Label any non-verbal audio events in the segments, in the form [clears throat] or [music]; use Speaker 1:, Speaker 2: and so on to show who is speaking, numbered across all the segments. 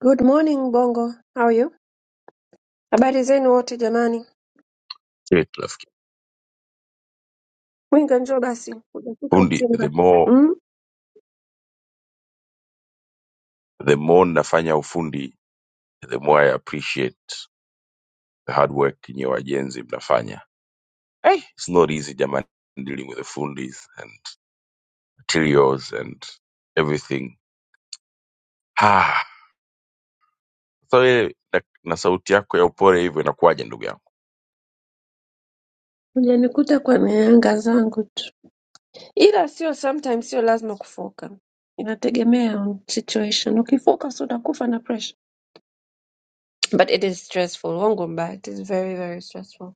Speaker 1: Good morning Bongo. How are you? Habari zenu wote jamani. Mwinga njoo basi. Hujafika Usimba. Mm? Hujanikuta kwa mianga zangu tu. Ila sio sometimes sio lazima kufoka. Inategemea on situation. Ukifocus utakufa na pressure. But it is stressful. Wongo mbaya. It is very very stressful.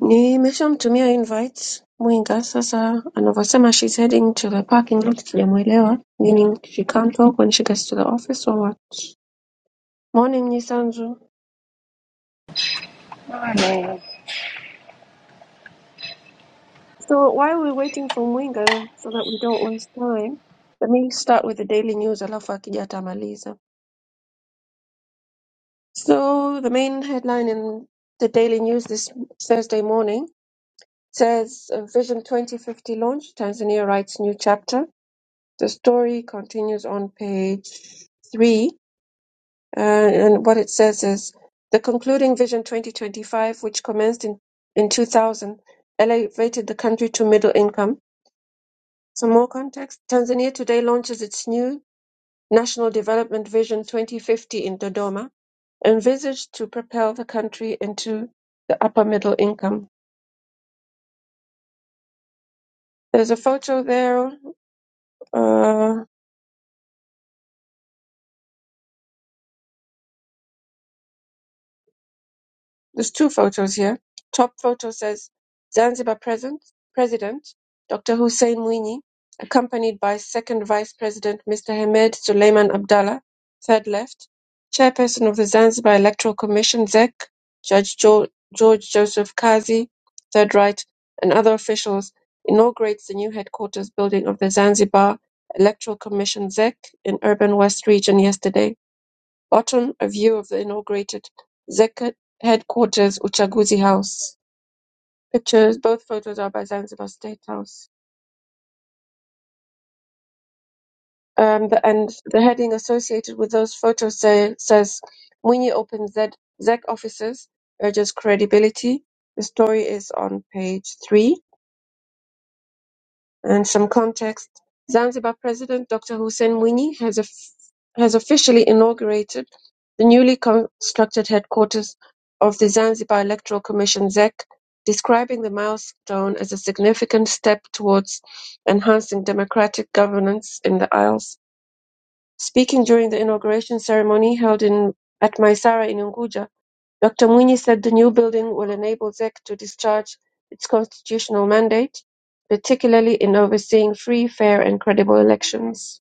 Speaker 1: Nimeshamtumia invite Mwinga sasa anavyosema she's heading to the parking lot sijamuelewa. Meaning she can't walk when she gets to the office or what? Morning Nyisanzu.
Speaker 2: Na-
Speaker 1: So while we're waiting for Mwinga so that we don't waste time, let me start with the Daily News alafu akija atamaliza. So the main headline in the Daily News this Thursday morning says uh, Vision 2050 launch, Tanzania writes new chapter. The story continues on page 3 uh, and what it says is the concluding Vision 2025 which commenced in in 2000 elevated the country to middle income Some more context. Tanzania today launches its new National Development Vision 2050 in Dodoma, envisaged to propel the country into the upper middle income. There's a photo there. uh, There's two photos here. Top photo says Zanzibar present, President Dr. Hussein Mwinyi, accompanied by Second Vice President Mr. Hamed Suleiman Abdallah, third left, Chairperson of the Zanzibar Electoral Commission, ZEC, Judge jo- George Joseph Kazi, third right, and other officials, inaugurates the new headquarters building of the Zanzibar Electoral Commission, ZEC, in Urban West Region yesterday. Bottom: A view of the inaugurated Zecca headquarters, Uchaguzi House. Pictures, both photos are by Zanzibar State House. Um, the, and the heading associated with those photos say, says, Mwinyi opens Z- ZEC offices, urges credibility. The story is on page three. And some context. Zanzibar President Dr. Hussein Mwinyi has, of- has officially inaugurated the newly constructed headquarters of the Zanzibar Electoral Commission ZEC, describing the milestone as a significant step towards enhancing democratic governance in the Isles. Speaking during the inauguration ceremony held in at Maisara in Unguja, Doctor Mwinyi said the new building will enable ZEC to discharge its constitutional mandate, particularly in overseeing free, fair and credible elections.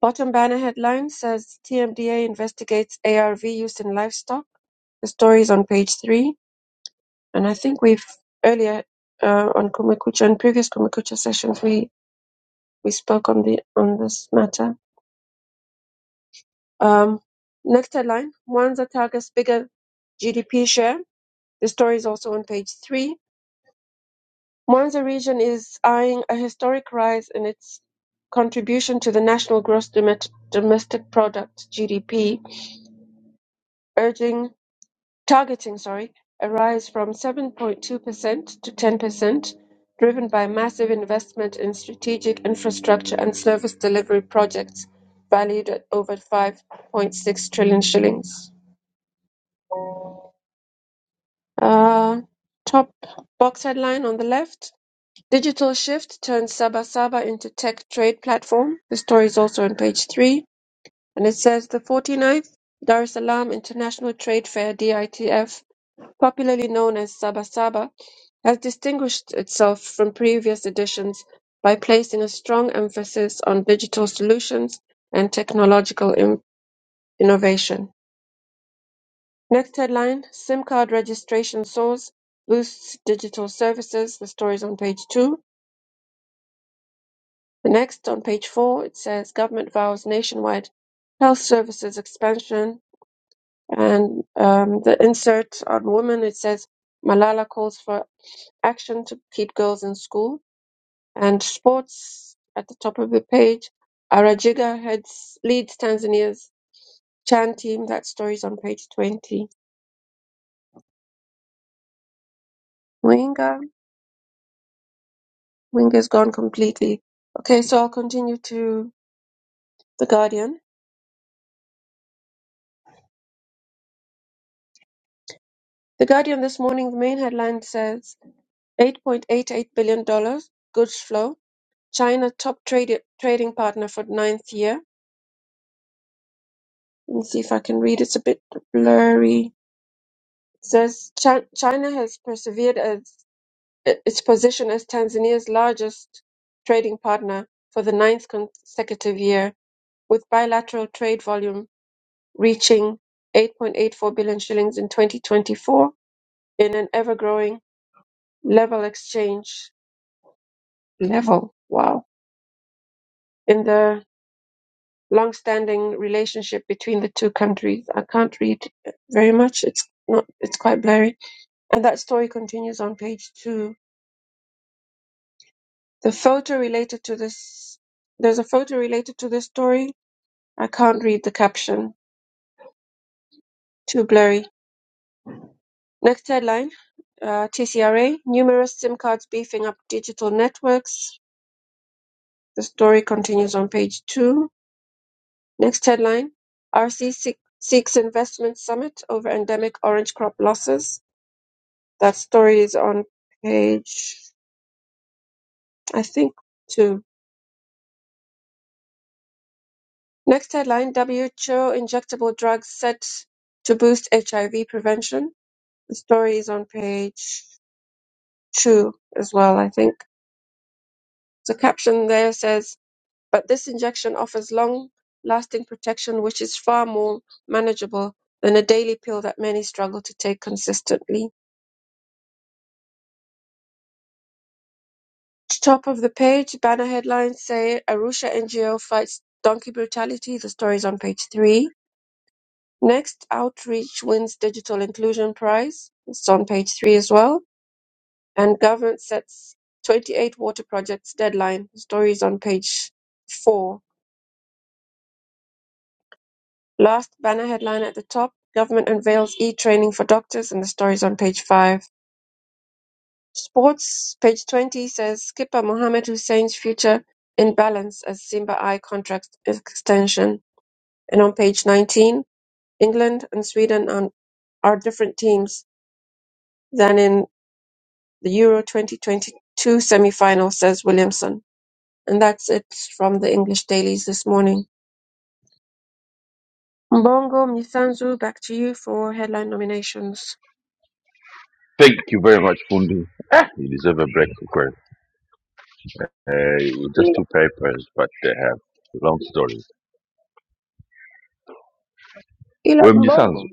Speaker 1: Bottom banner headline says TMDA investigates ARV use in livestock. The story is on page three. And I think we've earlier uh, on Kumekucha, and previous Kumekucha sessions, we, we spoke on the on this matter. Um, next headline, Mwanza targets bigger GDP share. The story is also on page three Monza region is eyeing a historic rise in its contribution to the national gross domet- domestic product (GDP), urging targeting, sorry, a rise from 7.2% to 10%, driven by massive investment in strategic infrastructure and service delivery projects valued at over 5.6 trillion shillings. Uh, top box headline on the left Digital Shift turned SabaSaba into tech trade platform. The story is also on page three, and it says the 49th Dar es Salaam International Trade Fair (DITF), popularly known as SabaSaba, has distinguished itself from previous editions by placing a strong emphasis on digital solutions and technological in- innovation. Next headline: SIM card registration soars boosts digital services. The story is on page two The next, on page four, it says government vows nationwide health services expansion. And um, the insert on women, it says Malala calls for action to keep girls in school. And sports at the top of the page, Arajiga heads, leads Tanzania's Chan team. That story's on page 20. Winga, Winga's gone completely. Okay, so I'll continue to The Guardian. The Guardian this morning, the main headline says. $8.88 billion dollars goods flow. China, top trade- trading partner for ninth year. Let me see if I can read. It's a bit blurry. It says "Chi- China has persevered as its position as Tanzania's largest trading partner for the ninth consecutive year, with bilateral trade volume reaching 8.84 billion shillings in 2024 in an ever-growing level exchange level. Wow. In the long-standing relationship between the two countries. I can't read very much. It's not. It's quite blurry. And that story continues on page two. The photo related to this. There's a photo related to this story. I can't read the caption. Too blurry. Next headline. Uh, TCRA, numerous SIM cards beefing up digital networks. The story continues on page two. Next headline, RC seeks investment summit over endemic orange crop losses. That story is on page, I think, two. Next headline WHO injectable drugs set to boost HIV prevention. The story is on page two as well, I think. The caption there says, but this injection offers long lasting protection, which is far more manageable than a daily pill that many struggle to take consistently. Top of the page, banner headlines say Arusha NGO fights donkey brutality. The story is on page three. Next Outreach wins Digital Inclusion Prize. It's on page three as well. And government sets 28 water projects deadline. The story is on page four. Last banner headline at the top. Government unveils e-training for doctors, and the story is on page five. Sports, page 20 says skipper Mohamed Hussein's future in balance as Simba Eye contract extension. And on page 19, England and Sweden are, are different teams than in the Euro 2022 semi-final, says Williamson. And that's it from the English dailies this morning. Mbongo Mnyisanzu, back to you for headline nominations. Ila ila Mbongo,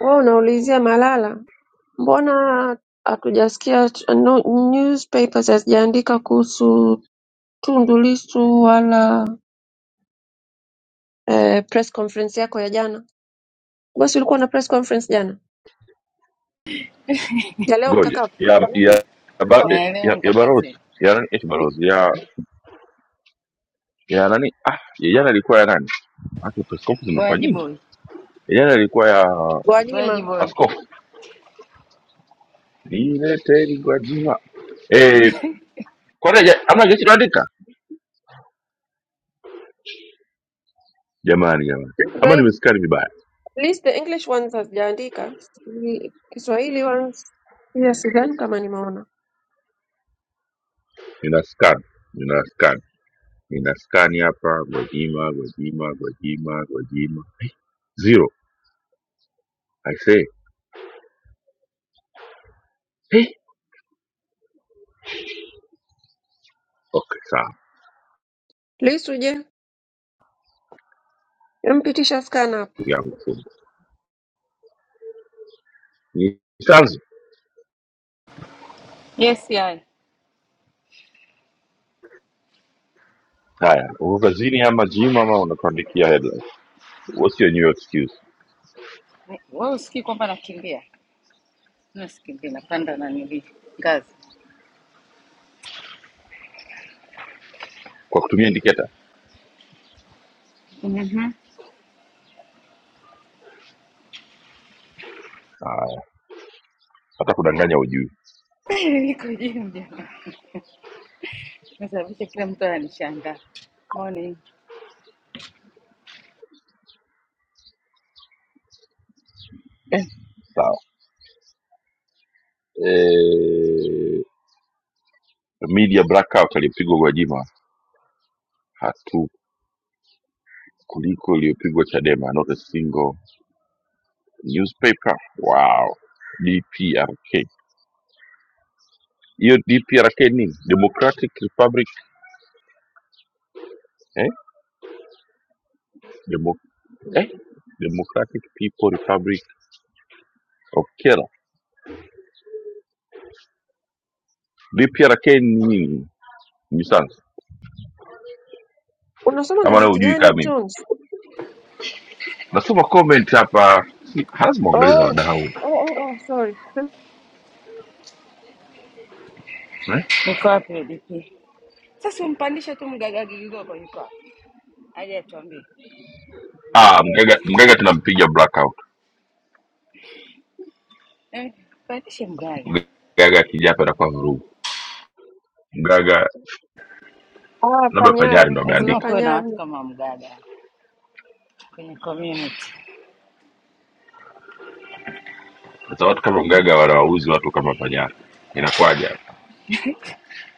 Speaker 1: wewe unaulizia Malala, mbona hatujasikia ch- no, newspapers hazijaandika kuhusu Tundu Lissu wala eh, press conference yako ya jana? Bosi, ulikuwa na press conference jana ya leo mtakapo
Speaker 2: Naelewa mkakati. Boyaji boy. Boyaji
Speaker 1: Gwajima
Speaker 2: boy.
Speaker 1: At least the English ones hazijaandika. Sijui Kiswahili ones pia sidhani kama nimeona. Lisuje, empitisha scan hapo.
Speaker 2: Yes, yai. Ni- Wewe usikii kwamba nakimbia? Mimi sikimbia, napanda na nili ngazi. Mhm. [laughs] Niko gym jamaa. Nasababisha kila mtu ananishangaa. Morning.
Speaker 1: Unasoma gazeti gani Jones? Oh, oh, oh, oh sorry.
Speaker 2: Niko wapi DP? Sasa umpandishe tu mgaga Gigoko yuko wapi? Aje atuambie. Eh, pandishe mgaga.
Speaker 1: Ah, Panyar, kuna
Speaker 2: Lazima kuwe na
Speaker 1: Panyar.
Speaker 2: watu kama mgaga kwenye community.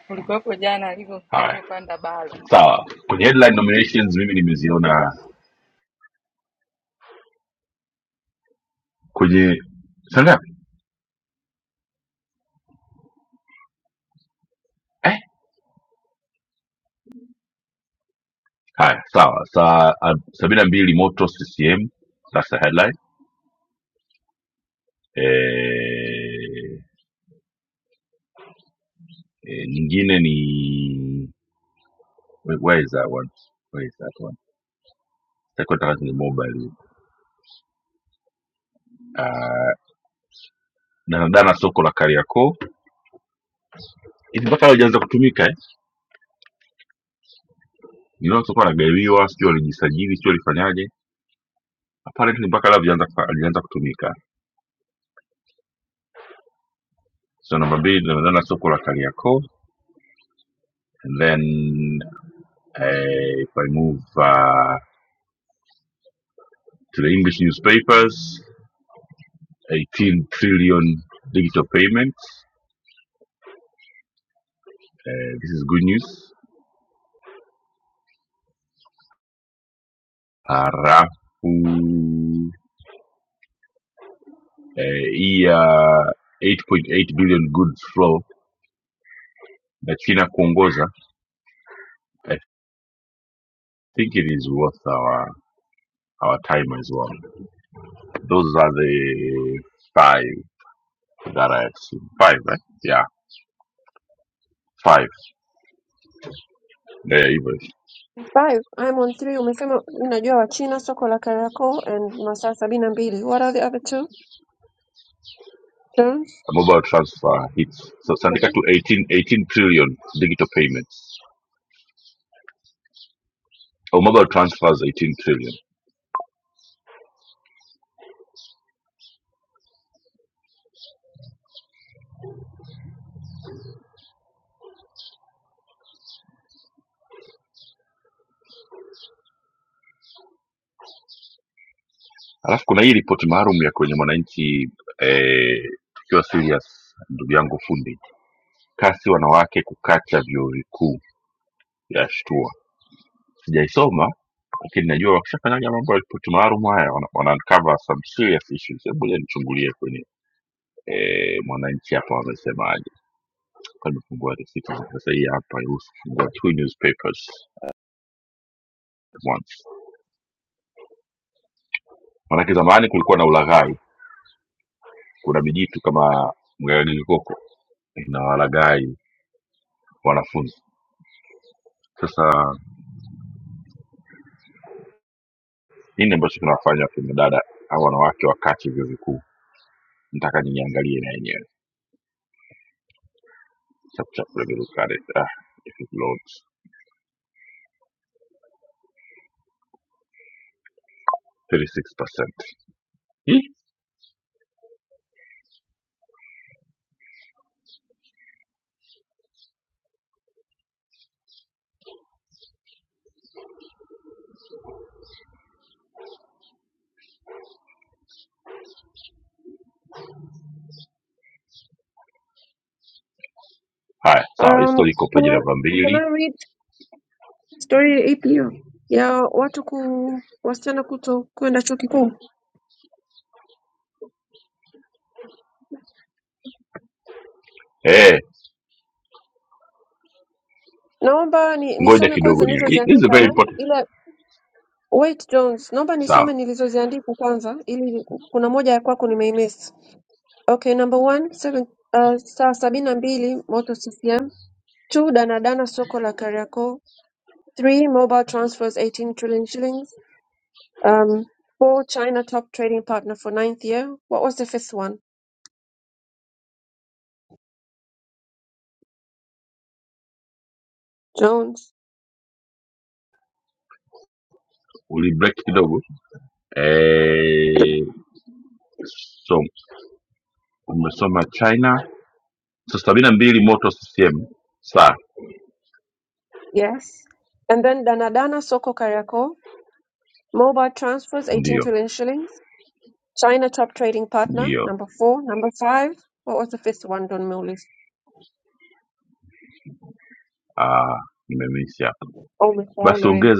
Speaker 2: Ulikuwepo jana alivyo alivyopanda balo.
Speaker 1: Five, I'm on three. Umesema unajua Wachina, soko la Kariakoo and masaa sabini na mbili. What are the other two? Jones? Um, can I, can I read story ipi hiyo? Ya watu ku wasichana kuto kwenda chuo kikuu. Naomba ni, nisome kwanza nilizoziandika, ila wait Jones, naomba nisome nilizoziandika kwanza, ili kuna moja ya kwako nimeimiss. Okay, number one, seven, uh, saa sabini na mbili Moto CCM, two danadana soko la Kariakoo, three mobile transfers 18 trillion shillings, um, four China top trading partner for ninth year. What was the fifth one? Jones. Yes. And then danadana soko Kariakoo, mobile transfers 18 trillion shillings. China top trading partner, number four. Number five, what was the fifth one, Don Mullis? Oh, Mikhail Nair.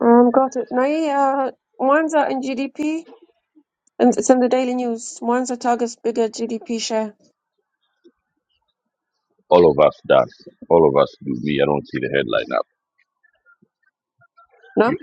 Speaker 1: Um, got it. No, uh, Mwanza and GDP, and it's in the Daily News. Mwanza targets bigger GDP share. Naam.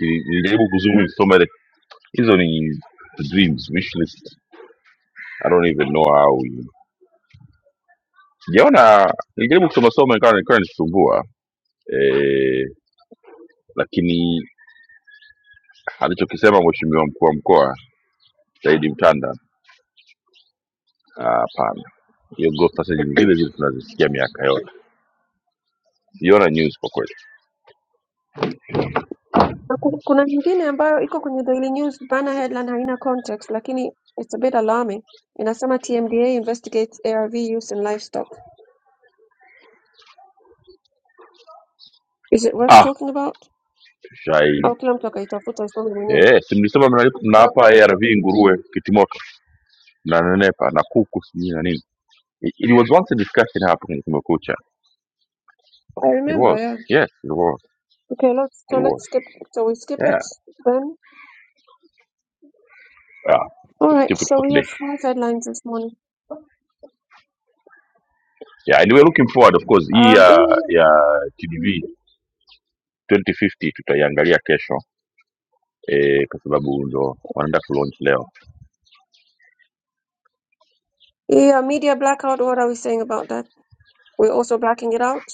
Speaker 1: Na ku- Kuna nyingine ambayo iko kwenye Daily News, banner headline haina context, lakini it's a bit alarming. Inasema TMDA investigates ARV use in livestock. Is it worth talking about? Au kila mtu akaitafuta isome mwenyewe. I remember, yeah. Okay, let's, so let's skip, so we skip it then. All right, so we have five headlines this morning. Um, in yeah, media blackout. What are we saying about that? We're also blacking it out.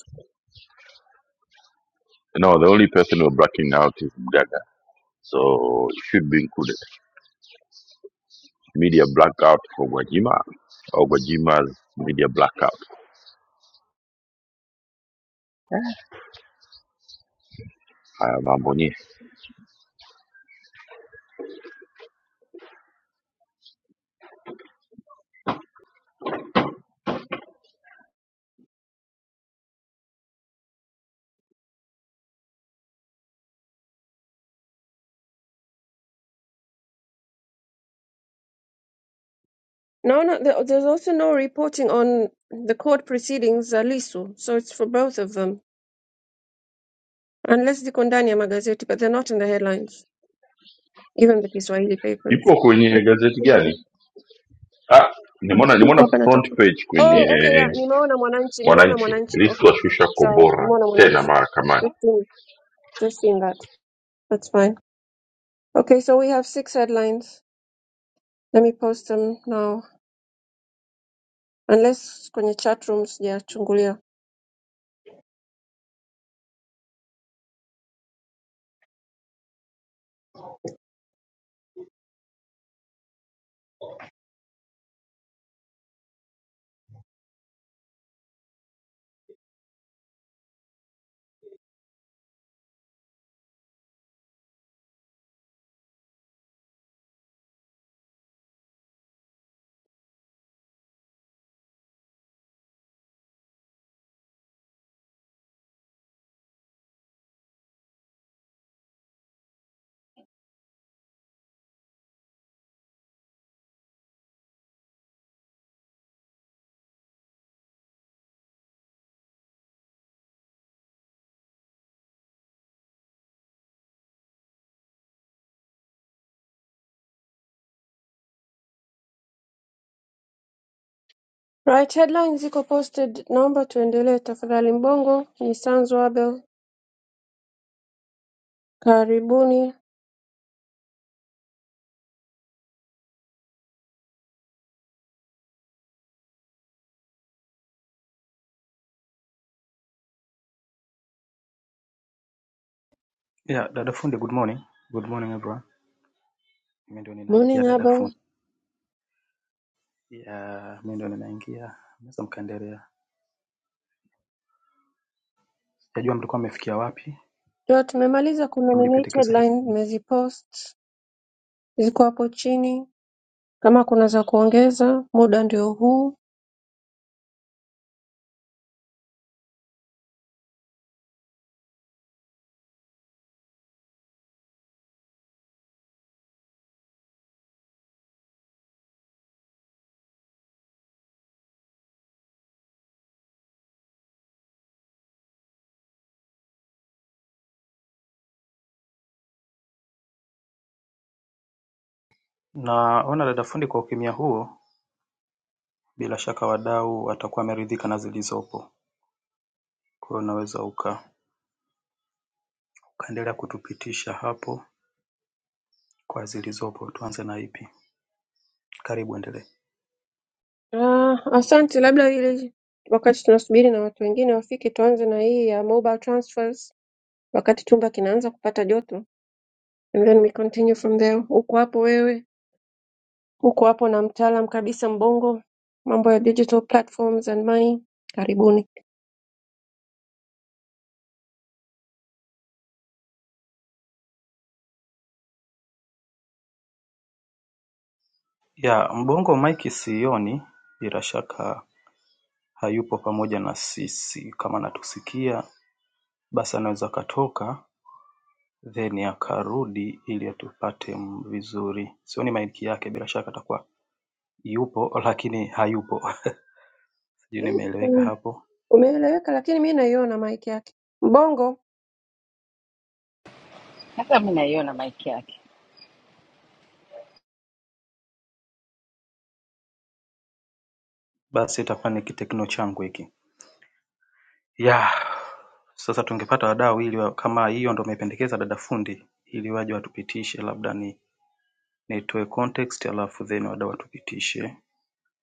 Speaker 1: No, no. There, there's also no reporting on the court proceedings, uh, Lisu, So it's for both of them, unless the Kondania magazeti, but they're not in the headlines, even the Kiswahili papers. Niko hapa natafuta. Oh, okay, yeah. Nimeona Mwananchi. Nimeona Mwananchi. Okay, okay. Sorry, Nimeona Mwananchi. Just seen, just seen that. That's fine. Okay, so we have six headlines. Let me post them now. unless kwenye chat room sijachungulia. Right, headlines ziko posted, naomba tuendelee tafadhali. Mbongo ni Sanzu Abel, karibuni.
Speaker 3: Yeah, dada fundi, good morning. Good morning everyone. Mimi ndio ninaingia
Speaker 1: Morning
Speaker 3: dada
Speaker 1: Abel.
Speaker 3: fundi. Yeah, mimi ndio ninaingia. Mnaweza mkaendelea. Sijajua mlikuwa mmefikia wapi
Speaker 1: Ndio tumemaliza
Speaker 3: na
Speaker 1: kunominate
Speaker 3: mlipendekeza he-
Speaker 1: headline, nimezipost ziko hapo chini, kama kuna za kuongeza, muda ndio huu.
Speaker 3: Naona dada fundi, kwa ukimya huo, bila shaka wadau watakuwa wameridhika na zilizopo. Kwa hiyo unaweza uka ukaendelea kutupitisha hapo kwa zilizopo. Tuanze na ipi? Karibu, endelee.
Speaker 1: Ah, asante, labda ili wakati tunasubiri na watu wengine wafike, tuanze na hii ya mobile transfers, wakati chumba kinaanza kupata joto, and then we continue from there. Uko hapo wewe. Uko hapo na mtaalam kabisa Mbongo, mambo ya digital platforms and money. Karibuni.
Speaker 3: Yeah, Mbongo Mike sioni, bila shaka hayupo pamoja na sisi. Kama anatusikia basi anaweza akatoka then akarudi ili atupate vizuri. Sioni maiki yake, bila shaka atakuwa yupo [laughs] lakini hayupo. Sijui nimeeleweka
Speaker 1: Mm,
Speaker 3: hapo.
Speaker 1: Umeeleweka, lakini mi naiona mic yake. Mbongo
Speaker 2: Hata mimi naiona mic yake.
Speaker 3: Basi itakuwa ni kitekno changu hiki. Yeah. Sasa tungepata wadau ili wa- kama hiyo ndo umependekeza dada fundi ili waje watupitishe, labda ni nitoe context alafu then wadau watupitishe.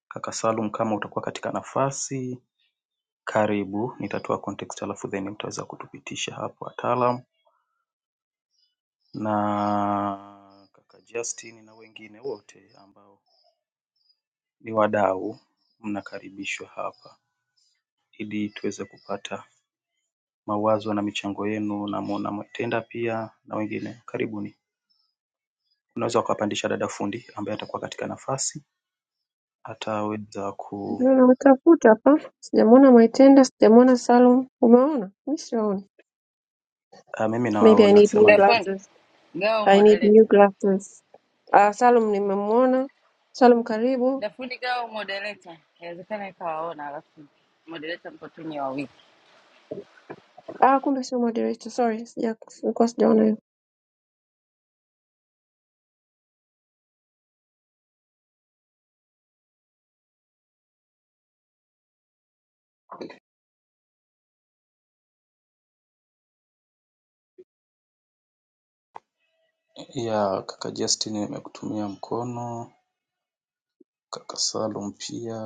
Speaker 3: Kaka Salum, kama utakuwa katika nafasi, karibu, nitatoa context alafu then mtaweza kutupitisha hapo wataalam na kaka Justin na wengine wote ambao ni wadau, mnakaribishwa hapa ili tuweze kupata mawazo na michango yenu na Mwaitenda pia na wengine karibuni. Unaweza ukapandisha dada fundi ambaye atakuwa katika nafasi ataweza ku
Speaker 1: ndio namtafuta hapa, sijamwona Maitenda, sijamwona Salum. Umeona? Mi siwaoni.
Speaker 3: Ah, mimi
Speaker 1: Maybe I
Speaker 3: nawaona
Speaker 1: need
Speaker 3: sema
Speaker 1: new
Speaker 3: ndio tu.
Speaker 2: Dafundi
Speaker 1: glasses.
Speaker 2: gawa
Speaker 1: I need new
Speaker 2: moderator.
Speaker 1: glasses. Ah, Salum nimemwona. Salum karibu.
Speaker 2: Dafundi gawa moderator. Inawezekana ikawaona alafu moderator mko tu ni wawili.
Speaker 1: Ah, kumbe sio moderator, sorry, sija- sikuwa sijaona hiyo.
Speaker 3: ya kaka Justin nimekutumia mkono, kaka Salum pia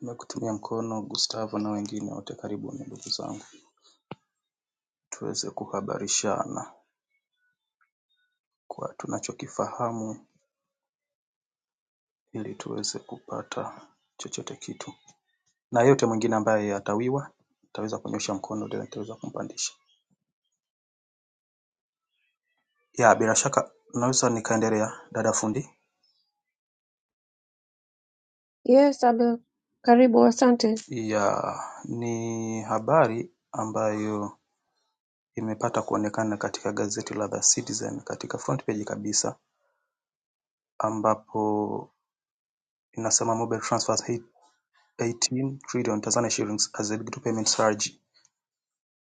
Speaker 3: nimekutumia mkono, Gustavo na wengine wote karibuni ndugu zangu tuweze kuhabarishana. kwa tunachokifahamu ili tuweze kupata chochote kitu na yote mwingine ambaye atawiwa ataweza kunyosha mkono ndio nitaweza kumpandisha. Ya bila shaka naweza nikaendelea dada fundi.
Speaker 1: Yes, Abel, karibu, asante.
Speaker 3: Ya ni habari ambayo imepata kuonekana katika gazeti la The Citizen katika front page kabisa ambapo inasema mobile transfers hit 18 trillion Tanzania shillings as the digital payment surge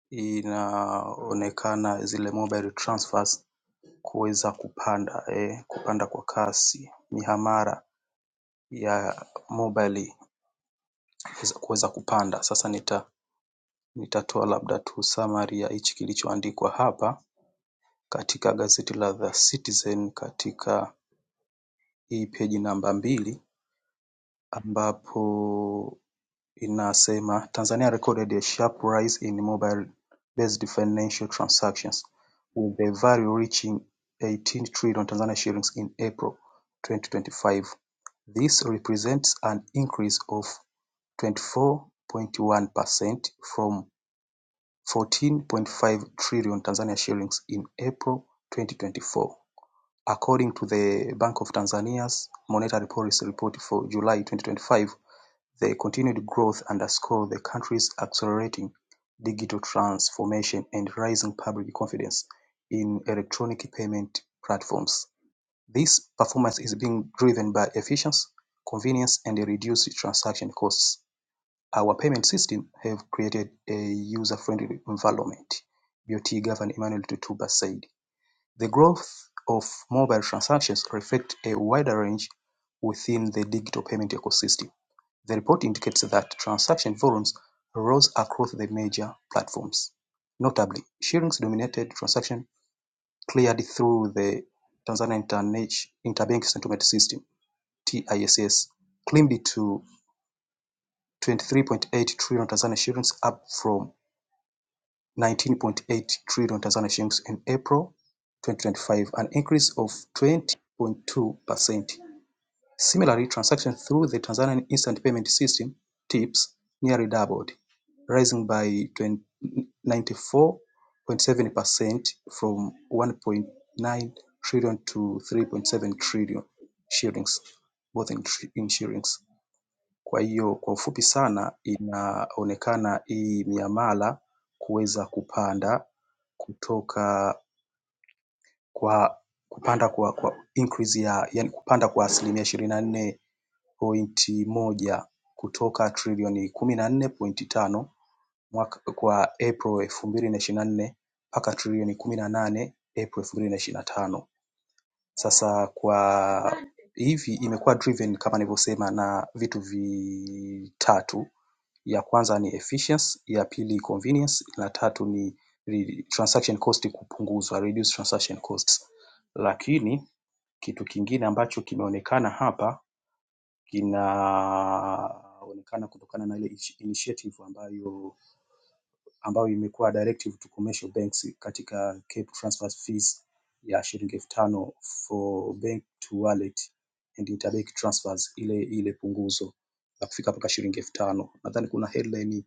Speaker 3: inaonekana zile mobile transfers kuweza kupanda eh, kupanda kwa kasi mihamara ya mobile kuweza kupanda. Sasa nita nitatoa labda tu summary ya hichi kilichoandikwa hapa katika gazeti la The Citizen katika hii page namba mbili ambapo inasema Tanzania recorded a sharp rise in mobile-based financial transactions, with the value reaching eighteen trillion Tanzania shillings in April 2025. This represents an increase of 24.1% from 14.5 trillion Tanzania shillings in April 2024, according to the Bank of Tanzania's Monetary Policy Report for July 2025 Their continued growth underscores the country's accelerating digital transformation and rising public confidence in electronic payment platforms. This performance is being driven by efficiency, convenience, and reduced transaction costs. Our payment system have created a user-friendly environment, BOT Governor Emmanuel Tutuba said. The growth of mobile transactions reflects a wider range within the digital payment ecosystem. The report indicates that transaction volumes rose across the major platforms. Notably, shillings dominated transactions cleared through the Tanzania Interbank Settlement System (TISS), climbed to 23.8 trillion Tanzania shillings, up from 19.8 trillion Tanzania shillings in April 2025, an increase of 20.2%. Similarly, transactions through the Tanzanian Instant Payment System (TIPS) nearly doubled, rising by 94.7 percent from 1.9 trillion to 3.7 trillion shillings both in in shillings. Kwa hiyo kwa ufupi sana inaonekana hii miamala kuweza kupanda kutoka kwa kupanda kwa kwa increase ya yaani kupanda kwa asilimia ishirini na nne pointi moja kutoka trilioni kumi na nne pointi tano kwa April elfu mbili na ishirini na nne mpaka trilioni kumi na nane April elfu mbili na ishirini na tano. Sasa kwa hivi imekuwa driven kama nilivyosema na vitu vitatu. Ya kwanza ni efficiency, ya pili convenience, la tatu ni re- transaction cost kupunguzwa, reduce transaction costs. Lakini kitu kingine ambacho kimeonekana hapa kinaonekana kutokana na ile initiative ambayo ambayo imekuwa directive to commercial banks katika Cape transfer fees ya shilingi elfu tano for bank to wallet and interbank transfers, ile ile punguzo la kufika mpaka shilingi elfu tano. Nadhani kuna headline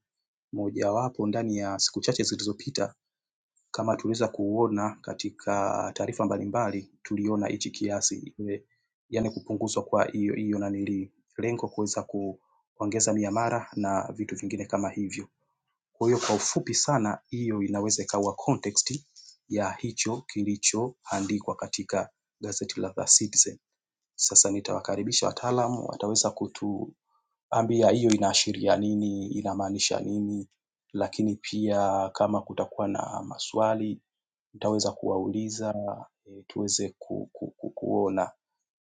Speaker 3: mojawapo ndani ya siku chache zilizopita kama tuliweza kuona katika taarifa mbalimbali tuliona hichi kiasi yaani kupunguzwa kwa hiyo nanilii lengo kuweza kuongeza miamara na vitu vingine kama hivyo. Kwa hiyo kwa ufupi sana hiyo inaweza ikawa context ya hicho kilichoandikwa katika gazeti la The Citizen. Sasa nitawakaribisha wataalamu wataweza kutuambia hiyo inaashiria nini, inamaanisha nini lakini pia kama kutakuwa na maswali Nitaweza kuwauliza e, tuweze ku, ku, ku, kuona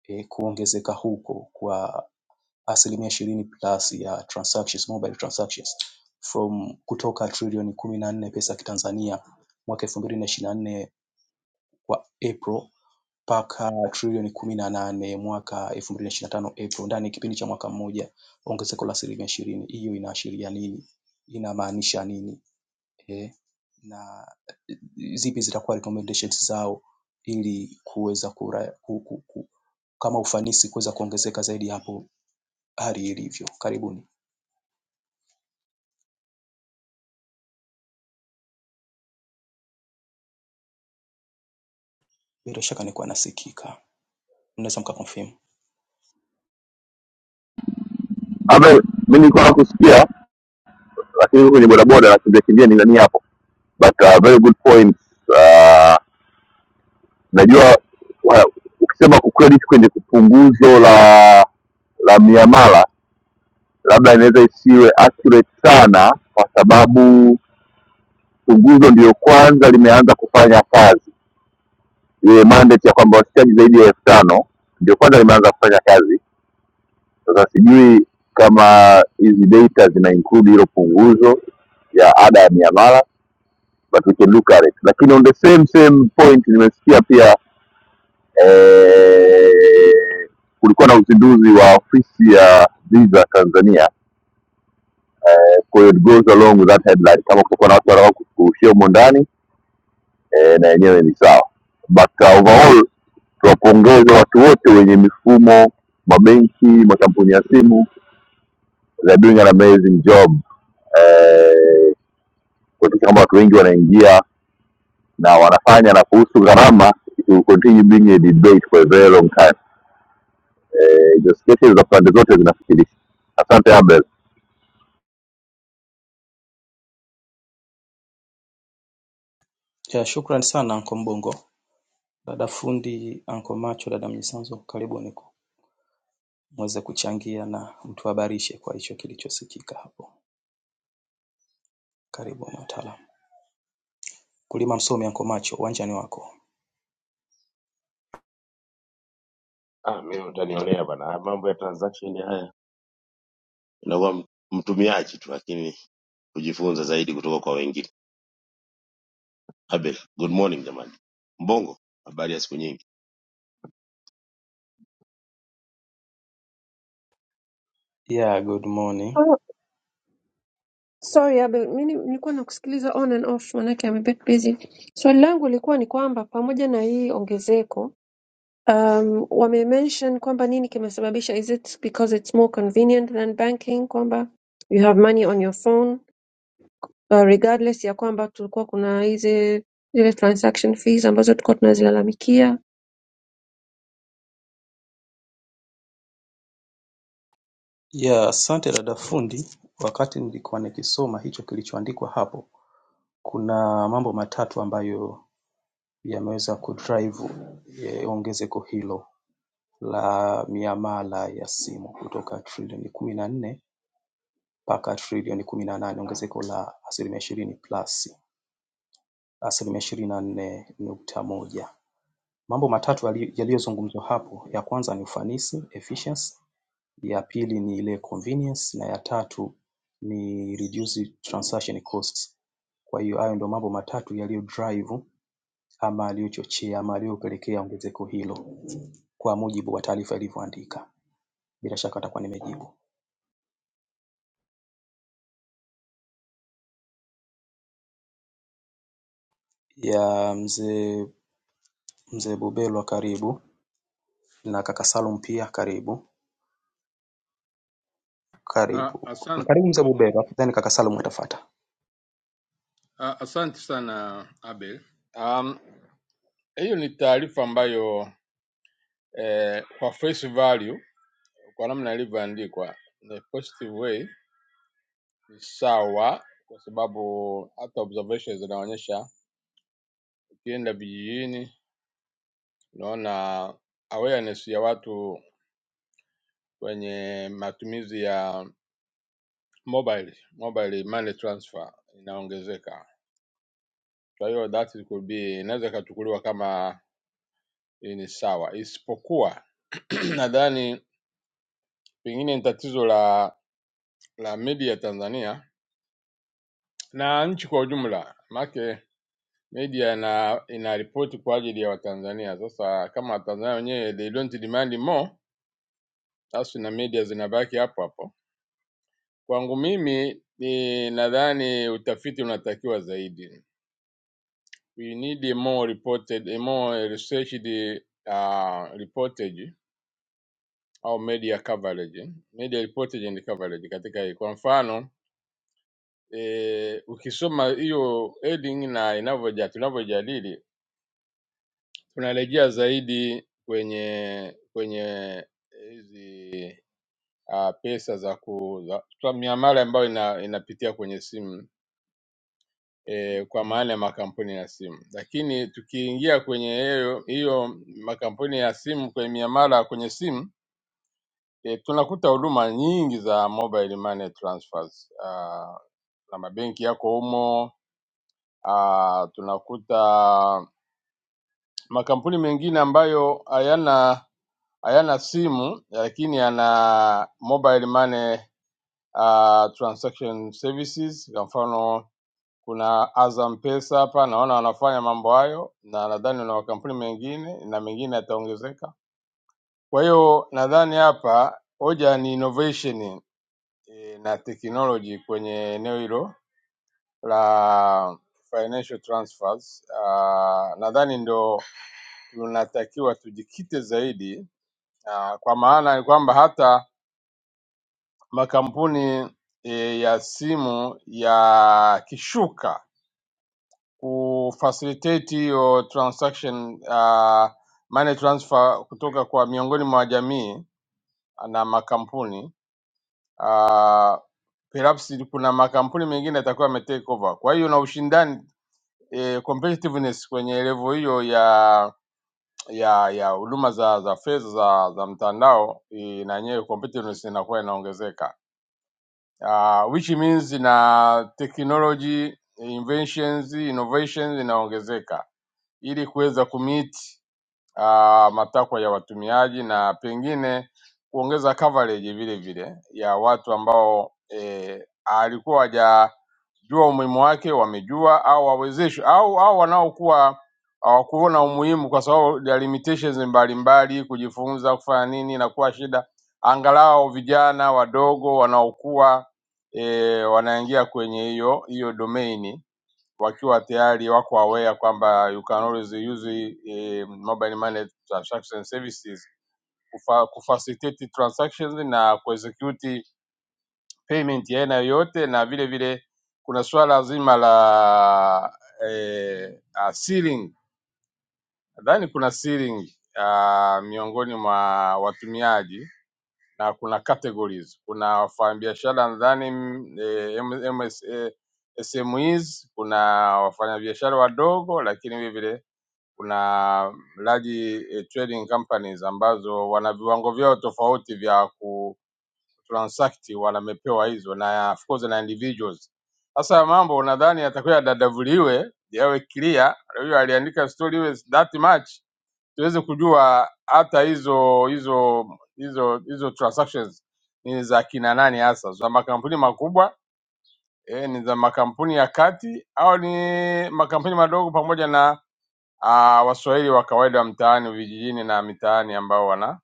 Speaker 3: e, kuongezeka huko kwa asilimia ishirini plus ya transactions, mobile transactions from kutoka trilioni kumi na nne pesa ya kitanzania mwaka elfu mbili na ishirini na nne kwa April mpaka trilioni kumi na nane mwaka elfu mbili na ishirini na tano April, ndani ya kipindi cha mwaka mmoja, ongezeko la asilimia ishirini. Hiyo inaashiria nini? Inamaanisha nini? eh, na eh, zipi zitakuwa recommendations zao ili kuweza kura, ku, ku, ku, kama ufanisi kuweza kuongezeka zaidi hapo hali ilivyo. Karibuni. Bila shaka nilikuwa nasikika, mnaweza mkaconfirm.
Speaker 4: Abel, mi nilikuwa nakusikia lakini huko kwenye bodaboda nakimbia kimbia kimbia ni nani hapo, but uh, very good point. Uh, najua wa- ukisema kucredit kwenye punguzo la la miamala labda inaweza isiwe accurate sana, kwa sababu punguzo ndiyo kwanza limeanza kufanya kazi, ile mandate ya kwamba washikaji zaidi ya elfu tano ndio kwanza limeanza kufanya kazi. Sasa sijui kama hizi data zina include hilo punguzo ya ada ya miamala but we can look at it lakini on the same same point nimesikia pia eh, kulikuwa na uzinduzi wa ofisi ya visa tanzania kwa hiyo it goes along with that headline kama kutakuwa na watu wanaa kushia humo ndani eh, na yenyewe ni sawa but uh, overall tuwapongeze watu wote wenye mifumo mabenki makampuni ya simu they're doing an amazing job eh, kuhakikisha kwamba watu wengi wanaingia na wanafanya na kuhusu gharama it will continue being a debate for a very long time. Eh, the sketches za pande zote zinafikirisha. Asante Abel.
Speaker 3: Ya, shukrani sana Anko Mbongo, dada fundi, Anko Macho, dada Mnyisanzo, karibuni muweze kuchangia na mtuhabarishe kwa hicho kilichosikika hapo. Karibu mtaalamu. Mkulima msomi Anko Macho, uwanjani wako.
Speaker 5: Ah, mimi utaniolea bana. Ah, Mambo ya transaction haya inakuwa m- mtumiaji tu, lakini kujifunza zaidi kutoka kwa wengine. Abel, good morning jamani. Mbongo, habari ya siku nyingi.
Speaker 3: Yeah, good morning.
Speaker 1: Ah, Sorry Abel, mimi nilikuwa nakusikiliza on and off manake I'm a bit busy. Swali langu lilikuwa ni kwamba pamoja na hii ongezeko um, wamemention kwamba nini kimesababisha, is it because it's more convenient than banking, kwamba you have money on your phone uh, regardless ya kwamba tulikuwa kuna hizi zile transaction fees ambazo tulikuwa tunazilalamikia.
Speaker 3: Yeah, asante dada fundi. Wakati nilikuwa nikisoma hicho kilichoandikwa hapo, kuna mambo matatu ambayo yameweza kudrive eh, ongezeko hilo la miamala ya simu kutoka trilioni kumi na nne mpaka trilioni kumi na nane, ongezeko la asilimia ishirini plus asilimia ishirini na nne nukta moja. Mambo matatu yaliyozungumzwa hapo ya kwanza ni ufanisi efficiency, ya pili ni ile convenience na ya tatu ni reduce transaction costs. Kwa hiyo hayo ndio mambo matatu yaliyodrive ama yaliyochochea ama yaliyopelekea ongezeko hilo kwa mujibu wa taarifa ilivyoandika. Bila shaka nitakuwa nimejibu. Ya mzee mzee Bubelwa karibu na kaka Salum pia karibu.
Speaker 6: Ah,
Speaker 3: Karibu.
Speaker 6: Asante,
Speaker 3: Karibu mzee Bubelwa then kaka Salum atafuata.
Speaker 6: ah, asante sana Abel. Um, hiyo ni taarifa ambayo eh, kwa face value, kwa namna ilivyoandikwa in a positive way ni sawa, kwa sababu hata observations zinaonyesha ukienda vijijini unaona awareness ya watu kwenye matumizi ya mobile mobile money transfer inaongezeka. Kwa hiyo that could be inaweza ikachukuliwa kama hii ni sawa, isipokuwa [clears throat] nadhani pengine ni tatizo la la media Tanzania na nchi kwa ujumla, maanake media ina inaripoti kwa ajili ya Watanzania. Sasa kama Watanzania wenyewe they don't demand more, basi na media zinabaki hapo hapo. Kwangu mimi ni nadhani utafiti unatakiwa zaidi, we need a more reported, a more researched uh, reportage au media coverage, media reportage and coverage katika hii. Kwa mfano e, ukisoma hiyo heading na inavyoja tunavyojadili, tunarejea zaidi kwenye kwenye eh, hizi uh, pesa za ku za, za miamala ambayo ina, inapitia kwenye simu e, kwa maana ya makampuni ya simu, lakini tukiingia kwenye hiyo hiyo makampuni ya simu kwenye miamala kwenye simu E, tunakuta huduma nyingi za mobile money transfers ah, na mabenki yako humo. ah, Tunakuta makampuni mengine ambayo hayana hayana simu lakini yana mobile money ah, transaction services. Kwa mfano kuna Azam Pesa hapa naona wanafanya mambo hayo, na nadhani na makampuni mengine na mengine yataongezeka. Kwa hiyo nadhani hapa hoja ni innovation eh, na teknoloji kwenye eneo hilo la financial transfers. Uh, nadhani ndo tunatakiwa tujikite zaidi uh, kwa maana ni kwamba hata makampuni e, ya simu yakishuka kufacilitate hiyo transaction uh, money transfer kutoka kwa miongoni mwa jamii na makampuni ah, perhaps kuna makampuni mengine yatakuwa yame take over. Kwa hiyo na ushindani eh, competitiveness kwenye level hiyo ya ya ya huduma za za fedha za, za mtandao eh, na yenyewe competitiveness inakuwa inaongezeka uh, which means na technology inventions innovations inaongezeka ili kuweza kumeet ah, matakwa ya watumiaji na pengine kuongeza coverage vile vile ya watu ambao eh, alikuwa hawajajua umuhimu wake, wamejua au wawezeshwe au au wanaokuwa hawakuona umuhimu kwa sababu ya limitations mbalimbali, kujifunza kufanya nini inakuwa shida, angalau vijana wadogo wanaokuwa eh, wanaingia kwenye hiyo hiyo domain wakiwa tayari wako aware kwamba you can always use eh, mobile money transaction services kufa, kufacilitate transactions na kuexecute payment ya aina yoyote, na vile vile kuna suala zima la eh, uh, sealing. Nadhani kuna sealing uh, miongoni mwa watumiaji na kuna categories. Kuna wafanyabiashara nadhani mm, eh, M- MS, eh, SMEs, kuna wafanyabiashara wadogo, lakini vile vile kuna large eh, trading companies ambazo wana viwango vyao tofauti vya ku transact wanamepewa hizo na of course na individuals. Sasa mambo nadhani yatakuwa yadadavuliwe yawe clear. Huyo aliandika story iwe that much tuweze kujua hata hizo hizo hizo hizo transactions ni za kina nani hasa, za makampuni makubwa eh, ni za makampuni ya kati au ni makampuni madogo pamoja na aa Waswahili wa kawaida wa mtaani vijijini na mitaani ambao wana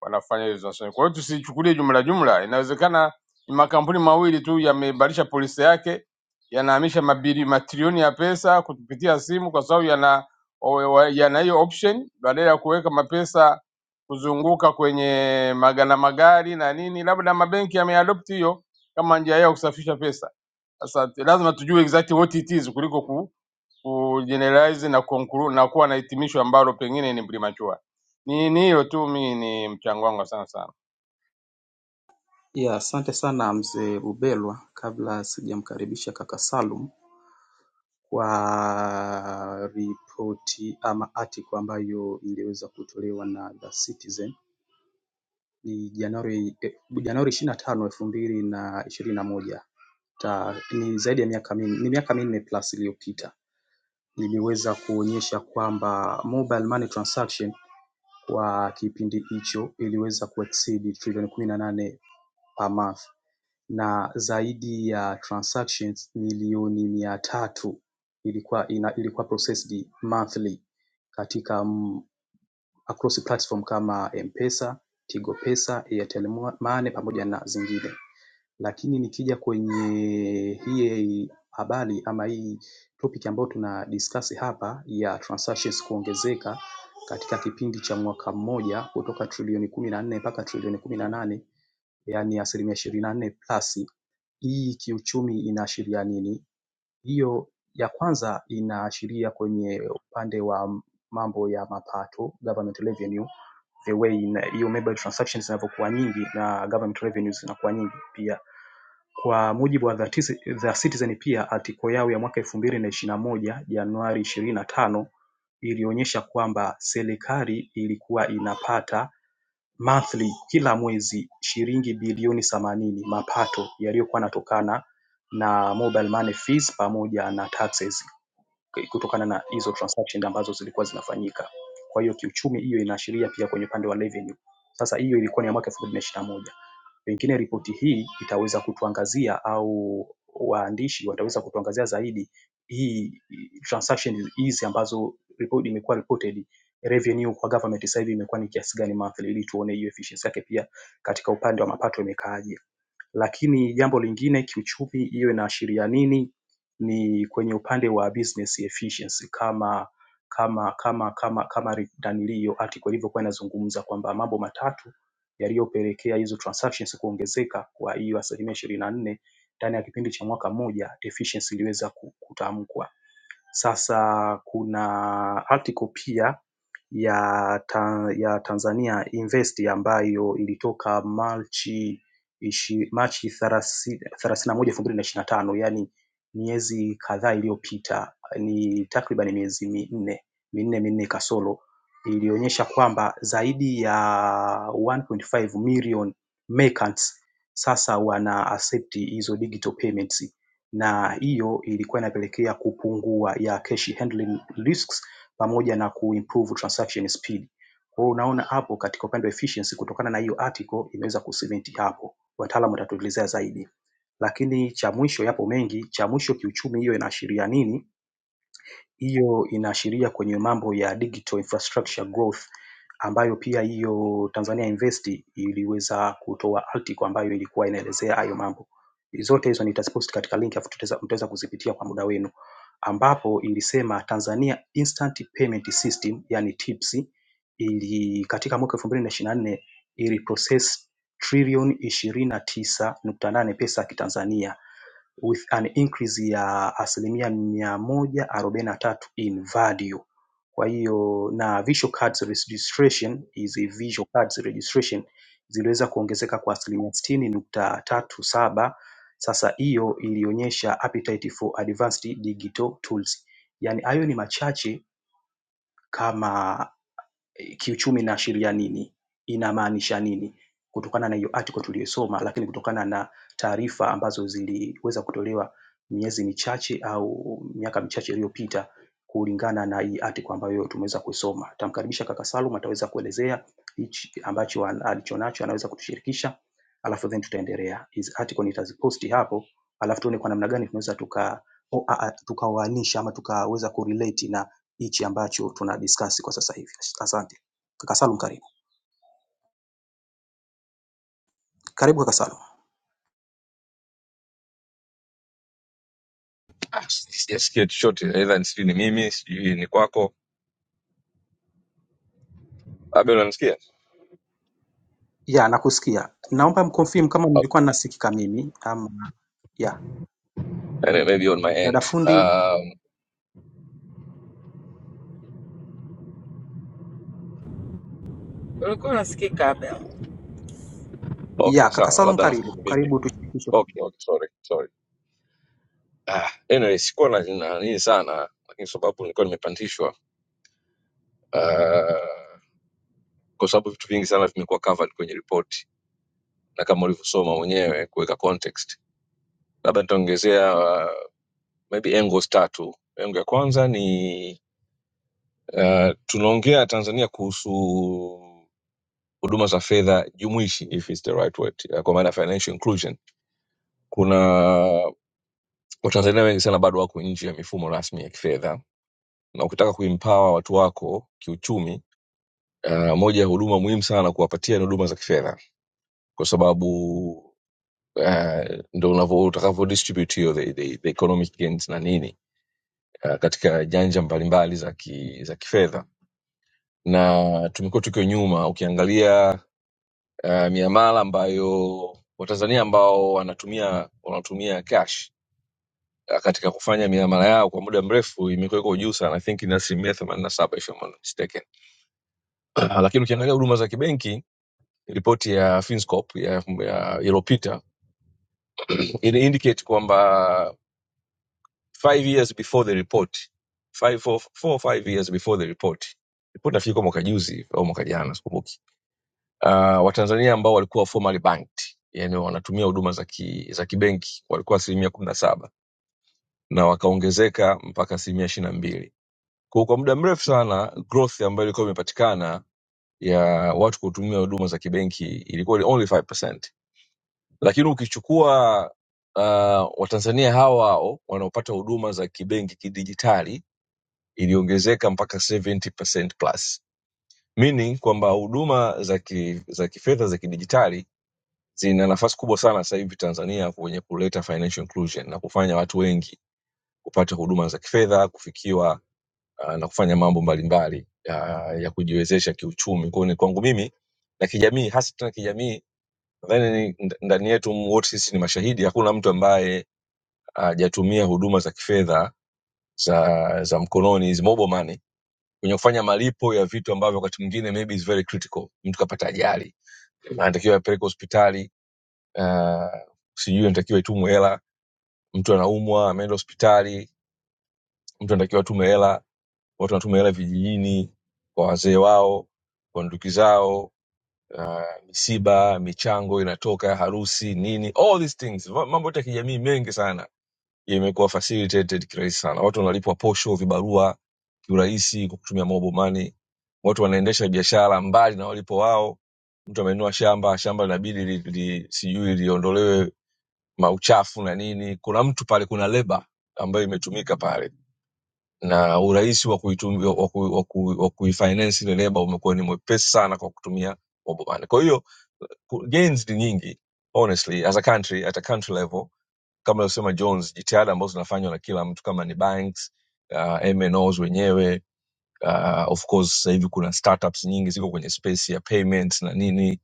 Speaker 6: wanafanya hizo zinasema. Kwa hiyo tusichukulie jumla jumla, inawezekana ni makampuni mawili tu yamebadilisha polisi yake, yanahamisha mabili matrilioni ya pesa kupitia simu, kwa sababu yana o- wa- yana hiyo option badala ya kuweka mapesa kuzunguka kwenye magana magari na nini, labda mabenki yameadopt hiyo kama njia yao ya kusafisha pesa. Sasa t- lazima tujue exactly what it is kuliko ku, ku generalize na, conclude, na kuwa na hitimisho ambalo pengine ni premature. Ni ni hiyo tu, mi ni mchango wangu sana sana
Speaker 3: ya asante sana mzee Rubelwa kabla sijamkaribisha kaka Salum kwa ripoti ama article ambayo iliweza kutolewa na The Citizen ni Januari eh, Januari 25 elfu mbili na ishirini na moja Ta, ni zaidi ya miaka minne, ni miaka minne plus iliyopita iliweza kuonyesha kwamba mobile money transaction kwa kipindi hicho iliweza kuexceed trilioni kumi na nane per month na zaidi ya transactions milioni mia tatu ilikuwa ina, ilikuwa processed monthly katika m, across platform kama M-Pesa, Tigo Pesa, Airtel Money pamoja na zingine. Lakini nikija kwenye hii habari ama hii topic ambayo tuna discuss hapa ya transactions kuongezeka katika kipindi cha mwaka mmoja kutoka trilioni kumi na nne mpaka trilioni kumi na nane yaani asilimia ishirini na nne plus hii kiuchumi inaashiria nini? Hiyo ya kwanza inaashiria kwenye upande wa mambo ya mapato, government revenue, the way ina- hiyo mobile transactions zinavyokuwa nyingi na government revenues zinakuwa nyingi pia. Kwa mujibu wa The Tiz- The Citizen pia article yao ya mwaka elfu mbili na ishirini na moja Januari ishirini na tano ilionyesha kwamba serikali ilikuwa inapata monthly kila mwezi shilingi bilioni themanini mapato yaliyokuwa yanatokana na mobile money fees pamoja na taxes kutokana na hizo transactions ambazo zilikuwa zinafanyika. Kwa hiyo kiuchumi hiyo inaashiria pia kwenye upande wa revenue. Sasa hiyo ilikuwa ni ya mwaka 2021. Pengine ripoti hii itaweza kutuangazia au waandishi wataweza kutuangazia zaidi hii transactions hizi ambazo report imekuwa reported revenue kwa government sasa hivi imekuwa ni kiasi gani monthly, ili tuone hiyo efficiency yake pia katika upande wa mapato imekaaje. Lakini jambo lingine kiuchumi, hiyo inaashiria nini? ni kwenye upande wa business efficiency kama kama kama kama kama nanili hiyo article ilivyokuwa inazungumza kwamba mambo matatu yaliyopelekea hizo transactions kuongezeka kwa hiyo asilimia ishirini na nne ndani ya kipindi cha mwaka mmoja efficiency iliweza ku- kutamkwa. Sasa kuna article pia ya ta, ya Tanzania Invest ambayo ilitoka Machi 31/2025 yaani miezi kadhaa iliyopita ni takriban miezi minne, minne minne kasoro ilionyesha kwamba zaidi ya 1.5 million merchants sasa wana accept hizo digital payments na hiyo ilikuwa inapelekea kupungua ya cash handling risks pamoja na kuimprove transaction speed. Kwa hiyo unaona hapo katika upande wa efficiency kutokana na hiyo article imeweza kusimenti hapo. Wataalamu watatuelezea zaidi. Lakini cha mwisho yapo mengi, cha mwisho kiuchumi hiyo inaashiria nini? Hiyo inaashiria kwenye mambo ya digital infrastructure growth ambayo pia hiyo Tanzania Invest iliweza kutoa article ambayo ilikuwa inaelezea hayo mambo. Zote hizo nitazipost katika link afu tutaweza mtaweza kuzipitia kwa muda wenu ambapo ilisema Tanzania Instant Payment System yani TIPS ili katika mwaka 2024 iliprocess trilioni 29.8 pesa ya kitanzania with an increase ya asilimia mia moja arobaini na tatu in value. Kwa hiyo na visual cards registration hizi visual cards registration ziliweza kuongezeka kwa asilimia sitini nukta tatu saba. Sasa hiyo ilionyesha appetite for advanced digital tools. Yaani hayo ni machache kama kiuchumi inaashiria nini, inamaanisha nini kutokana na hiyo article tuliyoisoma, lakini kutokana na taarifa ambazo ziliweza kutolewa miezi michache au miaka michache iliyopita kulingana na hii article ambayo tumeweza kuisoma. Tamkaribisha kaka Salum ataweza kuelezea hichi ambacho an- alichonacho anaweza kutushirikisha, alafu then tutaendelea. Hizi article nitaziposti hapo, alafu tuone kwa namna gani tunaweza tuka o- a- a- tukaoanisha ama tukaweza kurelate na hichi ambacho tuna discuss kwa sasa hivi. Asante. Kaka Salum karibu. Karibu kaka Salum.
Speaker 7: Ah, sijasikia chochote either sijui ni mimi sijui ni kwako labda unanisikia
Speaker 3: Ya, nakusikia. Naomba mconfirm kama
Speaker 7: okay.
Speaker 3: nilikuwa nasikika mimi ama ya.
Speaker 7: and maybe on my
Speaker 3: Dada
Speaker 7: end
Speaker 3: fundi,
Speaker 7: um,
Speaker 2: Ulikuwa unasikika Abel.
Speaker 3: ya
Speaker 7: okay
Speaker 3: kaka
Speaker 7: sawa
Speaker 3: Salum
Speaker 7: labda
Speaker 3: karibu.
Speaker 7: nafikiri ni mimi
Speaker 3: Karibu tushirikishe.
Speaker 7: okay okay sorry sorry ah, anyway sikuwa na na nini sana lakini sababu nilikuwa nimepandishwa uh, kwa sababu vitu vingi sana vimekuwa covered kwenye ripoti na kama ulivyosoma mwenyewe kuweka context labda nitaongezea uh, maybe angles tatu engo ya kwanza ni uh, tunaongea tanzania kuhusu huduma za fedha jumuishi if it's the right word eh, kwa maana ya financial inclusion kuna watanzania wengi sana bado wako nje ya mifumo rasmi ya kifedha na ukitaka kuimpawa watu wako kiuchumi uh, moja ya huduma muhimu sana kuwapatia ni huduma za kifedha kwa sababu uh, ndo unavo- utakavyo distribute hiyo the, the, the economic gains na nini uh, katika janja mbalimbali za, ki, za kifedha na tumekuwa tukiwa nyuma ukiangalia uh, miamala ambayo watanzania ambao wanatumia wanatumia cash uh, katika kufanya miamala yao kwa muda mrefu imekuwa iko juu sana i think ni asilimia themanini na saba if I'm not mistaken [clears throat] Ah, lakini ukiangalia huduma za kibenki ripoti ya finscop ya, ya ilopita ina indicate kwamba five years before the report five, four, four, or five years before the report ripoti nafikiri kwa mwaka juzi au mwaka jana sikumbuki uh, watanzania ambao walikuwa formally banked yani wanatumia huduma za ki, za kibenki walikuwa asilimia kumi na saba na wakaongezeka mpaka asilimia ishiri na mbili kwa kwa muda mrefu sana growth ambayo ilikuwa imepatikana ya watu kutumia huduma za kibenki ilikuwa ni only 5%. lakini ukichukua uh, watanzania hawa hao wanaopata huduma za kibenki kidijitali iliongezeka mpaka 70% plus meaning kwamba huduma za ki, za kifedha za kidijitali zina nafasi kubwa sana sasa hivi Tanzania kwenye kuleta financial inclusion na kufanya watu wengi kupata huduma za kifedha, kufikiwa uh, na kufanya mambo mbalimbali uh, ya kujiwezesha kiuchumi. Kwa hiyo ni kwangu mimi na kijamii, hasa tena kijamii, nadhani ni- nd- ndani yetu wote sisi ni mashahidi, hakuna mtu ambaye hajatumia uh, huduma za kifedha za za mkononi hizi mobile money kwenye kufanya malipo ya vitu ambavyo wakati mwingine maybe is very critical. Mtu kapata ajali, anatakiwa apeleke hospitali, uh, sijui anatakiwa itumwe hela mtu anaumwa ameenda hospitali mtu anatakiwa atume hela watu wanatuma hela vijijini kwa wazee wao kwa nduki zao misiba michango inatoka harusi nini all these things Va- mambo yote ya kijamii mengi sana imekuwa facilitated kirahisi sana watu wanalipwa posho vibarua kiurahisi kwa kutumia mobile money watu wanaendesha biashara mbali na walipo wao mtu amenunua shamba shamba linabidi li, li, sijui liondolewe mauchafu na nini kuna mtu pale kuna leba ambayo imetumika pale na urahisi wa kuitum- wa ku- wa ku- wa kuifinance ile leba umekuwa ni mwepesi sana kwa kutumia mobile money. Kwa hiyo ku- gains ni nyingi honestly, as a country, at a country level, kama alivyosema Jones, jitihada ambazo zinafanywa na kila mtu kama ni banks, uh, MNOs wenyewe Uh, of course sasa hivi kuna startups nyingi ziko kwenye space ya payments na nini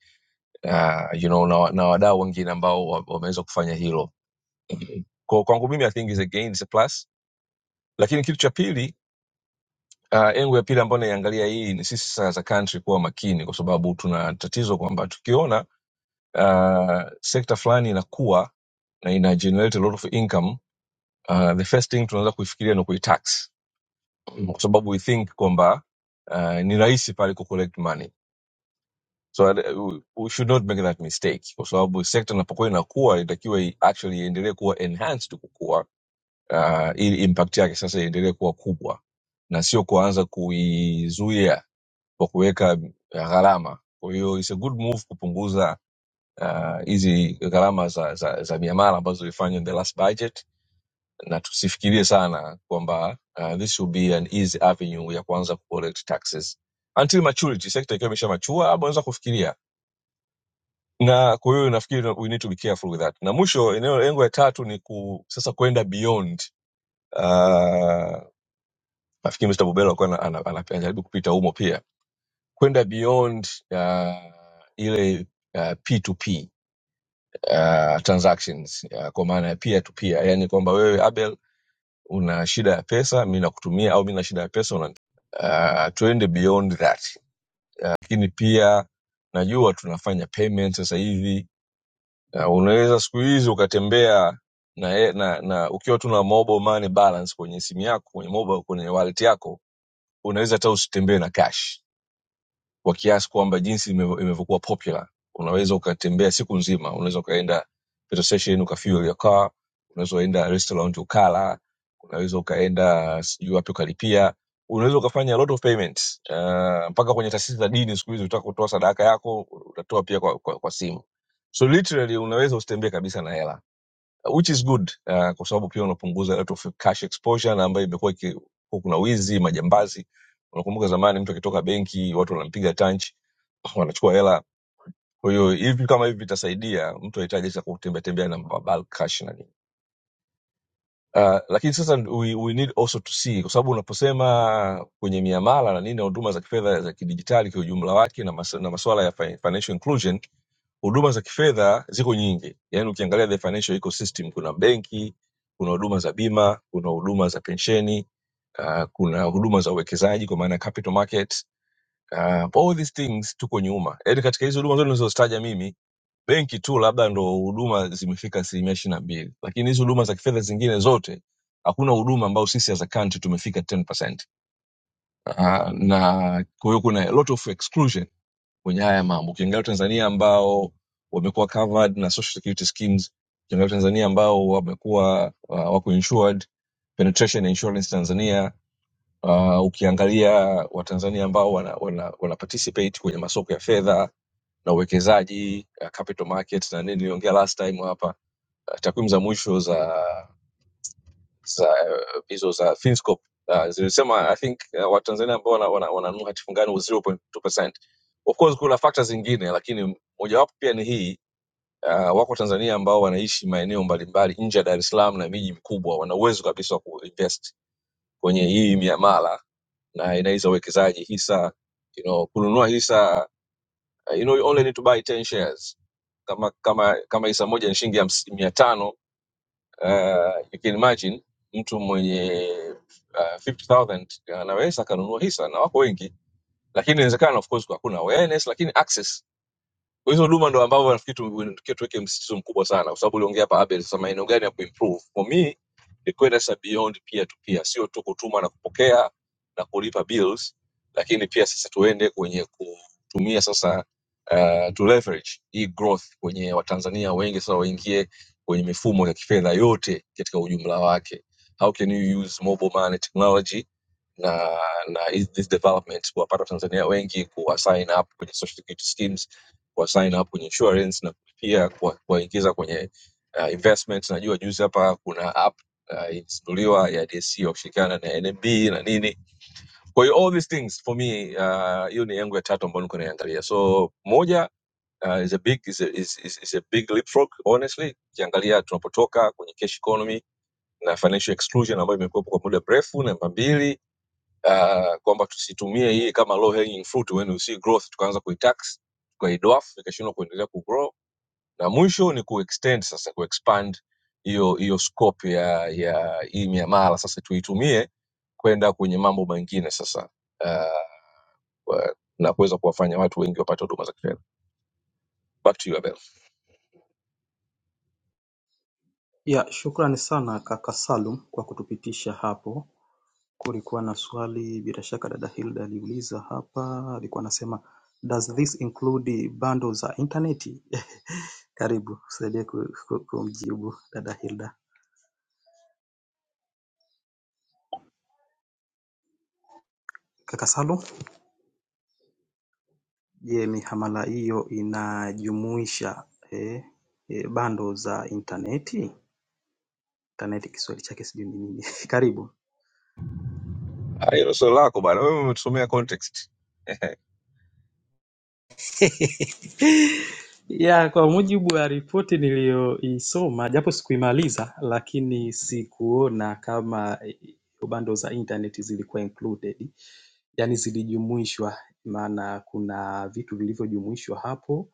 Speaker 7: uh, you know, na, wa- na wadau wengine ambao wa- wameweza kufanya hilo. Kwa kwangu mimi I think is a gain, is a plus. Lakini kitu cha pili Uh, engu ya pili ambayo naiangalia hii ni sisi sasa as a country kuwa makini, kwa sababu tuna tatizo kwamba tukiona uh, sekta fulani inakuwa na ina generate a lot of income uh, the first thing tunaweza kuifikiria ni kuitax, Mm. kwa sababu we think kwamba uh, ni rahisi pale ku collect money so uh, we we should not make that mistake, kwa sababu sekta inapokuwa inakuwa itakiwa i- actually iendelee kuwa enhanced kukua, uh, ili impact yake sasa iendelee kuwa kubwa na sio kuanza kuizuia kwa kuweka eh, gharama. Kwa hiyo it's a good move kupunguza ah, hizi gharama za, za, za miamala ambazo zilifanywa in the last budget, na tusifikirie sana kwamba ah, this will be an easy avenue ya kuanza kucollect taxes until maturity, sekta ikiwa imesha machua, hapo unaweza kufikiria na kwa hiyo nafikiri we need to be careful with that. Na mwisho eneo lengo ya tatu ni ku, sasa kwenda beyond uh, nafikiri Mr. Bobelo alikuwa ana- ana- ana- anajaribu kupita humo pia kwenda beyond uh, ile uh, p2p uh, transactions uh, kwa maana ya peer to peer yani kwamba wewe abel una shida ya pesa mi nakutumia au mi na shida ya pesa una, uh, tuende beyond that lakini pia najua tunafanya payment sasa hivi uh, unaweza siku hizi ukatembea na, ye- na, na ukiwa tu na mobile money balance kwenye simu yako kwenye mobile kwenye wallet yako unaweza hata usitembee na cash kwa kiasi kwamba jinsi imevo- imevyokuwa popular unaweza ukatembea siku nzima unaweza ukaenda petrol station ukafuel your car unaweza ukaenda restaurant ukala unaweza ukaenda sijui wapi ukalipia unaweza ukafanya a lot of payments uh, mpaka kwenye taasisi za dini siku hizi utaka kutoa sadaka yako utatoa pia kwa, kwa, kwa simu so literally unaweza usitembee kabisa na hela which is good uh, kwa sababu pia unapunguza rate of cash exposure na ambayo imekuwa iki- kwa kuna wizi majambazi unakumbuka zamani mtu akitoka benki watu wanampiga tanchi [clears throat] wanachukua hela kwa hiyo hivi kama hivi vitasaidia mtu ahitaji sasa kutembea tembea na bulk cash na nini Uh, lakini sasa we, we need also to see kwa sababu unaposema kwenye miamala na nini na huduma za kifedha za kidijitali kwa ujumla wake na, mas, na masuala ya fi- financial inclusion huduma za kifedha ziko nyingi yaani ukiangalia the financial ecosystem kuna benki kuna huduma za bima kuna huduma za pensheni uh, kuna huduma za uwekezaji kwa maana ya capital market uh, all these things tuko nyuma yaani katika hizi huduma zote nilizozitaja mimi benki tu labda ndo huduma zimefika asilimia ishiri na mbili lakini hizi huduma za kifedha zingine zote hakuna huduma ambayo sisi as a country tumefika 10%. Uh, na kwa hiyo kuna a lot of exclusion kwenye haya mambo ukiangalia watanzania ambao wamekuwa covered na social security schemes ukiangalia watanzania ambao wamekuwa uh, wako insured penetration insurance tanzania uh, ukiangalia watanzania ambao wana, wana, wana participate kwenye masoko ya fedha na uwekezaji uh, capital markets na nini niliongea last time hapa uh, takwimu za mwisho za za eh, hizo za Finscope uh, zilisema I think uh, Watanzania ambao wananunua wana, wana wananunua hati fungani 0.2%. Of course kuna factors zingine, lakini mojawapo pia ni hii uh, wako Tanzania ambao wanaishi maeneo mbalimbali nje ya Dar es Salaam na miji mikubwa, wana uwezo kabisa wa kuinvest kwenye hii miamala na aina hizi za uwekezaji hisa, you know, kununua hisa uh, you know, you only need to buy 10 shares kama kama kama hisa moja ni shilingi 500 uh, you can imagine mtu mwenye uh, 50000 anaweza akanunua hisa na wako wengi lakini inawezekana of course hakuna awareness lakini access kwa hizo huduma ndo ambavyo nafikiri tu- tunatakiwa tuweke msisitizo mkubwa sana, kwa sababu uliongea hapa Abel, sasa maeneo gani ya kuimprove. For me ni kwenda sasa beyond peer to peer, sio tu kutuma na kupokea na kulipa bills, lakini pia sasa tuende kwenye kutumia sasa uh, to leverage hii growth kwenye Watanzania wengi sasa waingie kwenye mifumo ya kifedha yote katika ujumla wake. How can you use mobile money technology na na hizi- these developments kuwapata watanzania wengi kuwa sign up kwenye social security schemes kuwa sign up kwenye insurance na pia kuwa- kuwaingiza kwenye uh, investments najua juzi hapa kuna app uh, ilizinduliwa ya dsc wakishirikiana na nmb na nini kwa hiyo all these things for me uh, hiyo ni yangu ya tatu ambayo niko naiangalia so moja uh, is a big is a, is, is, is a big leapfrog honestly ukiangalia tunapotoka kwenye cash economy na financial exclusion ambayo imekuwepo kwa muda mrefu namba mbili uh, kwamba tusitumie hii kama low hanging fruit when we see growth tukaanza kuitax tukaidwarf ikashindwa kuendelea kugrow na mwisho ni kuextend sasa kuexpand hiyo hiyo scope ya ya hii miamala sasa tuitumie kwenda kwenye mambo mengine sasa uh, wa- na kuweza kuwafanya watu wengi wapate huduma za kifedha back to you Abel
Speaker 3: Ya, shukrani sana kaka Salum kwa kutupitisha hapo. kulikuwa na swali bila shaka dada Hilda aliuliza hapa alikuwa anasema does this include bundles za intaneti [laughs] karibu tusaidie ku- ku- kumjibu dada Hilda kaka Salum je mihamala hiyo inajumuisha eh, eh, bundles za intaneti intaneti kiswahili chake sijui ni nini [laughs] karibu
Speaker 7: Ah, hilo swali lako bwana wewe umetusomea context
Speaker 3: [laughs] Ya, kwa mujibu wa ripoti niliyoisoma, japo sikuimaliza, lakini sikuona kama bundles za internet zilikuwa included, yani zilijumuishwa, maana kuna vitu vilivyojumuishwa hapo.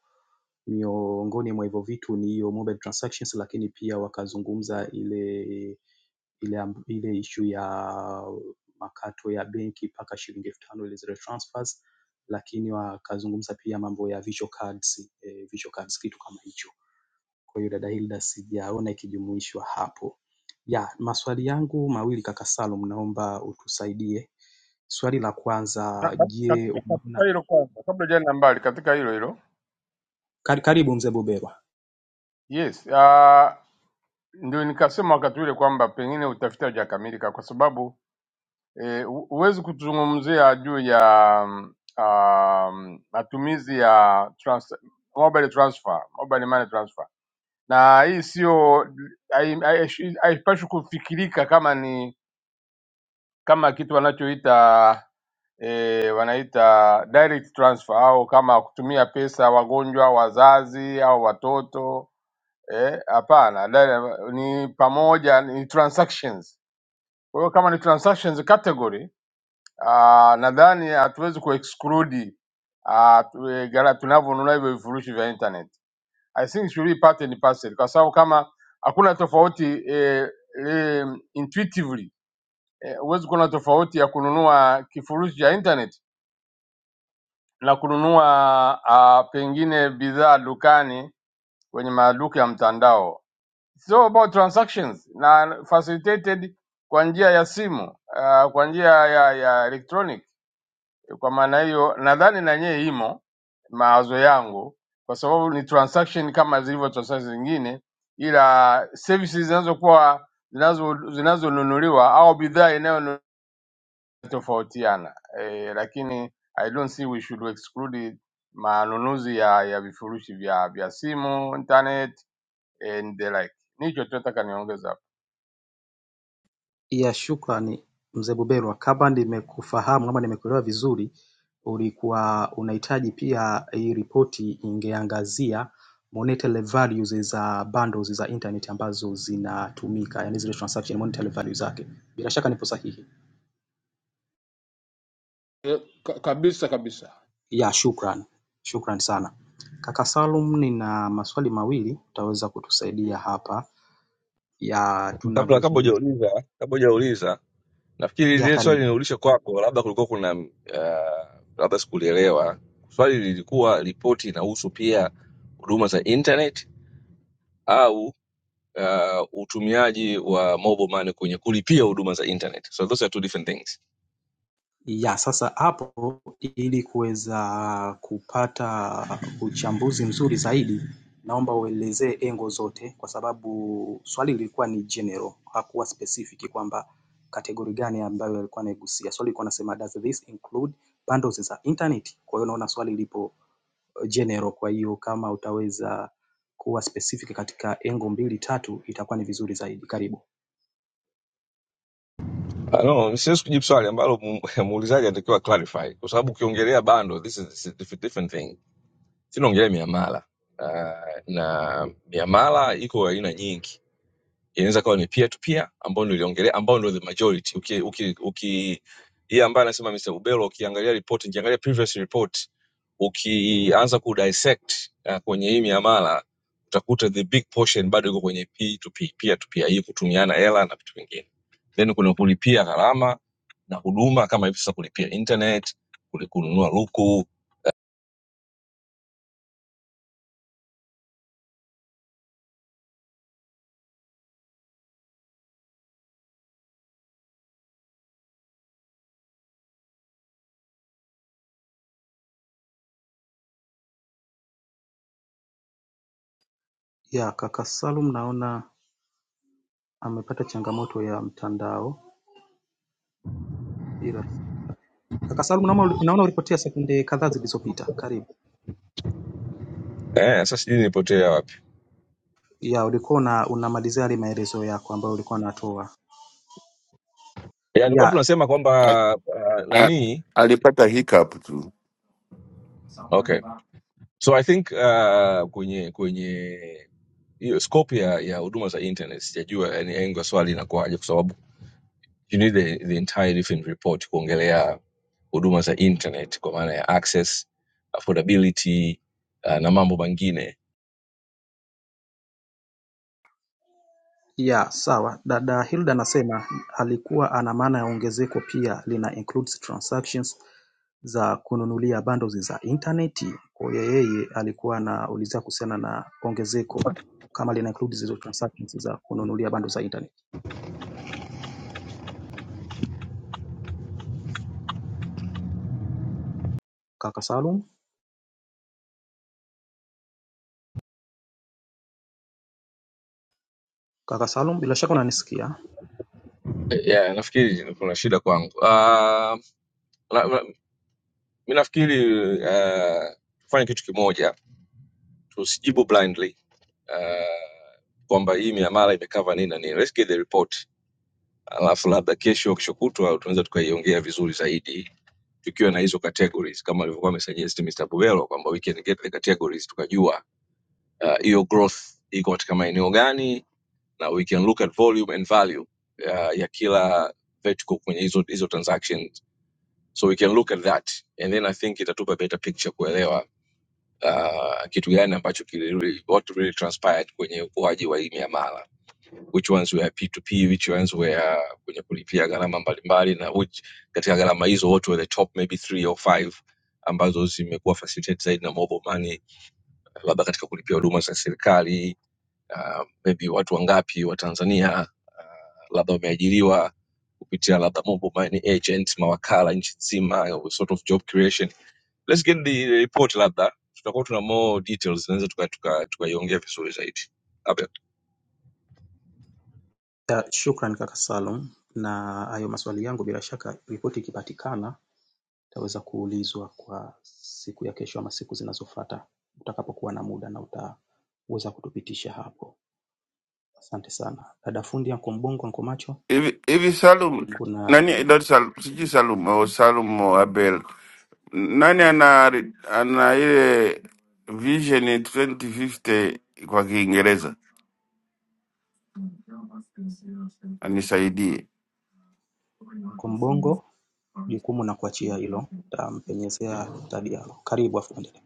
Speaker 3: Miongoni mwa hivyo vitu ni hiyo mobile transactions, lakini pia wakazungumza ile ile ile issue ya makato ya benki mpaka shilingi elfu tano ile zile transfers lakini wakazungumza pia mambo ya visual cards, eh, visual cards kitu kama hicho. Kwa hiyo dada Hilda sijaona ikijumuishwa hapo. Ya, maswali yangu mawili kaka Salum naomba utusaidie. Swali la kwanza, je,
Speaker 6: katika, katika
Speaker 3: unaona
Speaker 6: hilo kwanza, kabla jana mbali, katika hilo hilo
Speaker 3: kar- karibu mzee Bobero.
Speaker 6: yes, uh, ndio nikasema wakati ule kwamba pengine utafiti haujakamilika kwa sababu eh, hu- huwezi kutuzungumzia juu ya mm, um, matumizi ya trans, mobile transfer, mobile money transfer, na hii sio hai- hai- haipaswi kufikirika kama ni kama kitu wanachoita e, wanaita direct transfer au kama kutumia pesa wagonjwa, wazazi au watoto eh, hapana, dire- ni pamoja ni transactions. Kwa hiyo kama ni transactions category ah, nadhani hatuwezi kuexclude ah, tu- eh, gara tunavyonunua hivyo vifurushi vya internet. I think it should be part and parcel, kwa sababu kama hakuna tofauti eh, eh, intuitively eh, huwezi kuona tofauti ya kununua kifurushi cha internet na kununua ah, pengine bidhaa dukani kwenye maduka ya mtandao. It's all about transactions na facilitated kwa njia ya simu uh, kwa njia ya, ya electronic. Kwa maana hiyo nadhani na nyewe imo mawazo yangu, kwa sababu ni transaction kama zilivyo transaction zingine, ila services zinazokuwa zinazo- zinazonunuliwa au bidhaa inayo tofautiana eh, lakini I don't see we should exclude manunuzi ya ya vifurushi vya vya simu internet and the like. Nicho tu nataka niongeze hapo.
Speaker 3: ya shukrani mzee Buberwa, kama nimekufahamu ama nimekuelewa vizuri, ulikuwa unahitaji pia hii ripoti ingeangazia monetary values za bundles za internet ambazo zinatumika, yani zile transaction monetary value zake. Bila shaka nipo sahihi.
Speaker 6: Eh, ka- kabisa kabisa.
Speaker 3: Ya, shukran, shukran sana kaka Salum. Nina maswali mawili, utaweza kutusaidia hapa ya
Speaker 7: kabla kabla
Speaker 3: tunavyozungumzia.
Speaker 7: hujauliza kabla hujauliza nafikiri
Speaker 3: Ya,
Speaker 7: lile swali
Speaker 3: karibu.
Speaker 7: linaulisha kwako labda kulikuwa kuna uh, labda sikulielewa swali lilikuwa ripoti inahusu pia huduma za internet au uh, utumiaji wa mobile money kwenye kulipia huduma za internet so those are two different things
Speaker 3: ya sasa hapo ili kuweza kupata uchambuzi mzuri zaidi naomba uelezee engo zote kwa sababu swali lilikuwa ni general hakuwa specific kwamba kategori gani ambayo alikuwa anaigusia swali lilikuwa nasema does this include bundles za internet kwa hiyo naona swali lipo eh, general kwa hiyo kama utaweza kuwa specific katika engo mbili tatu itakuwa ni vizuri zaidi karibu
Speaker 7: Ah, no siwezi kujibu swali ambalo mu- [laughs] muulizaji anatakiwa clarify kwa sababu ukiongelea bando this is, this is different, different thing sinaongelea miamala uh, na miamala iko aina nyingi inaweza kawa ni peer to peer ambao niliongelea ambao ndio the majority uki, uki, uki yeye ambaye anasema Mr. Ubelo ukiangalia report ukiangalia previous report ukianza ku dissect uh, kwenye hii miamala utakuta the big portion bado iko kwenye P to P, peer to peer hii kutumiana hela na vitu vingine then kuna kulipia gharama na huduma kama hivi sasa kulipia internet kuli- kununua luku
Speaker 3: ya kaka Salum naona amepata changamoto ya mtandao bila Kaka Salum, naona uli- naona ulipotea sekunde kadhaa zilizopita. Karibu.
Speaker 7: eh sasa sijui nipotea wapi
Speaker 3: Ya, ulikuwa una, unamalizia yale maelezo yako ambayo ulikuwa unatoa.
Speaker 7: yani kwa
Speaker 3: Ya,
Speaker 7: tunasema
Speaker 8: A-
Speaker 7: kwamba uh,
Speaker 8: a-
Speaker 7: nani
Speaker 8: Alipata hiccup tu.
Speaker 7: okay so i think uh, kwenye kwenye hiyo scope ya ya huduma za internet sijajua yani engo swali inakuwaje kwa sababu you need the, the entire different report kuongelea huduma za internet kwa maana ya access affordability uh, na mambo mengine
Speaker 3: ya, sawa. Dada Hilda anasema alikuwa ana maana ya ongezeko pia lina includes transactions za kununulia bundles za intaneti. Kwa hiyo yeye alikuwa anaulizia kuhusiana na ongezeko kama lina include hizo transactions za kununulia bundles za intaneti. Kaka Salum, kaka Salum, bila shaka unanisikia?
Speaker 7: Eh, yeah, nafikiri kuna shida kwangu uh, na, na, mi nafikiri uh, tufanye kitu kimoja tusijibu blindly uh, kwamba hii miamala imekava nini na nini let's get the report alafu labda kesho au kesho kutwa tunaweza tukaiongea vizuri zaidi tukiwa na hizo categories kama alivyokuwa amesuggest Mr. Bubelo kwamba we can get the categories tukajua ah, hiyo uh, growth iko katika maeneo gani na we can look at volume and value ah, ya kila vertical kwenye hizo hizo transactions so we can look at that and then I think itatupa better picture kuelewa ah, kitu gani ambacho kili, what really transpired kwenye ukuaji wa hii miamala which ones were P2P, which ones were kwenye kulipia gharama mbalimbali, na which katika gharama hizo what were the top maybe three or five ambazo zimekuwa facilitate zaidi na mobile money, labda katika kulipia huduma za serikali, uh, maybe watu wangapi wa Tanzania uh, labda wameajiriwa kupitia labda mobile money agents, mawakala nchi nzima, sort of job creation. Let's get the report, labda tutakuwa tuna more details, tunaweza tukaiongea tuka, tuka tukaiongea vizuri zaidi. Abel.
Speaker 3: Uh, Shukran kaka Salum, na hayo maswali yangu bila shaka ripoti ikipatikana itaweza kuulizwa kwa siku ya kesho ama siku zinazofuata utakapokuwa na muda na utaweza kutupitisha hapo. Asante sana. Dada fundi Anko Mbongo, Anko Macho,
Speaker 8: hivi hivi Salum
Speaker 3: kuna
Speaker 8: nani not Salum sijui Salum au Salum au Abel nani ana ana ile vision 2050 kwa Kiingereza anisaidie.
Speaker 3: Anko Mbongo, jukumu na kuachia hilo, tampenyezea tadi yako. Karibu afundi.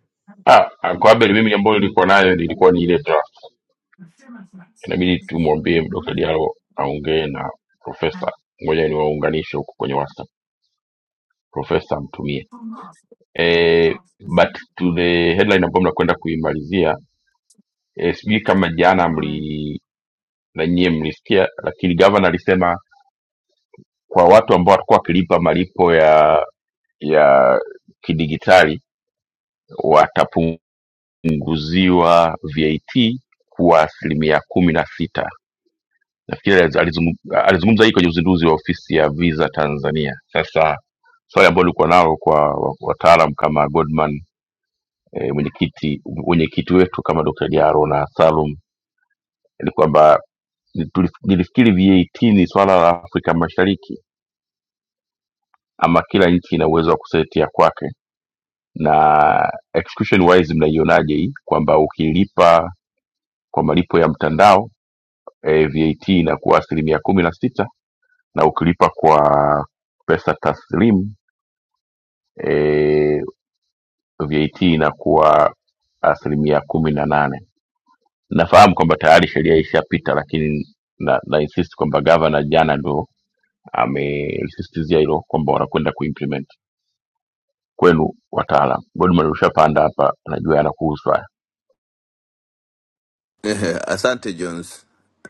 Speaker 9: Ehe, asante Jones.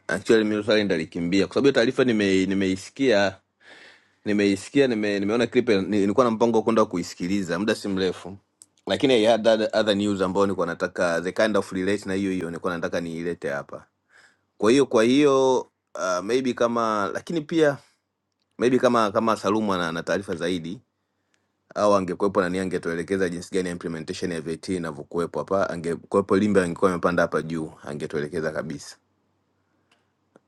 Speaker 9: Actually mimi swali ndalikimbia kwa sababu hiyo taarifa nime- nimeisikia nimeisikia nime, nimeona clip ni- nilikuwa na mpango wa kwenda kuisikiliza muda si mrefu, lakini I had other other news ambayo nilikuwa nataka the kind of relate na hiyo hiyo nilikuwa nataka niilete hapa. Kwa hiyo kwa hiyo uh, maybe kama lakini pia maybe kama kama Salumu ana ana taarifa zaidi au angekuwepo nani angetuelekeza jinsi gani ya implementation ya VAT inavyokuwepo hapa, angekuwepo Limbe angekuwa amepanda hapa juu, angetuelekeza kabisa.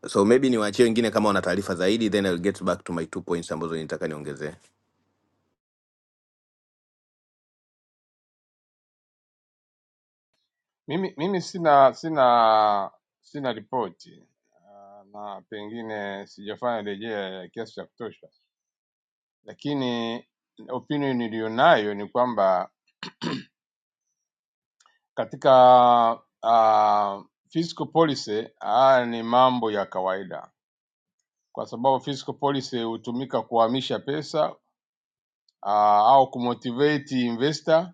Speaker 9: so maybe niwaachie wengine kama wana taarifa zaidi then I'll get back to my two points ambazo nitaka niongezee
Speaker 6: Mimi mimi sina sina sina ripoti Ah, na pengine sijafanya rejea ya kiasi cha kutosha, lakini opinion niliyonayo ni kwamba katika uh, fiscal policy haya ni mambo ya kawaida kwa sababu fiscal policy hutumika kuhamisha pesa ah, au kumotivate investor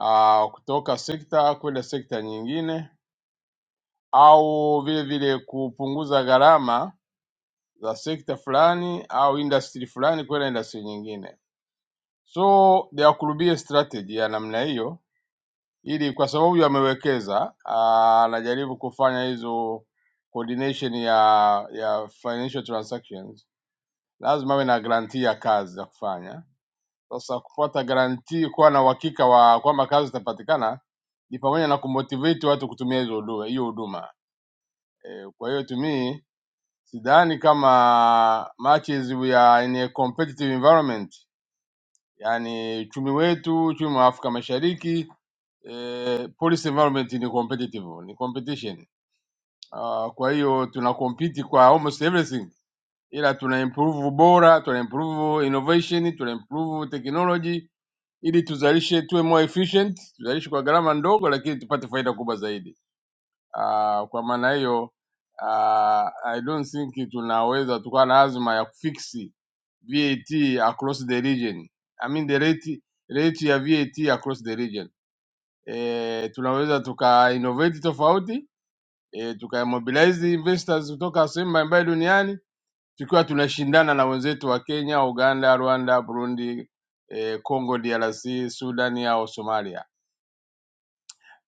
Speaker 6: ah, kutoka sekta kwenda sekta nyingine au vile vile kupunguza gharama za sekta fulani au industry fulani kwenda industry nyingine. So there could be a strategy ya namna hiyo, ili kwa sababu yamewekeza, ah, anajaribu kufanya hizo coordination ya ya financial transactions, lazima awe na grantii ya kazi za kufanya Sasa kupata garantii, kuwa na uhakika wa kwamba kazi zitapatikana ni pamoja na kumotivate watu kutumia hizo huduma hiyo huduma e. Kwa hiyo to me sidhani kama much as we are in a competitive environment, yani uchumi wetu, uchumi wa Afrika Mashariki eh, policy environment ni competitive, ni competition. Uh, kwa hiyo tuna compete kwa almost everything, ila tuna improve ubora, tuna improve innovation, tuna improve technology ili tuzalishe, tuwe more efficient, tuzalishe kwa gharama ndogo, lakini tupate faida kubwa zaidi. Uh, kwa maana hiyo uh, I don't think tunaweza tukawa na azma ya kufiksi VAT across the region. I mean the rate, rate ya VAT across the region. E, tunaweza tuka innovate tofauti e, tuka mobilize investors kutoka sehemu mbalimbali duniani tukiwa tunashindana na wenzetu wa Kenya, Uganda, Rwanda, Burundi, e, Congo DRC, Sudan au Somalia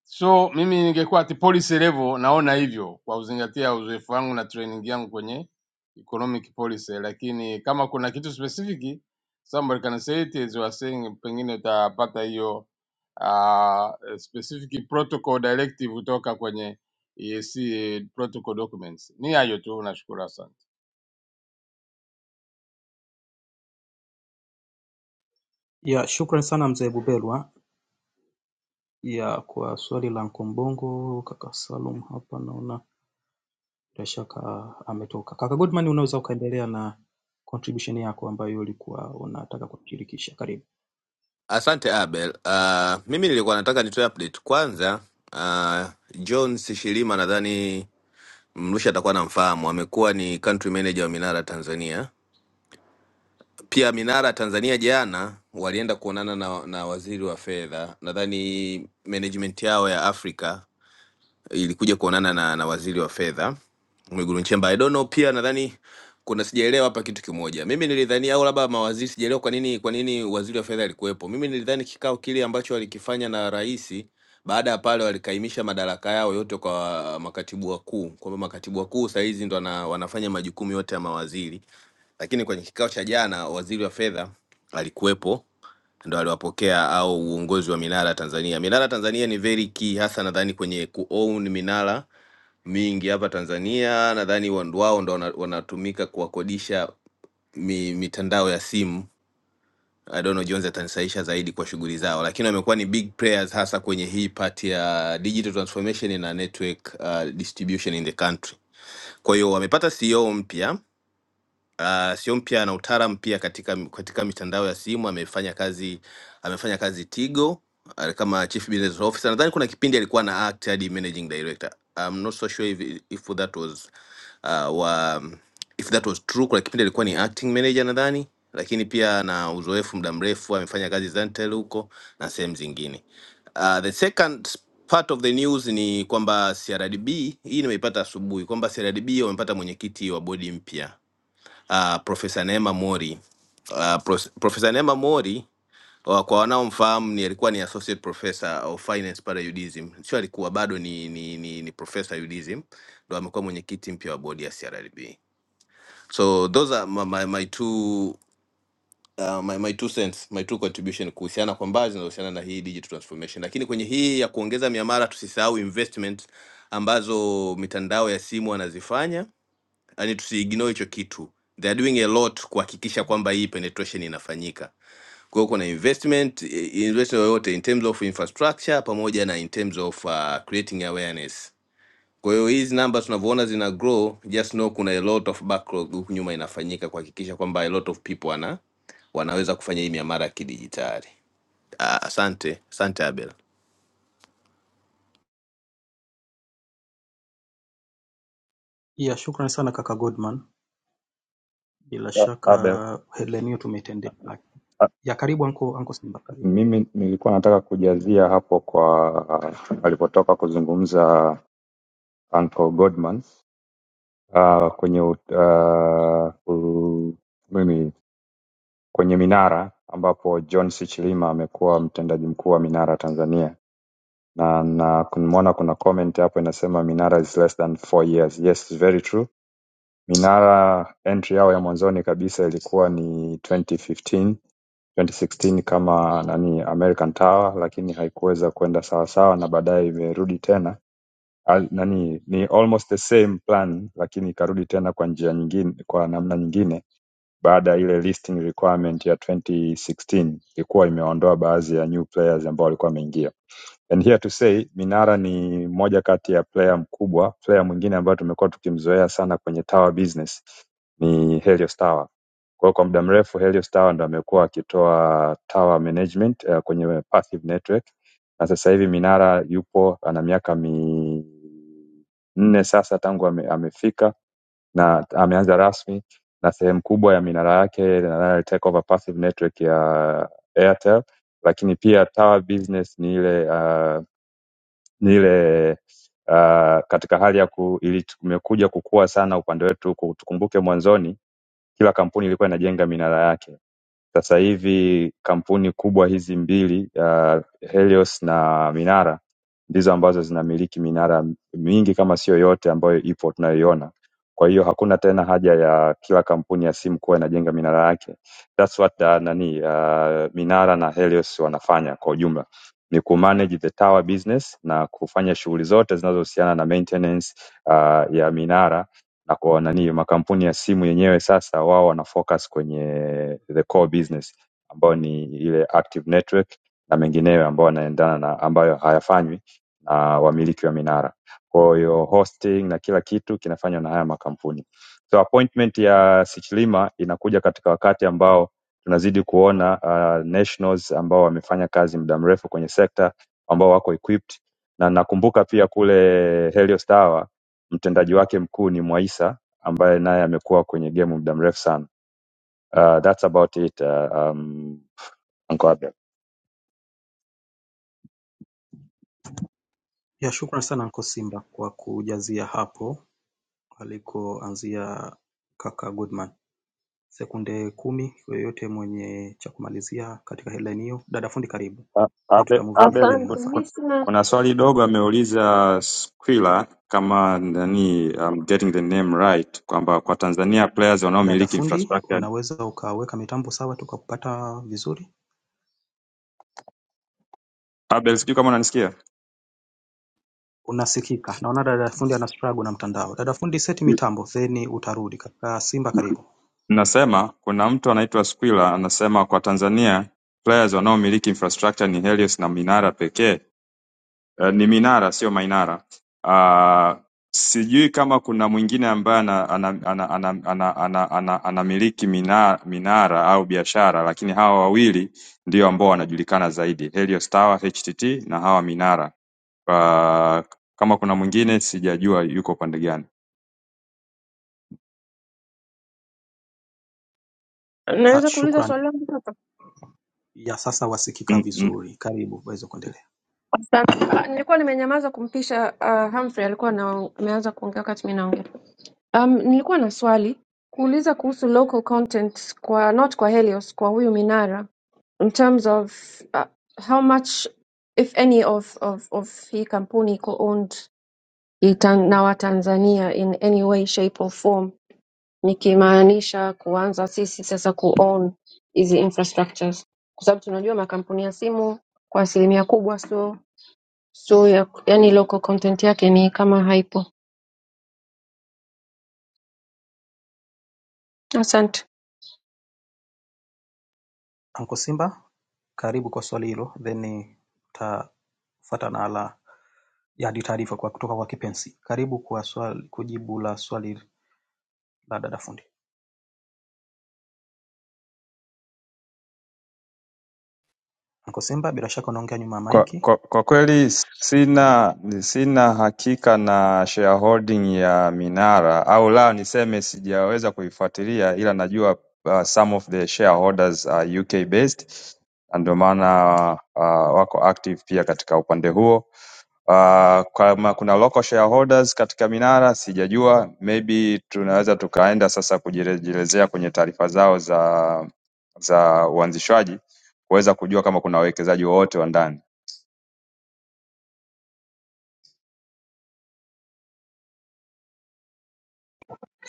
Speaker 6: So mimi ningekuwa at policy level naona hivyo kwa kuzingatia uzoefu wangu na training yangu kwenye economic policy, lakini kama kuna kitu specific somebody can say it as you are saying, pengine utapata hiyo uh, specific protocol directive kutoka kwenye EAC protocol documents. Ni hayo tu, nashukuru, asante.
Speaker 3: Ya, shukran sana mzee Bubelwa ya kwa swali la Anko Mbongo, kaka Salum hapa naona bila shaka ametoka. Kaka Goodman, unaweza ukaendelea na contribution yako ambayo ulikuwa unataka kutushirikisha. Karibu.
Speaker 9: asante abel uh, mimi nilikuwa nataka nitoe update kwanza uh, john sishilima nadhani mrusha atakuwa anamfahamu amekuwa ni country manager wa minara tanzania pia minara tanzania jana walienda kuonana na, na waziri wa fedha nadhani management yao ya afrika ilikuja kuonana na, na waziri wa fedha Mwigulu Nchemba. I don't know, pia nadhani kuna sijaelewa hapa kitu kimoja. Mimi nilidhani au labda mawaziri, sijaelewa kwa nini kwa nini waziri wa fedha alikuwepo. Mimi nilidhani kikao kile ambacho walikifanya na rais, baada ya pale walikaimisha madaraka yao yote kwa makatibu wakuu, kwamba makatibu wakuu saa hizi ndo wana, wanafanya majukumu yote ya mawaziri, lakini kwenye kikao cha jana waziri wa fedha alikuwepo ndo aliwapokea au uongozi wa Minara Tanzania. Minara Tanzania ni very key, hasa nadhani kwenye kuown minara mingi hapa Tanzania. Nadhani wa- ndo wao ndo wana- wanatumika kuwakodisha mi, mitandao ya simu. I don't know Jones atanisaisha zaidi kwa shughuli zao, lakini wamekuwa ni big players hasa kwenye hii part ya digital transformation na network uh, distribution in the country. Kwa hiyo wamepata CEO mpya Uh, sio mpya na utaalamu pia katika katika mitandao ya simu amefanya kazi amefanya kazi Tigo ah, kama chief business officer. Nadhani kuna kipindi alikuwa na act hadi managing director. I'm not so sure if, if that was uh, wa, if that was true. Kuna kipindi alikuwa ni acting manager nadhani, lakini pia na uzoefu muda mrefu amefanya kazi Zantel huko na sehemu zingine. Uh, the second part of the news ni kwamba CRDB, hii nimeipata asubuhi kwamba CRDB wamepata mwenyekiti wa bodi mpya uh, Profesa Neema Mori. Uh, Prof- Profesa Neema Mori wa- kwa wanaomfahamu ni alikuwa ni associate professor of finance pale UDSM, sio alikuwa bado ni, ni, ni, ni professor UDSM, ndo amekuwa mwenyekiti mpya wa bodi ya CRDB. So those are my, my, my two Uh, my, my two cents, my two contribution kuhusiana kwa mbali zinazohusiana na hii digital transformation, lakini kwenye hii ya kuongeza miamala tusisahau investment ambazo mitandao ya simu wanazifanya yani tusiignore hicho kitu they are doing a lot kuhakikisha kwamba hii penetration inafanyika kwa hiyo kuna investment eh, investment yoyote in terms of infrastructure pamoja na in terms of uh, creating awareness kwa hiyo hizi namba tunavyoona zina grow just know kuna a lot of backlog huku nyuma inafanyika kuhakikisha kwamba a lot of people wana wanaweza kufanya hii miamara ya kidijitali Ah, asante asante abel
Speaker 3: Yeah, shukrani sana kaka Goodman. Bila
Speaker 10: Ya,
Speaker 3: shaka
Speaker 10: Abel,
Speaker 3: headline hiyo tumetendea haki.
Speaker 10: a-
Speaker 3: Ya karibu anko, anko Simba, karibu.
Speaker 10: mimi nilikuwa nataka kujazia hapo kwa alipotoka kuzungumza Uncle Goodman uh, kwenye ut- uh, u- mimi kwenye Minara ambapo John C. Chilima amekuwa mtendaji mkuu wa Minara Tanzania na na kumwona kuna comment hapo inasema Minara is less than four years. Yes, it's very true. Minara entry yao ya mwanzoni kabisa ilikuwa ni 2015 2016 kama nani American Tower, lakini haikuweza kwenda sawa sawa, na baadaye imerudi tena al, nani ni almost the same plan, lakini ikarudi tena kwa njia nyingine, kwa namna nyingine baada ya ile listing requirement ya 2016 ilikuwa imeondoa baadhi ya new players ambao walikuwa wameingia. And here to say Minara ni moja kati ya player mkubwa. Player mwingine ambayo tumekuwa tukimzoea sana kwenye tower business ni Helios Tower. Kwa hiyo kwa muda mrefu Helios Tower ndo amekuwa akitoa tower management eh, kwenye passive network na sasa hivi Minara yupo ana miaka minne sasa tangu ame, amefika na ameanza rasmi na sehemu kubwa ya minara yake nadhani ali take over passive network ya Airtel, lakini pia tower business ni ile uh, ni ile uh, katika hali ya ku, ili tumekuja kukua sana upande wetu. ku- Tukumbuke mwanzoni kila kampuni ilikuwa inajenga minara yake sasa hivi kampuni kubwa hizi mbili uh, Helios na Minara ndizo ambazo zinamiliki minara mingi kama sio yote ambayo ipo tunayoiona. Kwa hiyo hakuna tena haja ya kila kampuni ya simu kuwa inajenga minara yake. That's what uh, nani uh, Minara na Helios wanafanya kwa ujumla ni ku manage the tower business na kufanya shughuli zote zinazohusiana na maintenance uh, ya minara na kwa nani makampuni ya simu yenyewe sasa wao wana focus kwenye the core business ambayo ni ile active network na mengineyo ambayo yanaendana na ambayo hayafanywi na wamiliki wa minara. Kwa hiyo hosting na kila kitu kinafanywa na haya makampuni. So appointment ya Sichilima inakuja katika wakati ambao tunazidi kuona uh, nationals ambao wamefanya kazi muda mrefu kwenye sekta ambao wako equipped na nakumbuka pia kule Helios Tower mtendaji wake mkuu ni Mwaisa ambaye naye amekuwa kwenye game muda mrefu sana. Uh, that's about it uh, um, Uncle Abel.
Speaker 3: Ya shukrani sana anko Simba kwa kujazia hapo alikoanzia kaka Goodman. Sekunde kumi yoyote mwenye cha kumalizia katika headline hiyo. Dada fundi karibu.
Speaker 10: Uh,
Speaker 3: Then
Speaker 10: Abel,
Speaker 3: tutamove kwenye
Speaker 10: Abel
Speaker 3: headline
Speaker 10: ku-
Speaker 1: Asante,
Speaker 3: inayofuata.
Speaker 10: ku-
Speaker 1: mimi sina
Speaker 10: kuna swali dogo ameuliza Skwila kama nani I'm getting the name right kwamba kwa Tanzania players
Speaker 3: Dada
Speaker 10: wanaomiliki
Speaker 3: fundi,
Speaker 10: infrastructure.
Speaker 3: unaweza ukaweka mitambo sawa tukakupata vizuri?
Speaker 10: Abel, sijui kama unanisikia?
Speaker 3: unasikika naona dada fundi ana struggle na mtandao dada fundi seti mitambo then utarudi kaka simba karibu
Speaker 10: Nasema kuna mtu anaitwa Skwila anasema kwa Tanzania players wanaomiliki infrastructure ni Helios na Minara pekee Eh, ni Minara sio Mainara. Ah, sijui kama kuna mwingine ambaye ana- ana- ana- ana- ana- ana- ana- anamiliki mina- minara au biashara, lakini hawa wawili ndio ambao wanajulikana zaidi, Helios Tower HTT na hawa Minara. Ah, Kama kuna mwingine sijajua yuko upande gani.
Speaker 3: ya,
Speaker 1: naweza kuuliza
Speaker 3: shukran
Speaker 1: swali langu sasa.
Speaker 3: ya sasa wasikika vizuri karibu waweza kuendelea
Speaker 1: Asante. Ah, Nilikuwa nimenyamaza kumpisha uh, Humphrey alikuwa na, ameanza kuongea wakati mimi naongea. Um, nilikuwa na swali kuuliza kuhusu local content kwa not kwa Helios kwa huyu Minara in terms of uh, how much if any of of of hii kampuni iko owned itan- na Watanzania in any way shape or form nikimaanisha kuanza sisi sasa ku own hizi infrastructures kwa sababu tunajua makampuni ya simu kwa asilimia kubwa sio sio ya, yani local content yake ni kama haipo. Asante.
Speaker 3: anko simba karibu kwa swali hilo then tafata na ala ya hadi taarifa kwa kutoka kwa kipenzi karibu kwa swali kujibu la swali la dada fundi anko simba bila shaka unaongea nyuma ya
Speaker 10: Kwa
Speaker 3: maiki
Speaker 10: kwa, kwa kweli
Speaker 3: karibu
Speaker 10: sina sina hakika na shareholding ya Minara au la niseme sijaweza kuifuatilia ila najua uh, some of the shareholders are UK based na ndio maana uh, wako active pia katika upande huo. Uh, kama kuna local shareholders katika Minara sijajua, maybe tunaweza tukaenda sasa kujirejelezea kwenye taarifa zao za za uanzishwaji kuweza kujua kama kuna wawekezaji wowote wa ndani.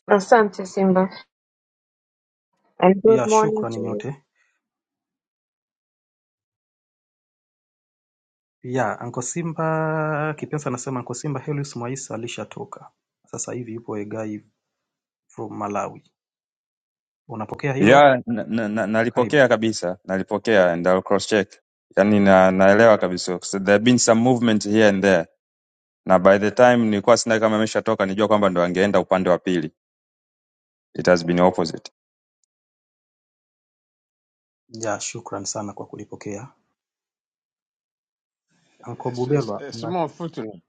Speaker 1: Asante Simba. and good
Speaker 3: ya
Speaker 1: morning to
Speaker 3: shukrani
Speaker 1: you.
Speaker 3: nyote ya anko simba kipensa anasema anko simba helius mwaisa alishatoka sasa hivi yupo egai from malawi unapokea hilo
Speaker 10: Yeah, na, na, na,
Speaker 3: karibu
Speaker 10: nalipokea kabisa, nalipokea and I'll cross check. Yani na, naelewa kabisa. So there have been some movement here and there. Na by the time nilikuwa sina kama ameshatoka nijua kwamba ndo angeenda upande wa pili. It has been opposite.
Speaker 3: ya shukran sana kwa kulipokea anko
Speaker 6: S- s-
Speaker 3: bubelwa
Speaker 6: a
Speaker 3: na
Speaker 6: Small footnote.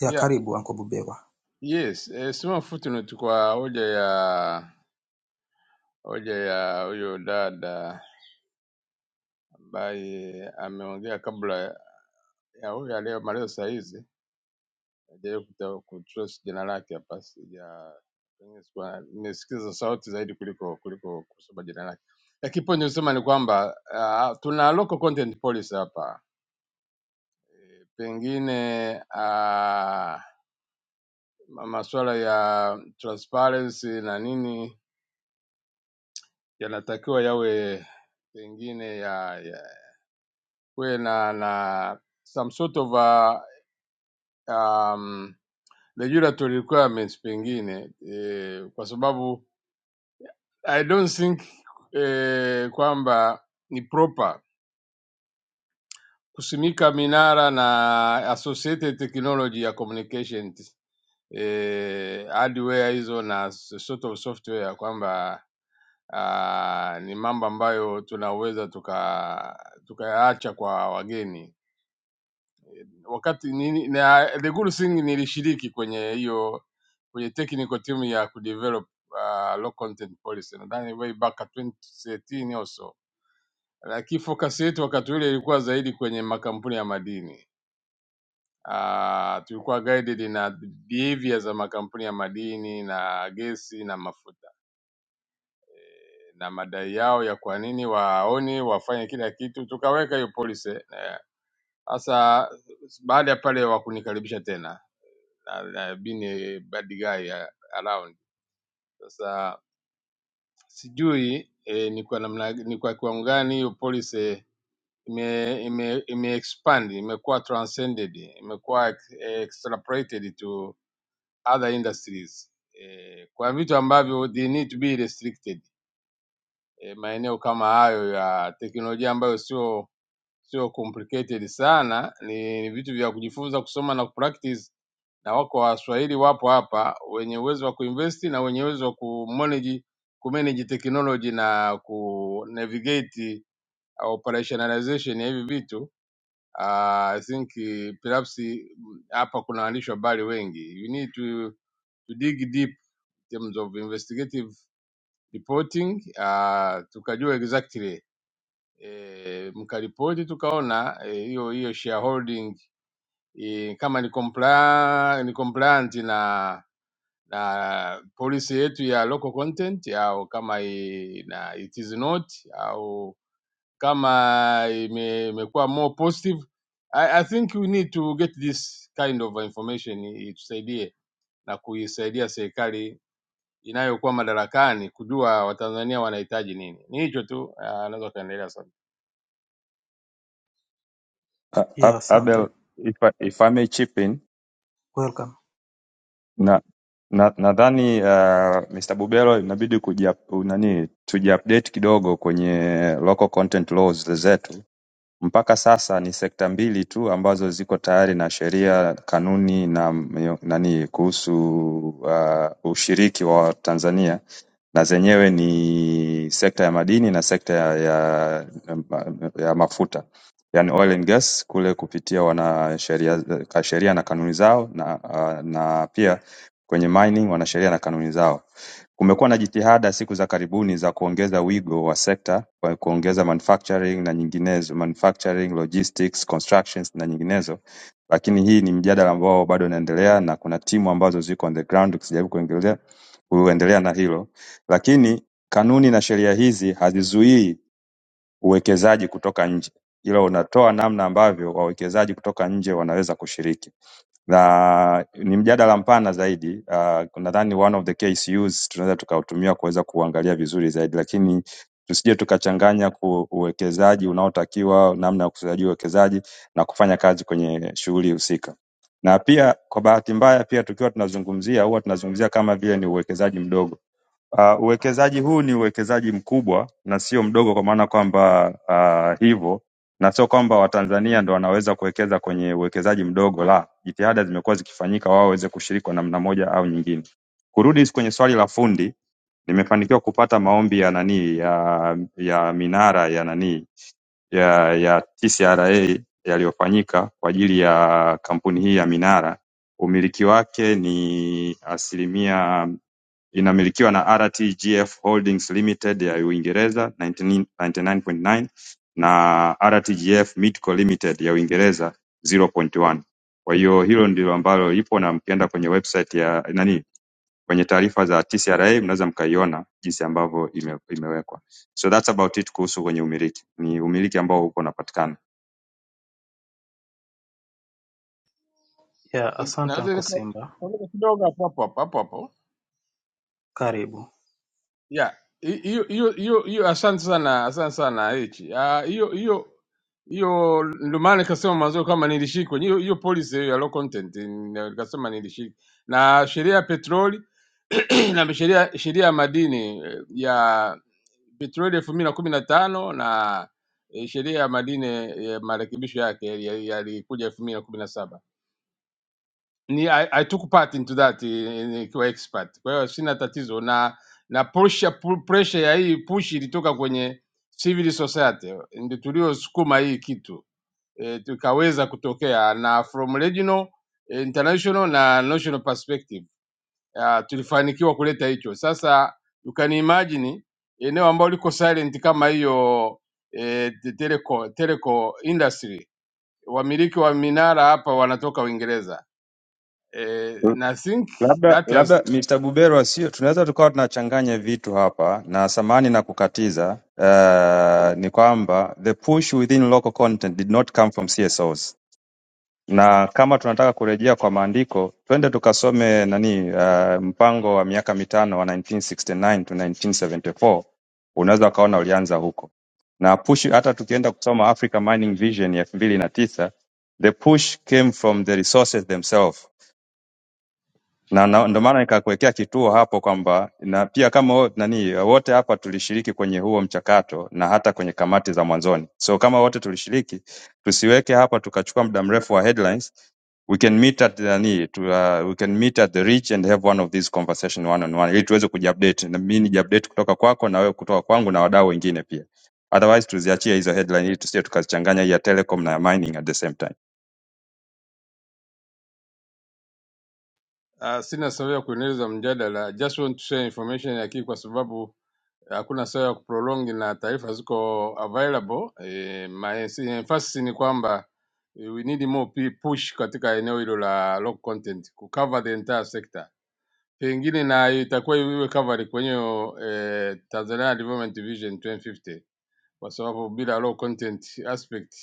Speaker 3: ya
Speaker 6: Yeah,
Speaker 3: karibu anko bubelwa
Speaker 6: yes, a small footnote kwa hoja ya hoja ya huyo dada ambaye ameongea kabla ya huyu aliyemaliza sahizi, hajawahi kutrace jina lake hapa, sija pengine sikuwa- nimesikiza sauti zaidi kuliko kuliko kusoma jina lake. Lakini point nisema ni kwamba uh, tuna local content policy hapa Eh, pengine uh, masuala ya transparency na nini yanatakiwa yawe pengine ya, ya kuwe na na some sort of a um, Lejula to requirements pengine eh, kwa sababu I don't think eh, kwamba ni proper kusimika minara na associated technology ya communication eh, hardware hizo na sort of software kwamba ah, ni mambo ambayo tunaweza tuka tukayaacha tuka kwa wageni wakati nini, na the good thing nilishiriki kwenye hiyo kwenye technical team ya kudevelop uh, low content policy nadhani way back at 2013 or so, lakini focus yetu wakati ule ilikuwa zaidi kwenye makampuni ya madini. Uh, tulikuwa guided na behavior za makampuni ya madini na gesi na mafuta na madai yao ya kwa nini waoni wafanye kila kitu, tukaweka hiyo policy eh, Sasa baada ya pale wakunikaribisha tena na, na been a bad guy eh, around. Sasa sijui eh, ni kwa namna ni kwa kiwango gani hiyo policy ime ime ime expand imekuwa transcended imekuwa ex- extrapolated to other industries eh, kwa vitu ambavyo they need to be restricted e, maeneo kama hayo ya teknolojia ambayo sio sio complicated sana, ni, ni vitu vya kujifunza kusoma na kupractice, na wako waswahili wapo hapa wenye uwezo wa kuinvest na wenye uwezo wa kumanage kumanage technology na ku navigate uh, operationalization ya hivi vitu. Uh, I think eh, perhaps eh, hapa kuna waandishi wa habari wengi. You need to, to dig deep in terms of investigative reporting uh, tukajua exactly eh, mkaripoti tukaona eh, hiyo hiyo shareholding eh, kama ni compla, ni compliant na na policy yetu ya local content au kama i, na it is not au kama ime- imekuwa more positive I, I think we need to get this kind of information i- itusaidie na kuisaidia serikali inayokuwa madarakani kujua Watanzania wanahitaji nini. Ni hicho tu, ah, naweza ukaendelea sana.
Speaker 10: A-
Speaker 3: ya
Speaker 10: A-
Speaker 3: asante
Speaker 10: Abel, if I, if I may chip in,
Speaker 3: welcome
Speaker 10: na na nadhani uh, Mr. Bubelo inabidi kuji nani tujiupdate kidogo kwenye local content laws zetu Mpaka sasa ni sekta mbili tu ambazo ziko tayari na sheria kanuni na mio- nani kuhusu uh, ushiriki wa Tanzania na zenyewe ni sekta ya madini na sekta ya, ya, ya mafuta yani oil and gas kule kupitia wana sheria ka- sheria na kanuni zao na, uh, na pia kwenye mining wana sheria na kanuni zao. Kumekuwa na jitihada siku za karibuni za kuongeza wigo wa sekta kwa kuongeza manufacturing na nyinginezo, manufacturing, logistics, constructions na nyinginezo, lakini hii ni mjadala ambao bado unaendelea na kuna timu ambazo ziko on the ground tukijaribu kuendelea kuendelea na hilo, lakini kanuni na sheria hizi hazizuii uwekezaji kutoka nje, ila unatoa namna ambavyo wawekezaji kutoka nje wanaweza kushiriki na ni mjadala mpana zaidi. Uh, nadhani one of the KCUs tunaweza tukautumia kuweza kuangalia vizuri zaidi, lakini tusije tukachanganya ku- uwekezaji unaotakiwa, namna ya ukusanyaji uwekezaji na kufanya kazi kwenye shughuli husika. Na pia kwa bahati mbaya, pia tukiwa tunazungumzia huwa tunazungumzia kama vile ni uwekezaji mdogo Uh, uwekezaji huu ni uwekezaji mkubwa na sio mdogo, kwa maana kwamba uh, hivyo na sio kwamba Watanzania ndo wanaweza kuwekeza kwenye uwekezaji mdogo, la, jitihada zimekuwa zikifanyika wao waweze kushiriki kwa namna moja au nyingine. Kurudi kwenye swali la fundi, nimefanikiwa kupata maombi ya nani ya, ya minara ya nani ya, ya TCRA yaliyofanyika kwa ajili ya kampuni hii ya minara. Umiliki wake ni asilimia inamilikiwa na RTGF Holdings Limited ya Uingereza (99.9) na RTGF Midco Limited ya Uingereza (0.1). Kwa hiyo hilo ndilo ambalo lipo na mkienda kwenye website ya nani kwenye taarifa za TCRA mnaweza mkaiona jinsi ambavyo ime, imewekwa. So that's about it kuhusu kwenye umiliki. Ni umiliki ambao uko unapatikana.
Speaker 3: ya asante
Speaker 6: Naweza
Speaker 3: anko
Speaker 6: nika-
Speaker 3: simba
Speaker 6: nika- kidogo hapo hapo hapo hapo. hapo.
Speaker 3: karibu
Speaker 6: yeah hi- hiyo hiyo hiyo hiyo asante sana asante sana hichi Ah, hiyo hiyo hiyo ndio maana nikasema mwanzo kama nilishiki kwenye hiyo hiyo policy hiyo ya low content ni- nikasema nilishiki na sheria ya petroli [clears throat] na sheria sheria ya madini eh, ya petroli elfu mbili na kumi na tano na eh, sheria ya madini ya marekebisho yake yali- yalikuja elfu mbili na kumi na saba ni I, I took part into that eh, eh, nikiwa expert. Kwa hiyo sina tatizo na na pressure pu- pressure ya hii push ilitoka kwenye civil society ndio tuliosukuma hii kitu e, tukaweza kutokea na from regional eh, international na national perspective uh, tulifanikiwa kuleta hicho. Sasa you can imagine eneo ambalo liko silent kama hiyo e, teleco, teleco industry wamiliki wa minara hapa wanatoka Uingereza Eh, na think
Speaker 10: Labda
Speaker 6: that has
Speaker 10: labda Mr. Buberwa sio, tunaweza tukawa tunachanganya vitu hapa, na samahani na kukatiza uh, ni kwamba the push within local content did not come from CSOs, na kama tunataka kurejea kwa maandiko, twende tukasome nani uh, mpango wa miaka mitano wa 1969 to 1974 unaweza ukaona ulianza huko na push. Hata tukienda kusoma Africa Mining Vision ya elfu mbili na tisa the push came from the resources themselves na na- ndio maana nikakuwekea kituo hapo kwamba na pia kama wo- nani wote hapa tulishiriki kwenye huo mchakato na hata kwenye kamati za mwanzoni. So kama wote tulishiriki, tusiweke hapa tukachukua muda mrefu wa headlines. We can meet at nani to, uh, we can meet at the reach and have one of these conversation one on one ili tuweze kujiupdate na mimi nijiupdate kutoka kwako na wewe kutoka kwangu na wadau wengine pia. Otherwise tuziachie hizo headline ili tusije tukazichanganya hii ya telecom na ya mining at the same time.
Speaker 6: uh, sina sababu ya kuendeleza mjadala, I just want to share information ya kii kwa sababu hakuna sababu ya kuprolongi na taarifa ziko available. E, my emphasis ni kwamba eh, we need more pe- push katika eneo hilo la local content kucover the entire sector, pengine na itakuwa iwe covered kwenye eh, Tanzania Development Vision 2050 kwa sababu bila low content aspect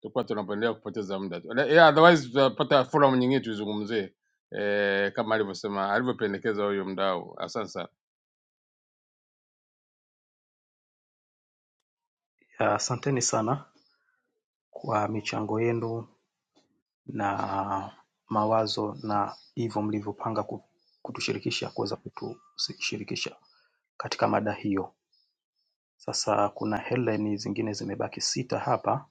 Speaker 6: tutakuwa tunapendelea kupoteza muda tu. Le- Yeah, otherwise tutapata forum nyingine tuizungumzie eh, kama alivyosema alivyopendekeza huyo mdau. Asante sana.
Speaker 3: ya asanteni sana kwa michango yenu na mawazo na hivyo mlivyopanga ku- kutushirikisha kuweza kutushirikisha katika mada hiyo Sasa kuna headline zingine zimebaki sita hapa,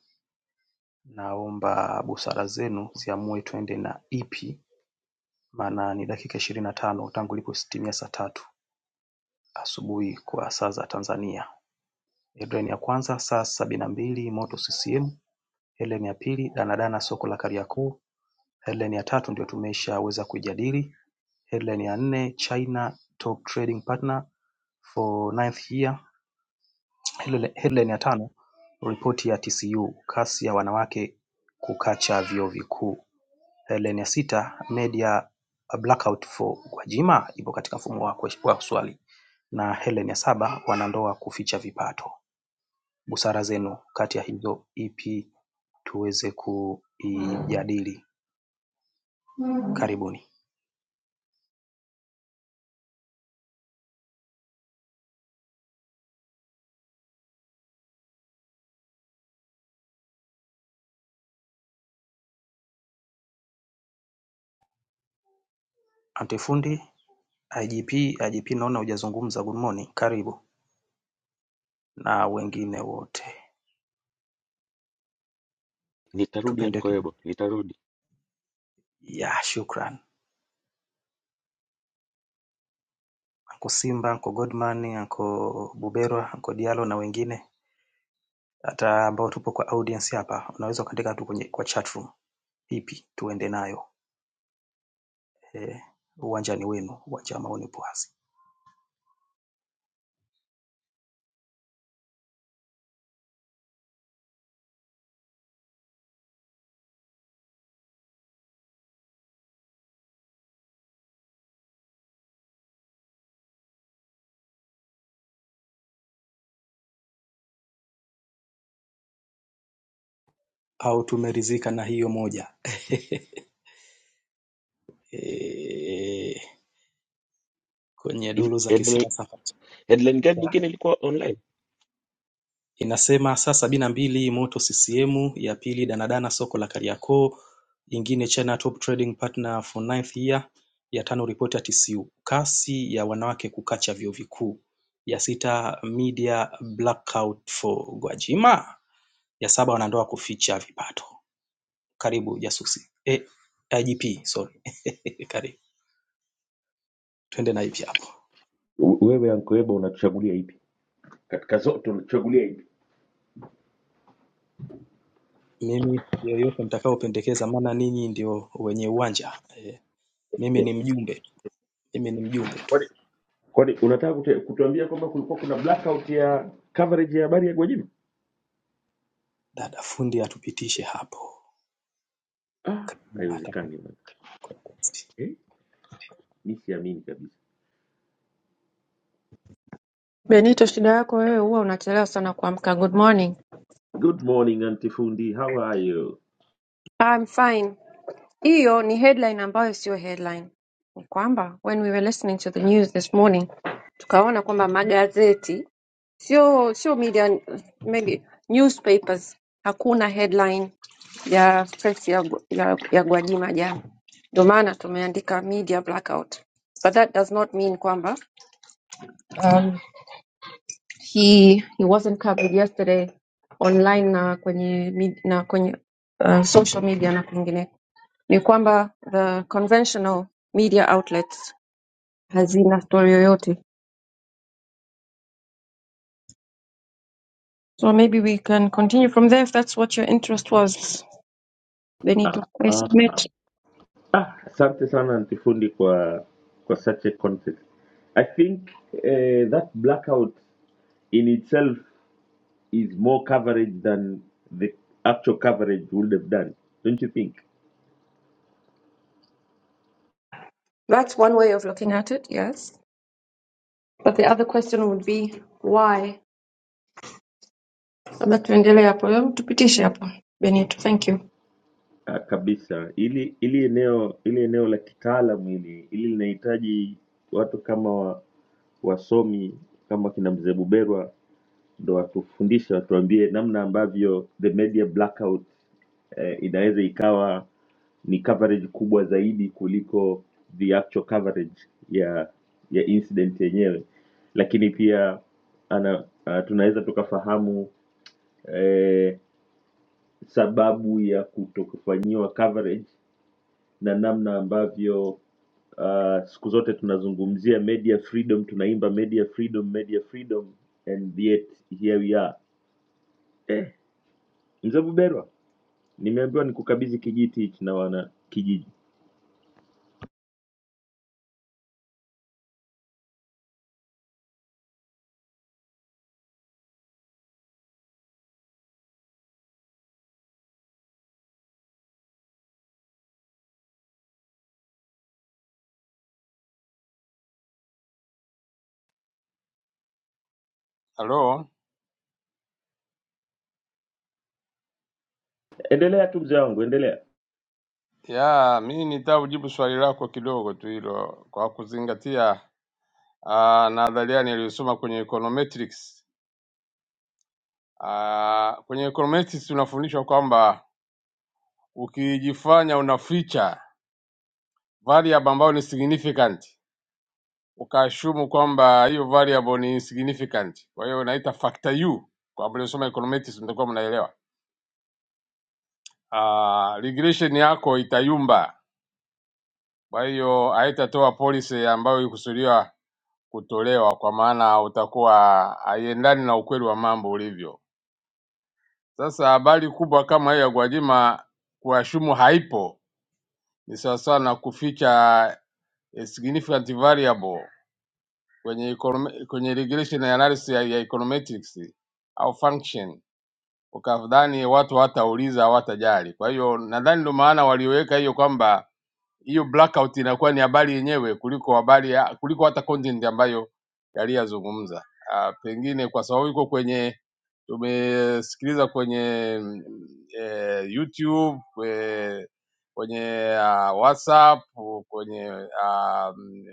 Speaker 3: naomba busara zenu ziamue twende na ipi, maana ni dakika ishirini na tano tangu ilipotimia saa tatu asubuhi kwa saa za Tanzania. Headline ya kwanza saa sabini na mbili moto CCM. Headline ya pili danadana soko la Kariakoo. Headline ya tatu ndio tumeshaweza kuijadili. Headline ya nne China top trading partner for ninth year Headline ya tano, ripoti ya TCU, kasi ya wanawake kukacha vyuo vikuu. Headline ya sita, media blackout for Gwajima ipo katika mfumo wa ques- wa swali na headline ya saba, wanandoa kuficha vipato. Busara zenu kati ya hizo ipi tuweze kuijadili? Karibuni. Antifundi IGP, IGP naona hujazungumza, good morning, karibu na wengine wote
Speaker 11: Nitarudi
Speaker 3: tupendeke.
Speaker 11: Ankoebo, nitarudi.
Speaker 3: Ya, shukran. Anko Simba, Anko Godman, Anko Buberwa, Anko Diallo na wengine hata ambao tupo kwa audience hapa, unaweza ukaandika tu kwenye kwa chat room ipi tuende nayo. Eh, uwanja ni wenu, uwanja wa maoni upo wazi. Au tumeridhika na hiyo moja [laughs] eh, kwenye
Speaker 11: Hivi,
Speaker 3: duru za
Speaker 11: Headline,
Speaker 3: kisiasa
Speaker 11: headline gani nyingine ilikuwa online?
Speaker 3: inasema saa sabini na mbili moto CCM ya pili danadana soko la Kariakoo ingine China top trading partner for ninth year ya tano ripoti ya TCU kasi ya wanawake kukacha vyuo vikuu ya sita media blackout for Gwajima ya saba wanandoa kuficha vipato karibu jasusi eh, IGP sorry [laughs] karibu twende na hivi hapo
Speaker 11: U- Wewe ankoeba unatuchagulia ipi katika zote? Unatuchagulia ipi
Speaker 3: mimi yoyote mtakaopendekeza maana ninyi ndio wenye uwanja eh, mimi
Speaker 11: eh?
Speaker 3: ni mjumbe mimi ni mjumbe tu
Speaker 11: Kwani kwani unataka kute- kutuambia kwamba kulikuwa kuna blackout ya coverage ya habari ya Gwajima?
Speaker 3: Dada fundi atupitishe hapo
Speaker 11: Ah,
Speaker 3: kama
Speaker 11: haiwezekani bwana
Speaker 3: atakapokuwa
Speaker 11: eh, mi siamini kabisa.
Speaker 1: Benito, shida yako wewe huwa unachelewa sana kuamka. Good morning.
Speaker 11: Good morning antifundi, how are you?
Speaker 1: I'm fine. Hiyo ni headline ambayo sio headline. Ni kwamba when we were listening to the news this morning, tukaona kwamba magazeti sio sio media maybe newspapers hakuna headline ya press ya, ya, ya Gwajima jana. Ndio maana tumeandika media blackout. But that does not mean kwamba um, he he wasn't covered yesterday online na kwenye mid- na kwenye uh, social media na kwingine ni kwamba the conventional media outlets hazina story yoyote so maybe we can continue from there if that's what your interest was benito i
Speaker 11: Ah,
Speaker 1: submit
Speaker 11: ah, asante sana antifundi kwa kwa such a content. I think eh, that blackout in itself is more coverage than the actual coverage would have done don't you think
Speaker 1: that's one way of looking at it yes but the other question would be why labda tuendelee hapo Hebu tupitishe hapo benito thank you
Speaker 11: Ah, kabisa ili ili eneo ili eneo la kitaalamu hili ili linahitaji watu kama wa- wasomi kama kina mzee Buberwa ndo watufundishe watuambie namna ambavyo the media blackout eh, inaweza ikawa ni coverage kubwa zaidi kuliko the actual coverage ya ya incident yenyewe lakini pia ana, uh, tunaweza tukafahamu eh, sababu ya kutokufanyiwa coverage na namna ambavyo uh, siku zote tunazungumzia media freedom, tunaimba media freedom, media freedom and yet here we are. Eh, mzee Buberwa, nimeambiwa nikukabidhi kijiti hichi na wana kijiji.
Speaker 6: Hello.
Speaker 11: Endelea tu mzee wangu, endelea.
Speaker 6: Ya, mimi nitaka kujibu swali lako kidogo tu hilo kwa kuzingatia ah, nadharia niliyosoma kwenye econometrics. Ah, kwenye econometrics tunafundishwa kwamba ukijifanya unaficha variable ambayo ni significant, ukaashumu kwamba hiyo variable ni insignificant, kwa hiyo unaita factor u. Kwa mliosoma econometrics mtakuwa mnaelewa. Ah, regression yako itayumba, kwa hiyo haitatoa policy ambayo ikusudiwa kutolewa kwa maana utakuwa haiendani na ukweli wa mambo ulivyo. Sasa habari kubwa kama hiyo ya Gwajima kuashumu haipo ni sawasawa na kuficha a significant variable kwenye econom- kwenye regression analysis ya, ya econometrics au function, ukadhani watu hawatauliza hawatajali. Kwa hiyo nadhani ndio maana waliweka hiyo kwamba hiyo blackout inakuwa ni habari yenyewe kuliko habari ya, kuliko hata content ambayo yaliyazungumza. Ah, Pengine kwa sababu iko kwenye tumesikiliza kwenye mm, eh, YouTube kwe- kwenye ah, WhatsApp kwenye ah, mm,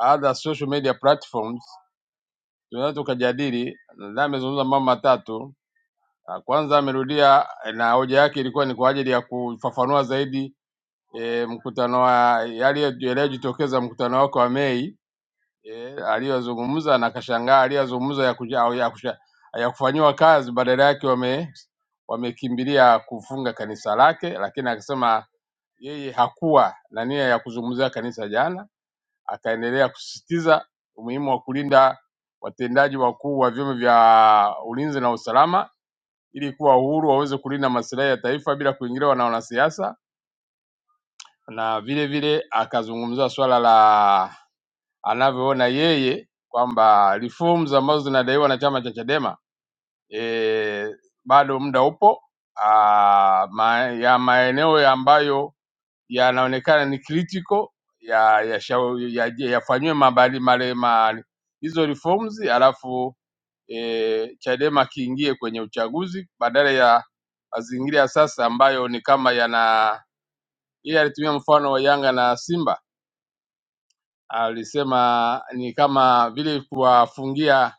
Speaker 6: other social media platforms tunaweza tukajadili. Nadhani amezungumza mambo matatu. Ah, Kwanza amerudia eh, na hoja yake ilikuwa ni kwa ajili ya kufafanua zaidi e, mkutano wa yaliyo- yaliyojitokeza mkutano wako wa Mei e, aliyozungumza na kashangaa aliyozungumza ya, kuja- au ya, kusha- ya kufanyiwa kazi, badala yake wame wamekimbilia kufunga kanisa lake, lakini akasema yeye hakuwa na nia ya kuzungumzia kanisa jana, akaendelea kusisitiza umuhimu wa kulinda watendaji wakuu wa vyombo vya ulinzi na usalama ili kuwa uhuru waweze kulinda maslahi ya taifa bila kuingiliwa na wanasiasa na vile vile akazungumzia swala la anavyoona yeye kwamba reforms ambazo zinadaiwa na chama cha Chadema e, bado muda upo a, ma, ya maeneo ya ambayo yanaonekana ni critical yafanywe ya yafanyiwe ya, ya, yafanyiwe mabali male mali hizo reforms, alafu e, Chadema kiingie kwenye uchaguzi badala ya mazingira ya sasa ambayo ni kama yana yeye alitumia mfano wa Yanga na Simba alisema ni kama vile kuwafungia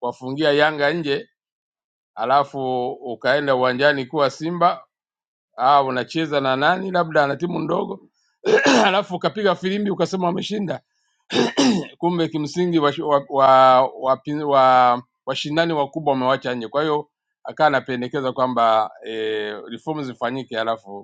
Speaker 6: kuwafungia Yanga nje, alafu ukaenda uwanjani kuwa Simba au unacheza na nani, labda na timu ndogo [clears throat] alafu ukapiga filimbi ukasema wameshinda, kumbe kimsingi washindani wa, wa, wa, wa, washindani wakubwa wamewacha nje. Kwa hiyo akawa anapendekeza kwamba e, reforms zifanyike alafu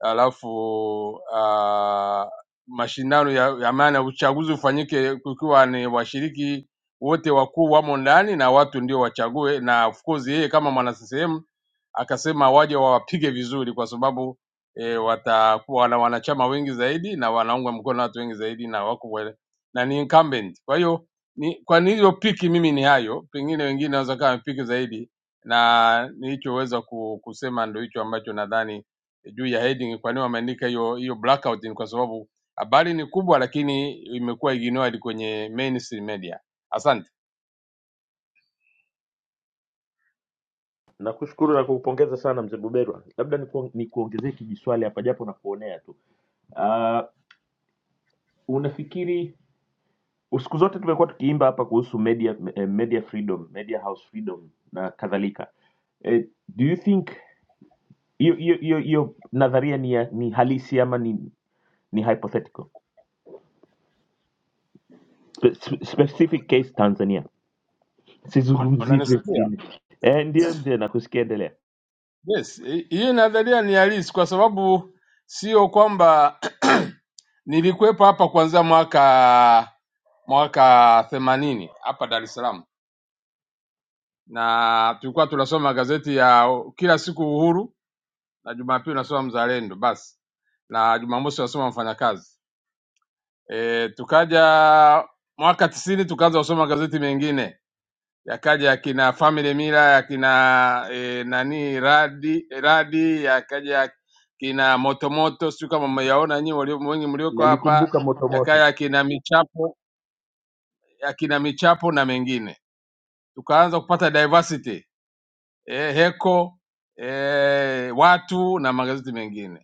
Speaker 6: alafu uh, mashindano ya, ya maana uchaguzi ufanyike kukiwa ni washiriki wote wakuu wamo ndani na watu ndio wachague, na of course yeye kama mwana CCM akasema waje wawapige vizuri, kwa sababu e, watakuwa na wanachama wengi zaidi na wanaungwa mkono na watu wengi zaidi na wako wale, na ni incumbent. Kwa hiyo ni, kwa niliyopiki mimi ni hayo, pengine wengine wanaweza kama wamepiki zaidi, na nilichoweza ku- kusema ndio hicho ambacho nadhani juu ya heading, kwa nini wameandika hiyo hiyo blackout? Ni kwa sababu habari ni kubwa, lakini imekuwa ignored kwenye mainstream media. Asante,
Speaker 11: Nakushukuru na kukupongeza sana mzee Buberwa. Labda niku- nikuongezee kijiswali hapa japo nakuonea tu. Uh, unafikiri siku zote tumekuwa tukiimba hapa kuhusu media, eh, media freedom media house freedom na kadhalika eh, do you think hiyo hiyo hiyo hiyo nadharia ni, ya- ni halisi ama ni, ni hypothetical Spe- specific case tanzania
Speaker 6: Un-
Speaker 11: sizungumzii tu
Speaker 6: unanisikia?
Speaker 11: wengine eh, ndio mzee nakusikia endelea
Speaker 6: Yes, hi- hiyo nadharia ni halisi, kwa sababu sio kwamba [clears throat] nilikuwepo hapa kuanzia mwaka mwaka themanini hapa Dar es Salaam, na tulikuwa tunasoma gazeti ya kila siku Uhuru na Jumapili unasoma Mzalendo basi, na Jumamosi unasoma Mfanyakazi e, tukaja mwaka tisini tukaanza kusoma magazeti mengine yakaja yakina Family Mira yakina e, nani radi radi yakaja yakina motomoto, sio kama mmeyaona nyinyi walio wengi mlioko hapa,
Speaker 11: nalikumbuka motomoto
Speaker 6: yakaja yakina michapo yakina michapo na mengine, tukaanza kupata diversity e, heko e, watu na magazeti mengine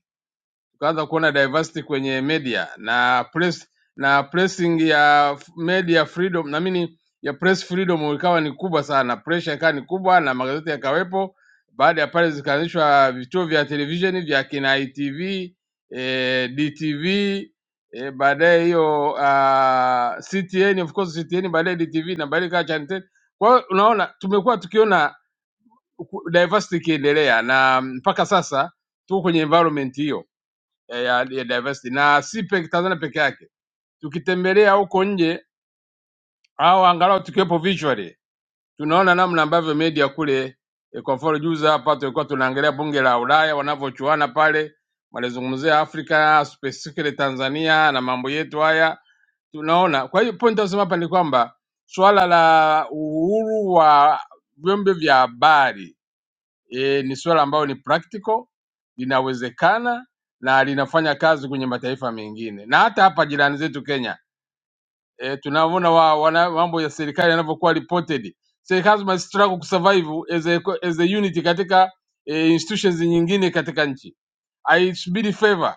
Speaker 6: tukaanza kuona diversity kwenye media na press na pressing ya f- media freedom naamini ya press freedom ikawa ni kubwa sana, pressure ikawa ni kubwa na magazeti yakawepo. Baada ya pale zikaanzishwa vituo vya televisheni vya kina ITV, eh, DTV eh, baadaye hiyo uh, CTN of course CTN baadaye DTV na baadaye ikawa Channel 10. Kwa hiyo unaona tumekuwa tukiona ku- diversity ikiendelea na mpaka sasa tuko kwenye environment hiyo ya, ya, ya diversity na si peke Tanzania peke yake. Tukitembelea huko nje au angalau tukiwepo visually, tunaona namna ambavyo media kule eh, kwa mfano juzi hapa tulikuwa tunaangalia bunge la Ulaya wanavyochuana pale, walizungumzia Afrika specifically Tanzania na mambo yetu haya tunaona. Kwa hiyo point nasema hapa ni kwamba swala la uhuru wa vyombo vya habari e, ni swala ambayo ni practical, linawezekana na linafanya kazi kwenye mataifa mengine na hata hapa jirani zetu Kenya. E, tunaona wa, wana, mambo ya serikali yanavyokuwa reported. Serikali zima struggle kusurvive as a, as a unit katika e, institutions nyingine katika nchi, haisubiri favor,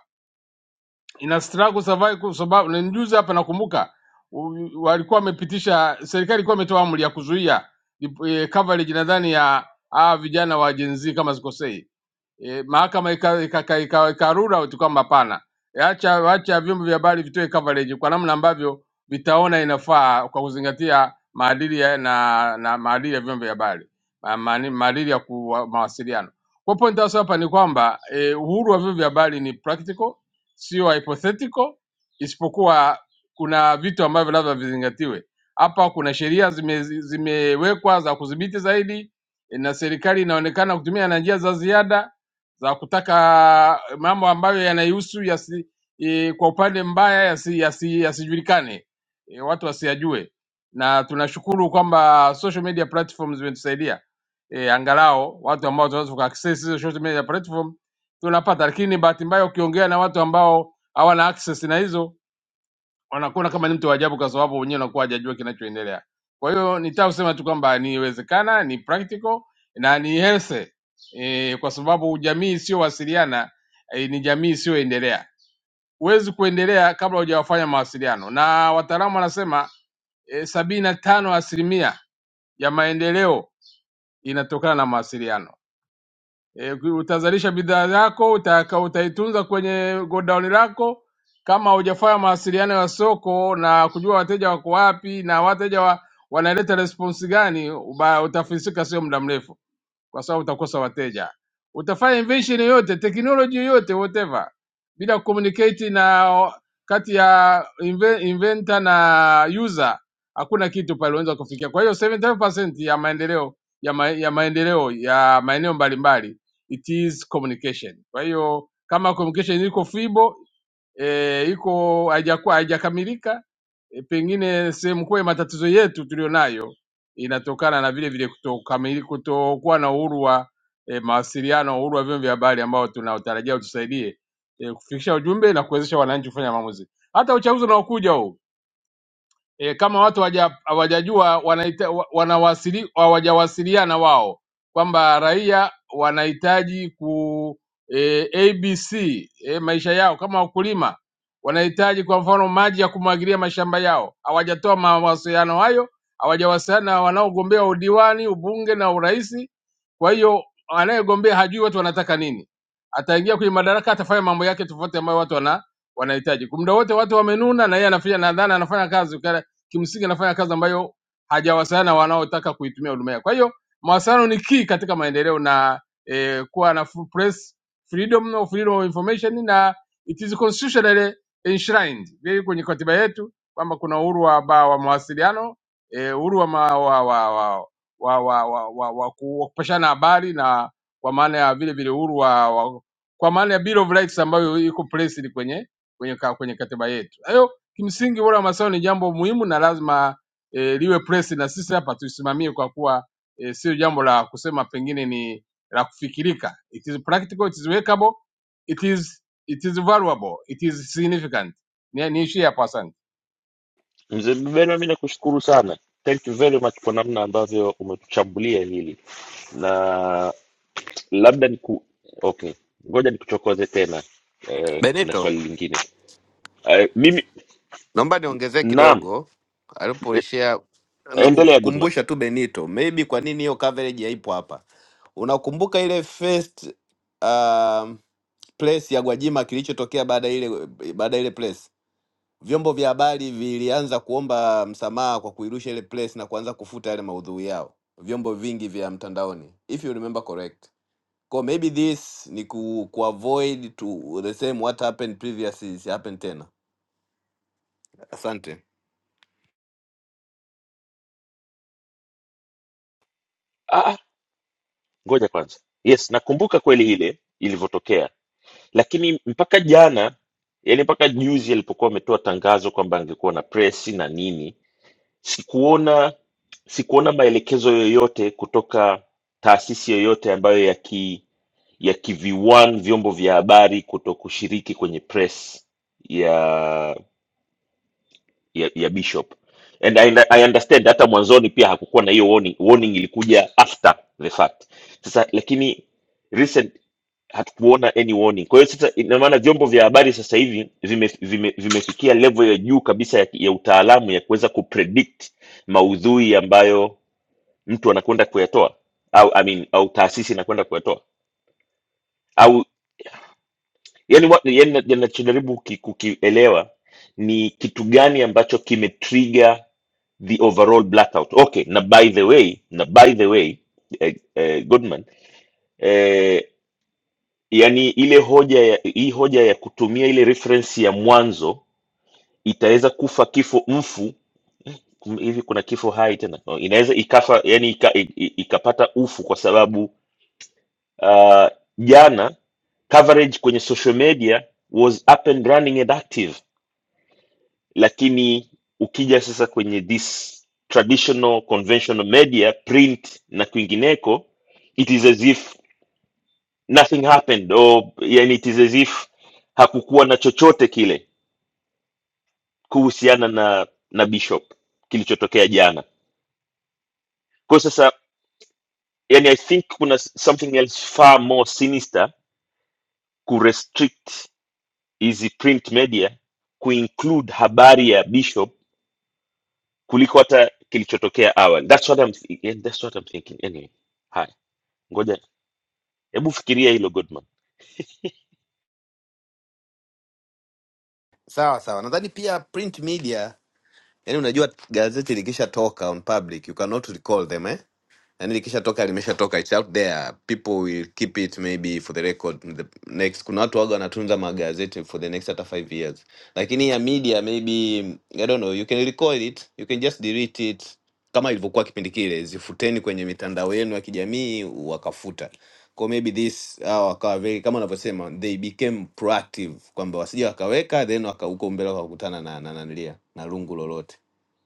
Speaker 6: ina struggle survive kwa sababu na juzi hapa nakumbuka u- walikuwa wamepitisha, serikali ilikuwa imetoa amri ya kuzuia e, coverage nadhani ya hawa vijana wa Gen Z kama sikosei e, mahakama ikarura ika, ika, ika, ika ikarule out kwamba hapana, E, acha acha vyombo vya habari vitoe coverage kwa namna ambavyo vitaona inafaa kwa kuzingatia maadili ya, na, na maadili ya vyombo vya habari Ma- maani- maadili ya kuwa, mawasiliano. Kwa point hasa hapa ni kwamba e, uhuru wa vyombo vya habari ni practical, sio hypothetical, isipokuwa kuna vitu ambavyo labda vizingatiwe. Hapa kuna sheria zime, zimewekwa za kudhibiti zaidi, e, na serikali inaonekana kutumia na njia za ziada za kutaka eh, mambo ambayo yanahusu yasi, e, kwa upande mbaya yasi, yasi, yasijulikane e, watu wasiyajue, na tunashukuru kwamba social media platforms zimetusaidia e, angalau watu ambao tunaweza kuaccess hizo social media platform tunapata, lakini bahati mbaya ukiongea na watu ambao hawana access na hizo wanakuona kama ni mtu wa ajabu kwa sababu wenyewe wanakuwa hajajua kinachoendelea. Kwa hiyo nitaka kusema tu kwamba niwezekana, ni practical na ni healthy e, kwa sababu jamii isiyowasiliana e, ni jamii isiyoendelea. Huwezi kuendelea kabla hujawafanya mawasiliano, na wataalamu wanasema e, sabini na tano asilimia ya maendeleo inatokana na mawasiliano e, utazalisha bidhaa yako utaka, utaitunza kwenye godown lako kama hujafanya mawasiliano ya soko na kujua wateja wako wapi na wateja wa, wanaleta response gani, uba- utafisika sio muda mrefu kwa sababu utakosa wateja. Utafanya invention yoyote, technology yoyote, whatever, bila communicate na kati ya inve- inventor na user, hakuna kitu pale unaweza kufikia. Kwa hiyo 75% ya maendeleo ya, ma, ya maendeleo ya maeneo mbalimbali it is communication. Kwa hiyo kama communication iko fibo e, iko haijakuwa haijakamilika e, pengine sehemu kubwa ya matatizo yetu tulionayo inatokana na vile vile kutokamili- kutokuwa na uhuru wa e, mawasiliano, uhuru wa vyombo vya habari ambao tunaotarajia utusaidie e, kufikisha ujumbe na kuwezesha wananchi kufanya maamuzi. Hata uchaguzi unaokuja huu e, kama watu hawaja- hawajajua wanaita- wa- wanawasili hawajawasiliana wao kwamba raia wanahitaji ku e, ABC e, maisha yao kama wakulima wanahitaji kwa mfano maji ya kumwagilia mashamba yao, hawajatoa mawasiliano hayo, hawajawasiliana na wanaogombea udiwani, ubunge na urais. Kwa hiyo anayegombea hajui watu wanataka nini, ataingia kwenye madaraka, atafanya mambo yake tofauti ambayo watu wana wanahitaji. Kumda wote watu wamenuna, na yeye anafanya nadhani anafanya kazi kimsingi anafanya kazi ambayo hajawasiliana na wanaotaka kuitumia huduma yake. Kwa hiyo mawasiliano ni key katika maendeleo na eh, kuwa na fu- press freedom of freedom of information na it is constitutionally enshrined Hiyo kwenye katiba yetu kwamba kuna uhuru wa, ba- wa mawasiliano eh, uhuru wa, ma, wa, wa, wa, wa, wa, wa, wa, wa ku- wa kupashana habari na kwa maana ya vile vile uhuru wa, wa kwa maana ya Bill of Rights ambayo iko placed kwenye kwenye, ka- kwenye katiba yetu. Kwa hiyo Kimsingi bora wa mazao ni jambo muhimu na lazima e, liwe press na sisi hapa tuisimamie, kwa kuwa e, sio jambo la kusema pengine ni la kufikirika. It is practical, it is workable, it is it is valuable, it is significant. Ni- Niishie hapo, asante.
Speaker 11: Mzee Bubena, mi nakushukuru sana, thank you very much kwa namna ambavyo umetuchambulia hili, na labda niku okay, ngoja nikuchokoze tena eh, na
Speaker 9: Benito,
Speaker 11: swali lingine. Eh, mimi
Speaker 9: Naomba niongezee
Speaker 11: naam,
Speaker 9: kidogo
Speaker 11: eh,
Speaker 9: alipoishia na
Speaker 11: endelea Goodman.
Speaker 9: kukukumbusha tu Benito, maybe kwa nini hiyo coverage haipo hapa. Unakumbuka ile first um, place ya Gwajima kilichotokea baada ya ile baada ya ile place, vyombo vya habari vilianza kuomba msamaha kwa kuirusha ile place na kuanza kufuta yale maudhui yao, vyombo vingi vya mtandaoni, if you remember correct. Kwa maybe this ni ku, kuavoid to the same what happened previous is happened tena. Asante.
Speaker 11: Ah, ah, ngoja kwanza. Yes, nakumbuka kweli ile ilivyotokea, lakini mpaka jana, yani mpaka juzi alipokuwa ametoa tangazo kwamba angekuwa na presi na nini, sikuona sikuona maelekezo yoyote kutoka taasisi yoyote ambayo ya ki ya kiviwan vyombo vya habari kuto kushiriki kwenye press ya ya, ya bishop and I, I understand hata mwanzoni pia hakukuwa na hiyo warning. warning ilikuja after the fact sasa lakini recent hatukuona any warning kwa hiyo sasa ina maana vyombo vya habari sasa hivi vime- vime- vimefikia level ya juu kabisa ya, ya utaalamu ya kuweza kupredict maudhui ambayo mtu anakwenda kuyatoa au I mean, au taasisi inakwenda kuyatoa au yani, wa- yani nachojaribu ki- kukielewa ni kitu gani ambacho kimetrigger the overall blackout. Okay, na by the way, na by the way eh, eh, Goodman eh, yani ile hoja ya, hii hoja ya kutumia ile reference ya mwanzo itaweza kufa kifo mfu kum- hivi kuna kifo hai tena No, inaweza ikafa yani ika, i- i- ikapata ufu kwa sababu uh, jana coverage kwenye social media was up and running and active lakini ukija sasa kwenye this traditional conventional media print na kwingineko it is as if nothing happened or yani it is as if hakukuwa na chochote kile kuhusiana na na bishop kilichotokea jana kwa sasa yani i think kuna s- something else far more sinister ku restrict hizi print media kuinclude habari ya bishop kuliko hata kilichotokea awali that's what i'm, yeah, that's what I'm thinking anyway Hi. ngoja hebu fikiria hilo goodman
Speaker 9: Sawa sawa, nadhani pia print media, yani unajua gazeti likishatoka on public you cannot recall them eh? nani likishatoka limeshatoka its out there people will keep it maybe for the record in the next kuna watu waga wanatunza magazeti for the next hata five years lakini ya media maybe i don't know you can recall it you can just delete it kama ilivyokuwa kipindi kile zifuteni kwenye mitandao yenu ya kijamii wakafuta kwa maybe this hawa wakawa very kama unavyosema they became proactive kwamba wasija wakaweka then waka- huko mbele wakakutana na na nanilia na lungu lolote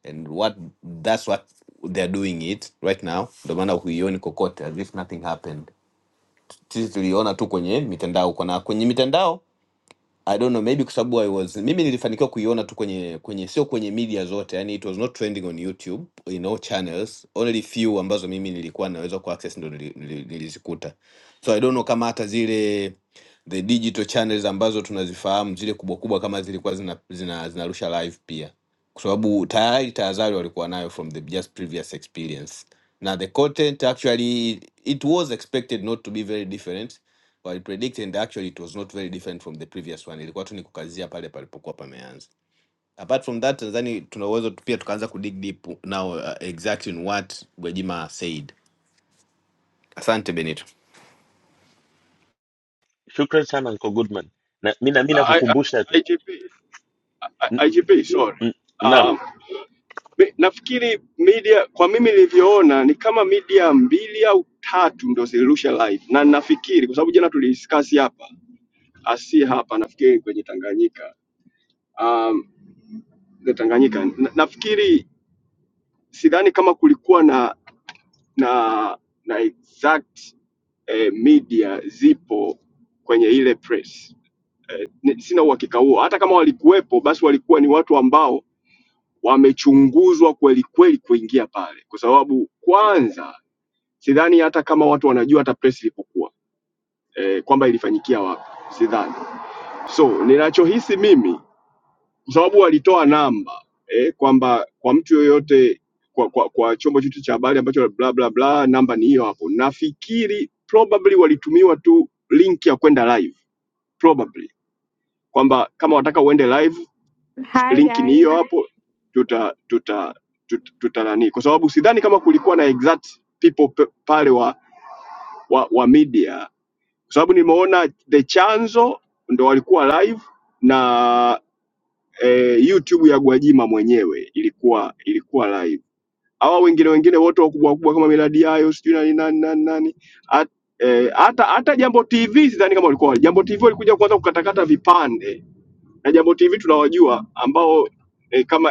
Speaker 9: and what that's what they're doing it right now ndio maana huioni kokote as if nothing happened sisi tuliona tu kwenye mitandao kuna kwenye mitandao i don't know maybe kwa sababu i was mimi nilifanikiwa kuiona tu kwenye kwenye sio kwenye media zote yani it was not trending on youtube in all channels only few ambazo mimi nilikuwa naweza ku access ndo nili- nili- nilizikuta so i don't know kama hata zile the digital channels ambazo tunazifahamu zile kubwa kubwa kama zilikuwa zina, zina, zinarusha live pia kwa sababu tayari tahadhari walikuwa nayo from the just previous experience na the content actually it was expected not to be very different wali predict and actually it was not very different from the previous one ilikuwa tu ni kukazia pale palipokuwa pameanza apart from that nadhani tuna uwezo tu- pia tukaanza kudig deep now uh, exactly in what Gwajima said asante Benito
Speaker 11: shukran sana uncle goodman na mi na- mi
Speaker 12: I,
Speaker 11: nakukumbusha
Speaker 12: I,
Speaker 11: tu
Speaker 12: IGP, I,
Speaker 11: N-
Speaker 12: IGP sorry.
Speaker 11: n- naam
Speaker 12: Um, mi- nafikiri media kwa mimi nilivyoona ni kama media mbili au tatu ndio zilirusha live, na nafikiri kwa sababu jana tulidiscuss hapa asi hapa, nafikiri kwenye Tanganyika um, the Tanganyika na, nafikiri sidhani kama kulikuwa na na na exact eh, media zipo kwenye ile press. Ni- Sina uhakika huo, hata kama walikuwepo, basi walikuwa ni watu ambao wamechunguzwa kweli kweli kuingia pale, kwa sababu kwanza sidhani hata kama watu wanajua hata press ilipokuwa eh, kwamba ilifanyikia wapi, sidhani. So ninachohisi mimi, kwa sababu walitoa namba eh, kwamba kwa mtu yoyote kwa, kwa, kwa chombo chote cha habari ambacho bla bla bla, namba ni hiyo hapo. Nafikiri probably walitumiwa tu link ya kwenda live probably, kwamba kama wataka uende live
Speaker 13: Hi
Speaker 12: link ni
Speaker 13: guys.
Speaker 12: hiyo hapo tuta tuta tuta, tuta nani kwa sababu sidhani kama kulikuwa na exact people pe- pale wa, wa, wa media kwa sababu nimeona the chanzo ndo walikuwa live na eh, youtube ya gwajima mwenyewe ilikuwa ilikuwa live hawa wengine wengine wote wakubwa wakubwa kama miradi yayo sijui nani nani nani nani At- eh, hata hata jambo tv sidhani kama walikuwa jambo tv walikuja kuanza kukatakata vipande na jambo tv tunawajua ambao eh, kama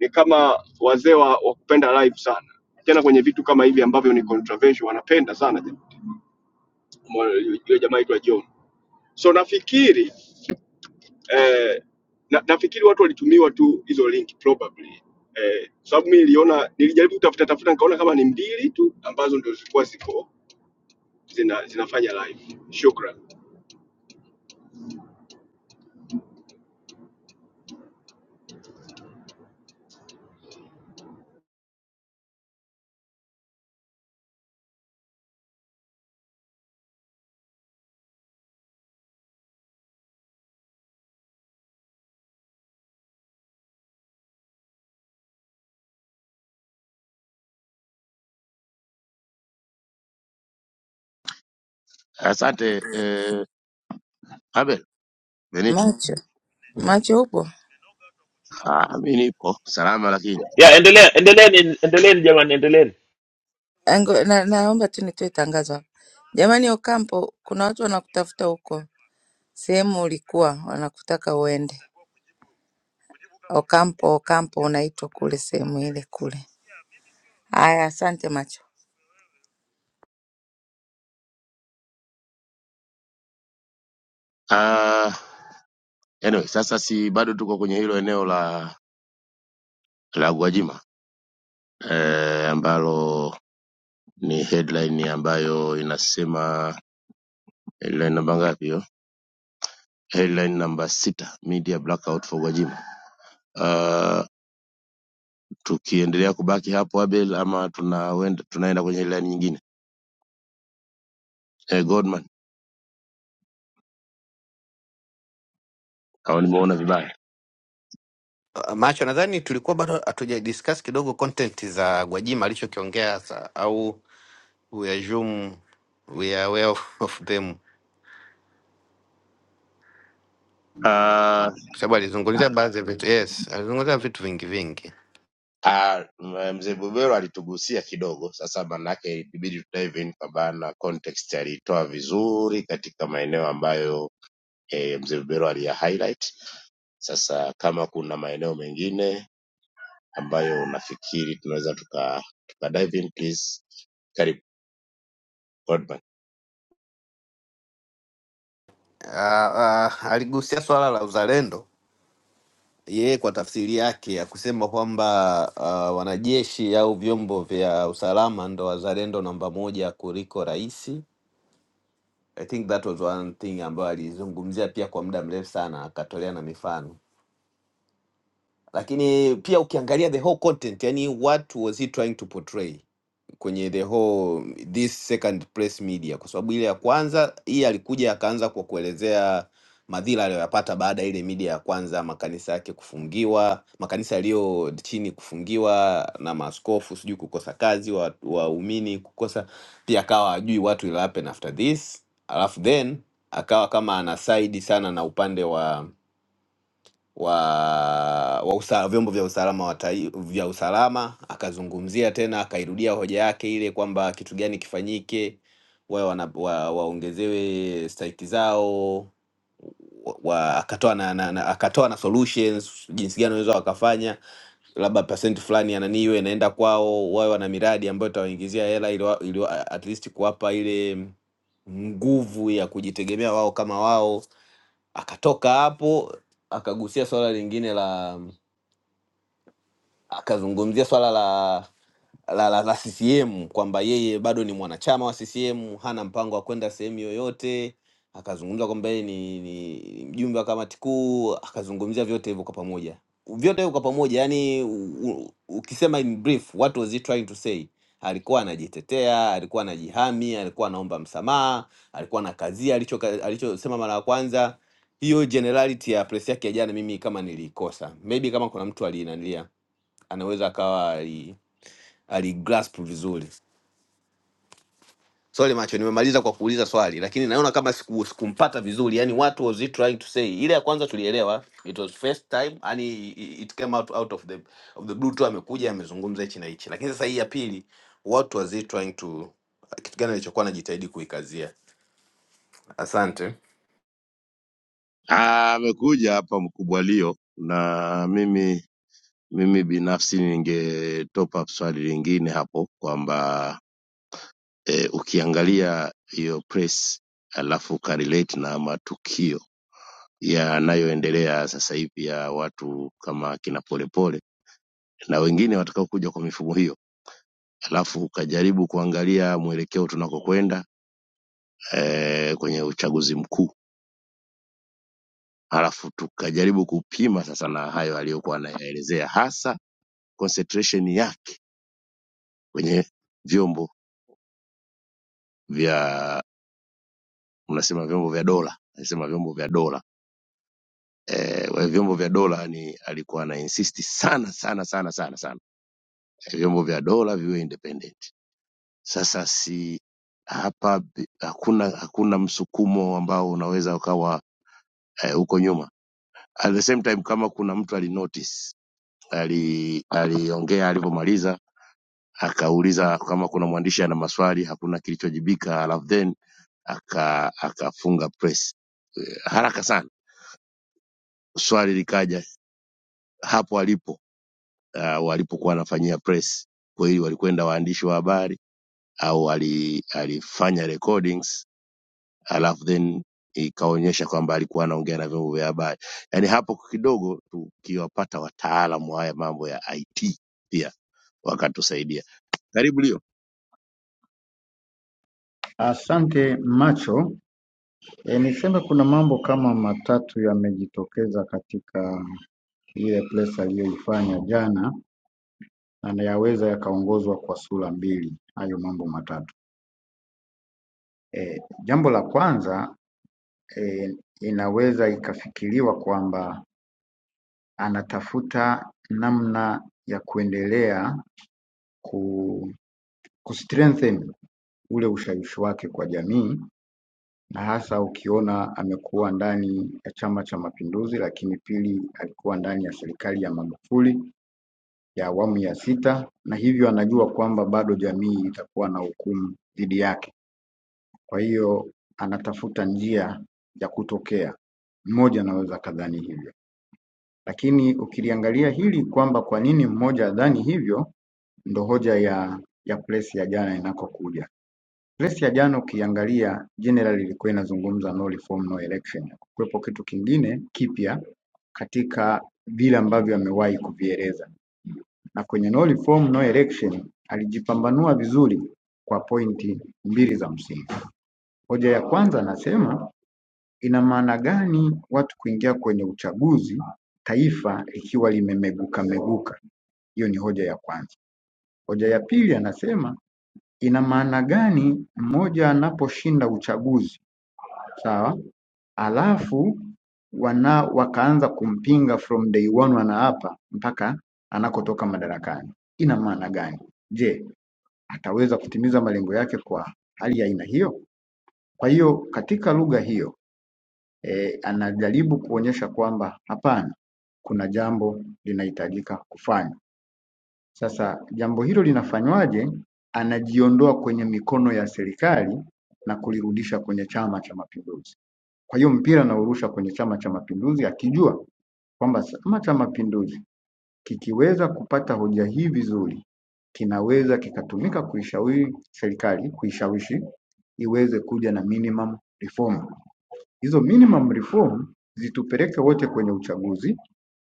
Speaker 12: ni kama wazee wa, wa kupenda live sana, tena kwenye vitu kama hivi ambavyo ni controversial wanapenda sana. jamaa. Mo- Yule jamaa aitwa John. So nafikiri eh, na, nafikiri watu walitumiwa tu hizo link probably eh, kwa sababu mimi niliona, nilijaribu kutafuta tafuta, nikaona kama ni mbili tu ambazo ndio zilikuwa ziko zina, zinafanya live. Shukran.
Speaker 5: Asante eh, Abel Benito.
Speaker 2: Macho, macho hupo?
Speaker 5: Ah, mimi nipo salama, lakini
Speaker 11: ya endelea endeleeni endeleeni jamani endeleeni
Speaker 2: Ango, na, naomba tu nitoe tangazo hapa. Jamani Okampo, kuna watu wanakutafuta huko sehemu ulikuwa, wanakutaka uende. Okampo, Okampo unaitwa kule sehemu ile kule. Haya, asante macho.
Speaker 5: ah, anyway, sasa si bado tuko kwenye hilo eneo la la Gwajima eh, ambalo ni headline ambayo inasema headline namba ngapi hiyo? Headline namba sita, media blackout for Gwajima. Ah, tukiendelea kubaki hapo Abel, ama tunawenda, tunaenda kwenye laini nyingine eh, Godman au nimeona vibaya?
Speaker 9: Uh, macho nadhani tulikuwa bado hatuja discuss kidogo content za Gwajima alichokiongea sa- au we assume we are aware of of them
Speaker 5: Ah,
Speaker 9: kwa sababu alizungumzia baadhi ya vitu yes, alizungumzia vitu vingi vingi.
Speaker 5: ah, m- mzee Bubero alitugusia kidogo, sasa manake ilibidi tudive in kwamba na context alitoa vizuri katika maeneo ambayo eh, mzee Bubero aliya highlight. Sasa kama kuna maeneo mengine ambayo unafikiri tunaweza tuka, tuka dive in please, karibu Godman.
Speaker 9: Uh, uh, aligusia swala la uzalendo yeye kwa tafsiri yake ya kusema kwamba uh, wanajeshi au vyombo vya usalama ndo wazalendo namba moja kuliko rais. I think that was one thing ambayo alizungumzia pia kwa muda mrefu sana, akatolea na mifano, lakini pia ukiangalia the whole content, yani what was he trying to portray kwenye the whole this second press media, kwa sababu ile ya kwanza hii alikuja akaanza kwa kuelezea madhila aliyoyapata baada ya ile media ya kwanza, makanisa yake kufungiwa, makanisa yaliyo chini kufungiwa na maaskofu, sijui kukosa kazi, wa- waumini kukosa pia, akawa ajui watu will happen after this, alafu then akawa kama ana side sana na upande wa wa, wa usa, vyombo vya usalama wa tai, vya usalama akazungumzia tena akairudia hoja yake ile kwamba kitu gani kifanyike wawe wana- wa- waongezewe stahiki zao wa, wa- akatoa na, na, na, akatoa na solutions jinsi gani wanaweza wakafanya labda percent fulani ya nani iwe inaenda kwao wawe wana miradi ambayo itawaingizia hela ili, wa- ili wa- at least kuwapa ile nguvu ya kujitegemea wao kama wao akatoka hapo akagusia swala lingine la akazungumzia swala la la, la, la CCM kwamba yeye bado ni mwanachama wa CCM, hana mpango wa kwenda sehemu yoyote. Akazungumza kwamba yeye ni, ni ni mjumbe wa kamati kuu, akazungumzia vyote hivyo kwa pamoja, vyote hivyo kwa pamoja. Yani u, u, ukisema in brief, what was he trying to say? Alikuwa anajitetea, alikuwa anajihami, alikuwa anaomba msamaha, alikuwa anakazia alicho alichosema mara ya kwanza. Hiyo generality ya press yake ya jana, mimi kama nilikosa, maybe kama kuna mtu alinanilia anaweza akawa ali, aligrasp vizuri. Sorry macho, nimemaliza kwa kuuliza swali, lakini naona kama siku, sikumpata vizuri. Yani what was he trying to say? Ile ya kwanza tulielewa, it was first time, yani it came out, out of the of the blue tu, amekuja amezungumza hichi na hichi. Lakini sasa hii ya pili, what was he trying to, kitu gani alichokuwa anajitahidi kuikazia? Asante.
Speaker 5: Ah, Amekuja hapa mkubwa Leo na mimi Mimi binafsi ninge top up swali lingine hapo kwamba eh, ukiangalia hiyo press alafu ukarelate na matukio yanayoendelea sasa hivi ya watu kama kina Polepole na wengine watakaokuja kwa mifumo hiyo, alafu ukajaribu kuangalia mwelekeo tunakokwenda eh, kwenye uchaguzi mkuu, alafu tukajaribu kupima sasa na hayo aliyokuwa anayaelezea, hasa concentration yake kwenye vyombo vya mnasema vyombo vya dola, alisema vyombo vya dola eh, wa- vyombo vya dola ni alikuwa ana insist sana sana sana sana sana eh, vyombo vya dola viwe independent. Sasa si hapa bi- hakuna hakuna msukumo ambao unaweza ukawa eh, huko e, nyuma. At the same time kama kuna mtu alinotice ali aliongea alivyomaliza akauliza kama kuna mwandishi ana maswali, hakuna kilichojibika, alafu then aka akafunga press haraka sana, swali likaja hapo alipo uh, walipokuwa wanafanyia press. Kwa hiyo walikwenda waandishi wa habari au wali, alifanya recordings alafu then ikaonyesha kwamba alikuwa anaongea na vyombo vya habari. Yaani hapo kidogo tukiwapata wataalamu wa haya mambo ya IT pia wakatusaidia. Karibu Leo.
Speaker 14: Asante macho, E, niseme kuna mambo kama matatu yamejitokeza katika ile press aliyoifanya jana na yaweza yakaongozwa kwa sura mbili hayo mambo matatu. E, jambo la kwanza e, inaweza ikafikiriwa kwamba anatafuta namna ya kuendelea ku, kustrengthen ule ushawishi wake kwa jamii na hasa ukiona amekuwa ndani ya chama cha mapinduzi lakini pili alikuwa ndani ya serikali ya Magufuli ya awamu ya sita na hivyo anajua kwamba bado jamii itakuwa na hukumu dhidi yake. Kwa hiyo anatafuta njia ya kutokea. Mmoja anaweza akadhani hivyo, lakini ukiliangalia hili kwamba kwa nini mmoja adhani hivyo, ndo hoja ya ya press ya jana inakokuja. Kesi ya jana ukiangalia general ilikuwa inazungumza no reform no election, kuwepo kitu kingine kipya katika vile ambavyo amewahi kuvieleza, na kwenye no reform no election alijipambanua vizuri kwa pointi mbili za msingi. Hoja ya kwanza anasema ina maana gani watu kuingia kwenye uchaguzi taifa likiwa limemeguka meguka? Hiyo ni hoja ya kwanza. Hoja ya pili anasema ina maana gani mmoja anaposhinda uchaguzi sawa alafu wana wakaanza kumpinga from day one, wanaapa mpaka anakotoka madarakani. Ina maana gani? Je, ataweza kutimiza malengo yake kwa hali ya aina hiyo? Kwa hiyo katika lugha hiyo e, anajaribu kuonyesha kwamba hapana, kuna jambo linahitajika kufanya. Sasa jambo hilo linafanywaje? Anajiondoa kwenye mikono ya serikali na kulirudisha kwenye Chama cha Mapinduzi. Kwa hiyo mpira anaurusha kwenye Chama cha Mapinduzi akijua kwamba Chama cha Mapinduzi kikiweza kupata hoja hii vizuri, kinaweza kikatumika kuishawishi serikali, kuishawishi iweze kuja na minimum reform. Hizo minimum reform zitupeleke wote kwenye uchaguzi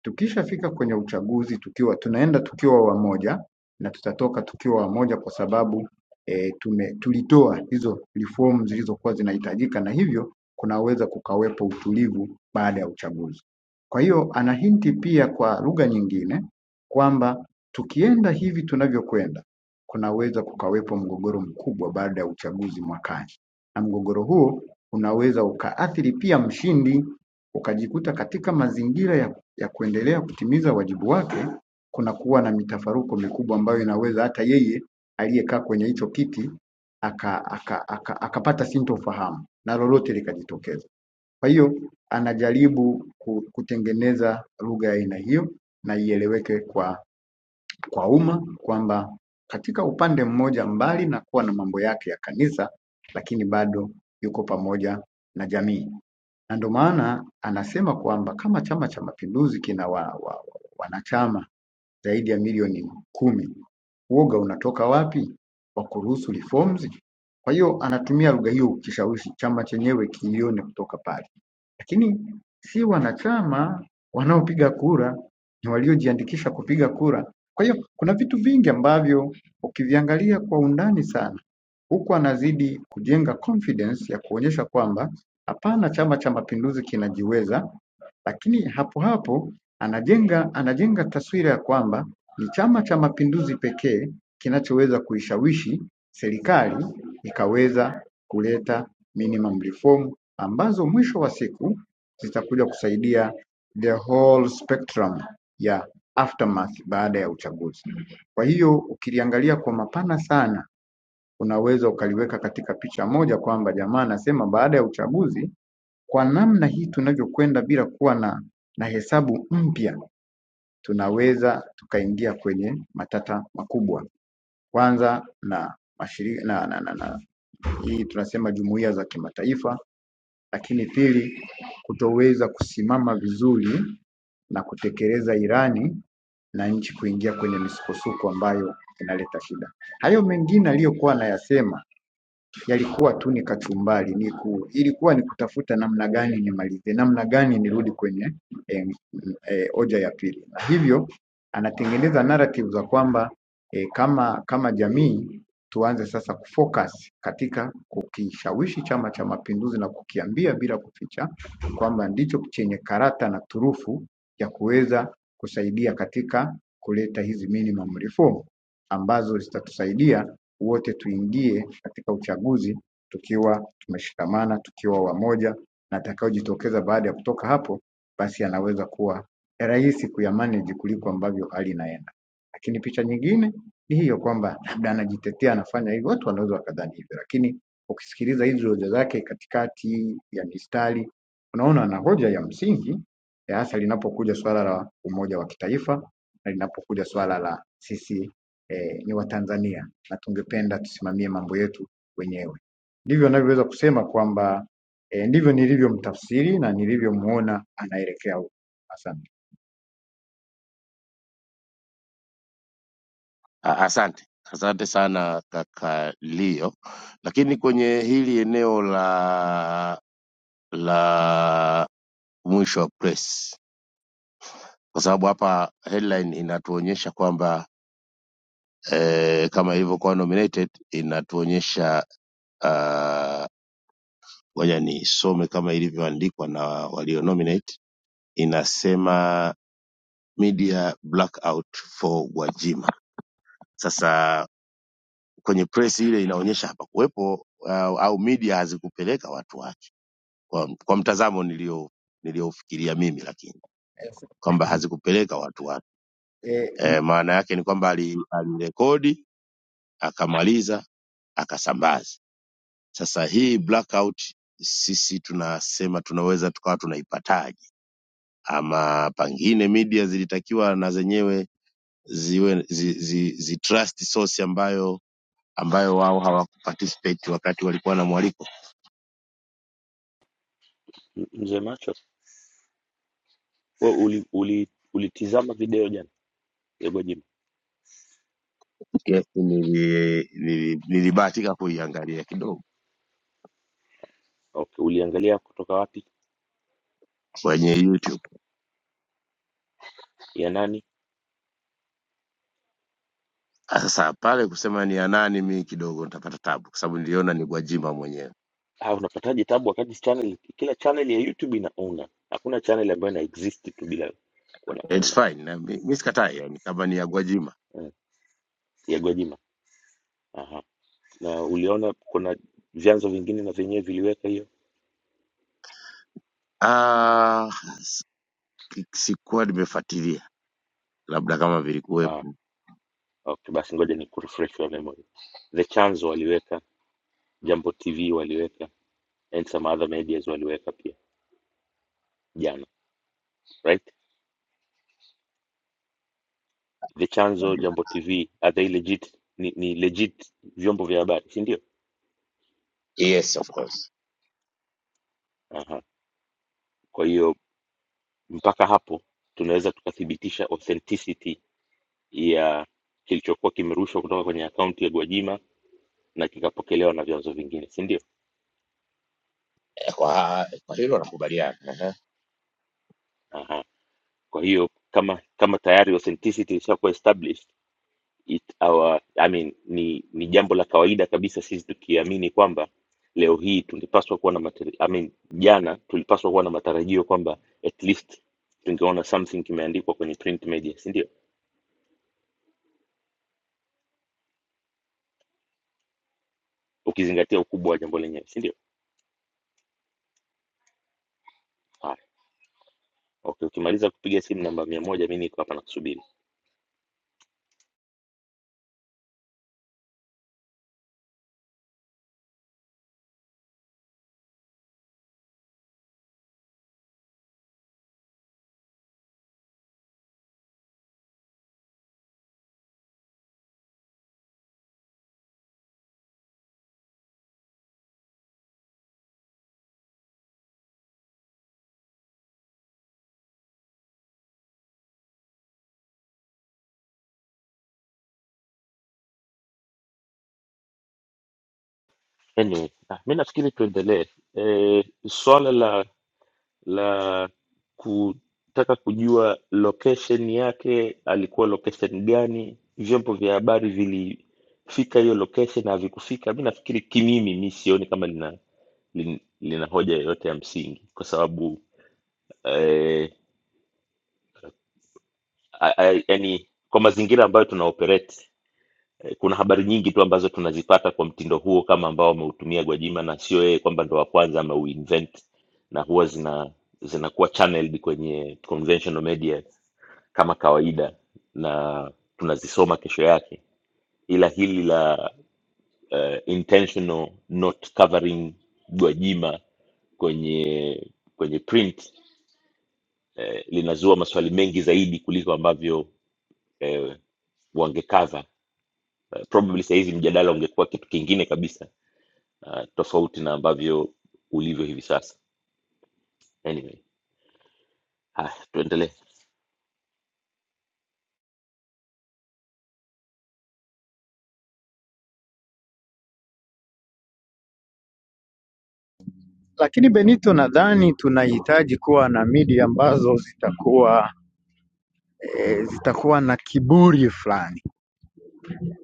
Speaker 14: Tukishafika kwenye uchaguzi tukiwa tunaenda tukiwa wamoja na tutatoka tukiwa wamoja kwa sababu e, tume, tulitoa hizo reform zilizokuwa zinahitajika na hivyo kunaweza kukawepo utulivu baada ya uchaguzi. Kwa hiyo ana hinti pia kwa lugha nyingine kwamba tukienda hivi tunavyokwenda kunaweza kukawepo mgogoro mkubwa baada ya uchaguzi mwakani na mgogoro huo unaweza ukaathiri pia mshindi ukajikuta katika mazingira ya ya kuendelea kutimiza wajibu wake kunakuwa na mitafaruko mikubwa ambayo inaweza hata yeye aliyekaa kwenye hicho kiti aka, aka, aka, akapata aka sintofahamu na lolote likajitokeza. Kwa hiyo anajaribu ku- kutengeneza lugha ya aina hiyo na ieleweke kwa kwa umma kwamba katika upande mmoja, mbali na kuwa na mambo yake ya kanisa, lakini bado yuko pamoja na jamii na ndo maana anasema kwamba kama Chama cha Mapinduzi kina wa, wa, wa, wanachama zaidi ya milioni kumi, uoga unatoka wapi wa kuruhusu reforms? Kwa hiyo anatumia lugha hiyo kishawishi chama chenyewe kiione kutoka pale lakini si wanachama wanaopiga kura, ni waliojiandikisha kupiga kura. Kwa hiyo kuna vitu vingi ambavyo ukiviangalia kwa undani sana, huku anazidi kujenga confidence ya kuonyesha kwamba hapana, Chama cha Mapinduzi kinajiweza lakini hapo hapo anajenga anajenga taswira ya kwamba ni Chama cha Mapinduzi pekee kinachoweza kuishawishi serikali ikaweza kuleta minimum reform ambazo mwisho wa siku zitakuja kusaidia the whole spectrum ya aftermath baada ya uchaguzi. Kwa hiyo ukiliangalia kwa mapana sana, unaweza ukaliweka katika picha moja kwamba jamaa anasema baada ya uchaguzi kwa namna hii tunavyokwenda bila kuwa na na hesabu mpya tunaweza tukaingia kwenye matata makubwa. Kwanza na mashirika na, na, na, na hii tunasema jumuiya za kimataifa, lakini pili kutoweza kusimama vizuri na kutekeleza irani na nchi kuingia kwenye misukosuko ambayo inaleta shida. Hayo mengine aliyokuwa anayasema yalikuwa tu ni kachumbari ni ku, ilikuwa ni kutafuta namna gani nimalize, namna gani nirudi kwenye eh, eh, hoja ya pili, na hivyo anatengeneza narrative za kwamba eh, kama kama jamii tuanze sasa kufocus katika kukishawishi Chama cha Mapinduzi na kukiambia bila kuficha kwamba ndicho chenye karata na turufu ya kuweza kusaidia katika kuleta hizi minimum reform ambazo zitatusaidia wote tuingie katika uchaguzi tukiwa tumeshikamana, tukiwa wamoja, na atakayejitokeza baada ya kutoka hapo, basi anaweza kuwa rahisi kuyamanage kuliko ambavyo hali inaenda. Lakini picha nyingine ni hiyo kwamba labda anajitetea anafanya hivyo, watu wanaweza wakadhani hivyo, lakini ukisikiliza hizi hoja zake katikati ya mistari, unaona ana hoja ya msingi ya hasa linapokuja swala la umoja wa kitaifa na linapokuja swala la sisi eh, ni Watanzania na tungependa tusimamie mambo yetu wenyewe. Ndivyo anavyoweza kusema kwamba e, ndivyo nilivyomtafsiri na nilivyomuona anaelekea huko. Asante.
Speaker 5: A- Asante, asante sana kaka Leo. Lakini kwenye hili eneo la la mwisho wa press, kwa sababu hapa headline inatuonyesha kwamba eh, kama ilivyokuwa nominated inatuonyesha ah, ngoja nisome kama ilivyoandikwa na walio nominate inasema media blackout for Gwajima. Sasa kwenye press ile inaonyesha hapakuwepo uh, au media hazikupeleka watu wake kwa, kwa mtazamo nilio niliofikiria mimi, lakini kwamba hazikupeleka watu wake
Speaker 14: E,
Speaker 5: e, maana yake ni kwamba ali- alirekodi akamaliza akasambaza Sasa hii blackout sisi tunasema tunaweza tukawa tunaipataje? Ama pengine media zilitakiwa na zenyewe ziwe zi, zi, zi trust source ambayo ambayo wao hawakuparticipate wakati walikuwa na mwaliko.
Speaker 11: M- mzee macho wewe uli, uli, ulitizama video jana ya gwajima
Speaker 5: Yes, nili- nili- Nilibahatika kuiangalia kidogo
Speaker 11: okay uliangalia kutoka wapi
Speaker 5: kwenye YouTube.
Speaker 11: ya nani
Speaker 5: Sasa pale kusema ni ya nani, mi kidogo nitapata tabu, kwa sababu niliona ni Gwajima mwenyewe.
Speaker 11: ah unapataje tabu wakati channel kila channel ya youtube ina owner hakuna channel ambayo ina exist tu bila kuwa na
Speaker 5: It's
Speaker 11: owner
Speaker 5: fine, na mi mi sikatai, yani kama ni ya Gwajima.
Speaker 11: mm. ya gwajima aha na uliona kuna vyanzo vingine na vyenyewe viliweka hiyo
Speaker 5: Ah, sikuwa nimefuatilia labda kama
Speaker 11: ah
Speaker 5: vilikuwepo
Speaker 11: okay basi ngoja ni kurefresh The Chance waliweka, Jambo TV waliweka and some other medias waliweka pia jana, right? The Chanzo, Jambo TV, are they legit? Ni, ni legit vyombo vya habari, si ndio?
Speaker 5: Yes, of course.
Speaker 11: Aha. Kwa hiyo mpaka hapo tunaweza tukathibitisha authenticity ya kilichokuwa kimerushwa kutoka kwenye akaunti ya Gwajima na kikapokelewa na vyanzo vingine, si ndio?
Speaker 5: Eh, Kwa, kwa hilo nakubaliana. Aha.
Speaker 11: Aha. Kwa hiyo kama kama tayari authenticity ilishakuwa established it our I mean, ni ni jambo la kawaida kabisa sisi tukiamini kwamba leo hii tulipaswa kuwa na matari, I mean, jana tulipaswa kuwa na matarajio kwamba at least tungeona something kimeandikwa kwenye print media, si ndio? Ukizingatia ukubwa wa jambo lenyewe, si ndio? Haya, okay, ukimaliza kupiga simu namba mia moja, mi niko hapa nakusubiri. Anyway, ah, mi nafikiri tuendelee. E, swala la la kutaka kujua location yake, alikuwa location gani, vyombo vya habari vilifika hiyo location na havikufika. Mi nafikiri kimimi, mi sioni kama lina, lina, lina hoja yoyote ya msingi, kwa sababu eh, a- a- yaani kwa mazingira ambayo tuna operate Eh, kuna habari nyingi tu ambazo tunazipata kwa mtindo huo kama ambao wameutumia Gwajima, na sio yeye kwamba ndo wa kwanza ameuinvent, na huwa zina zinakuwa channeled kwenye conventional media kama kawaida, na tunazisoma kesho yake, ila hili la uh, intentional not covering Gwajima kwenye kwenye print eh, linazua maswali mengi zaidi kuliko ambavyo eh, wangekava. Eh, probably sahizi mjadala ungekuwa kitu kingine kabisa uh, tofauti na ambavyo ulivyo hivi sasa anyway haya tuendelee
Speaker 14: lakini Benito, nadhani tunahitaji kuwa na media ambazo zitakuwa e, zitakuwa na kiburi fulani,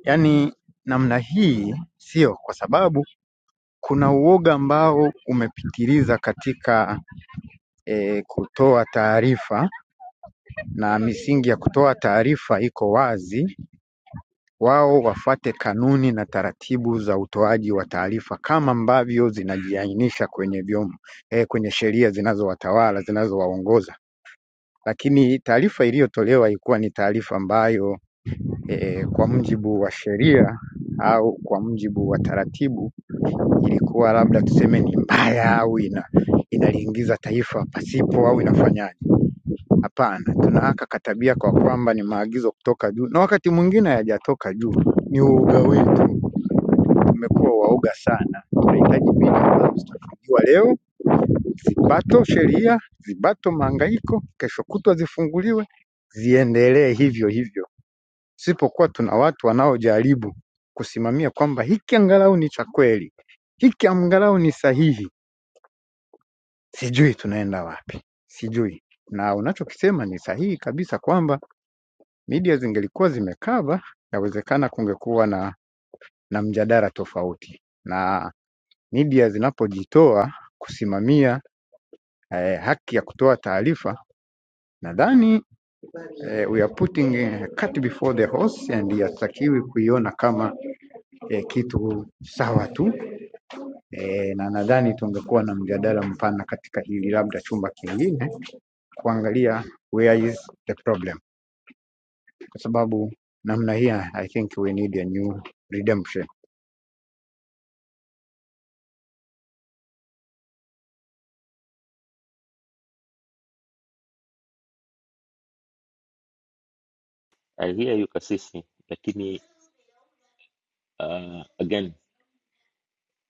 Speaker 14: yaani namna hii, sio kwa sababu kuna uoga ambao umepitiliza katika e, kutoa taarifa na misingi ya kutoa taarifa iko wazi, wao wafuate kanuni na taratibu za utoaji wa taarifa kama ambavyo zinajiainisha kwenye vyom, eh, kwenye sheria zinazowatawala zinazowaongoza. Lakini taarifa iliyotolewa ilikuwa ni taarifa ambayo eh, kwa mujibu wa sheria au kwa mujibu wa taratibu ilikuwa labda tuseme ni mbaya au ina, inaliingiza taifa pasipo au inafanyaje. Hapana, tunawaka katabia kwa kwamba ni maagizo kutoka juu, na wakati mwingine hayajatoka juu, ni uoga wetu. Tumekuwa waoga sana, tunahitaji mbinu ambazo zitafunguliwa leo, zibato sheria, zibato mahangaiko, kesho kutwa zifunguliwe, ziendelee hivyo hivyo, isipokuwa tuna watu wanaojaribu kusimamia kwamba hiki angalau ni cha kweli, hiki angalau ni sahihi. Sijui tunaenda wapi, sijui. Na unachokisema ni sahihi kabisa kwamba media zingelikuwa zimecover, yawezekana kungekuwa na, na mjadala tofauti. Na media zinapojitoa kusimamia eh, haki ya kutoa taarifa, nadhani eh, we are putting eh, cat before the horse and yatakiwi kuiona kama eh, kitu sawa tu eh, na nadhani tungekuwa na mjadala mpana katika hili, labda chumba kingine kuangalia where is the problem, kwa sababu namna hii I think we need a new redemption.
Speaker 11: i hear you kasisi lakini uh, again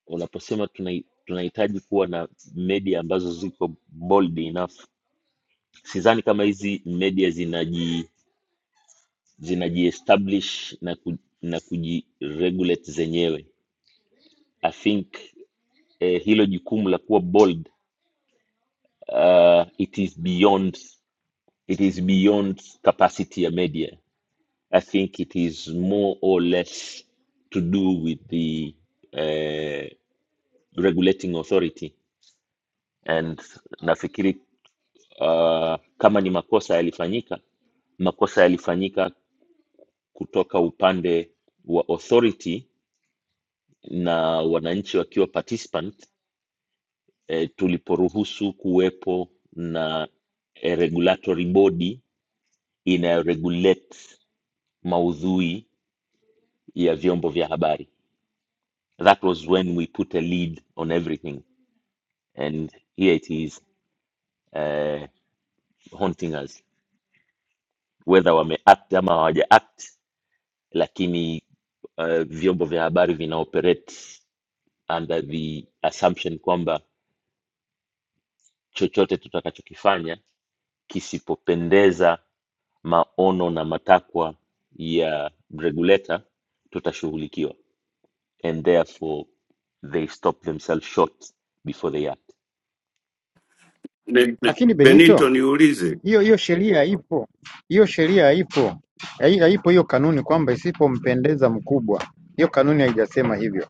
Speaker 11: unaposema tunai- tunahitaji kuwa na media ambazo ziko bold enough sidhani kama hizi media zinaji zinajiestablish na, ku, na kujiregulate zenyewe i think eh, hilo jukumu la kuwa bold uh, it is beyond it is beyond capacity ya media I think it is more or less to do with the eh, regulating authority, and nafikiri uh, kama ni makosa yalifanyika, makosa yalifanyika kutoka upande wa authority na wananchi wakiwa participant eh, tuliporuhusu kuwepo na a regulatory body inayoregulate maudhui ya vyombo vya habari That was when we put a lead on everything, and here it is uh, haunting us, whether wameact ama hawajaact, lakini uh, vyombo vya habari vinaoperate under the assumption kwamba chochote tutakachokifanya kisipopendeza maono na matakwa ya regulator tutashughulikiwa and therefore they stop themselves short before they act
Speaker 8: Ne- ne-
Speaker 14: Lakini Benito
Speaker 8: Benito, niulize.
Speaker 14: hiyo hiyo sheria ipo, hiyo sheria ipo, Hai- haipo hiyo kanuni kwamba isipompendeza mkubwa. Hiyo kanuni haijasema hivyo.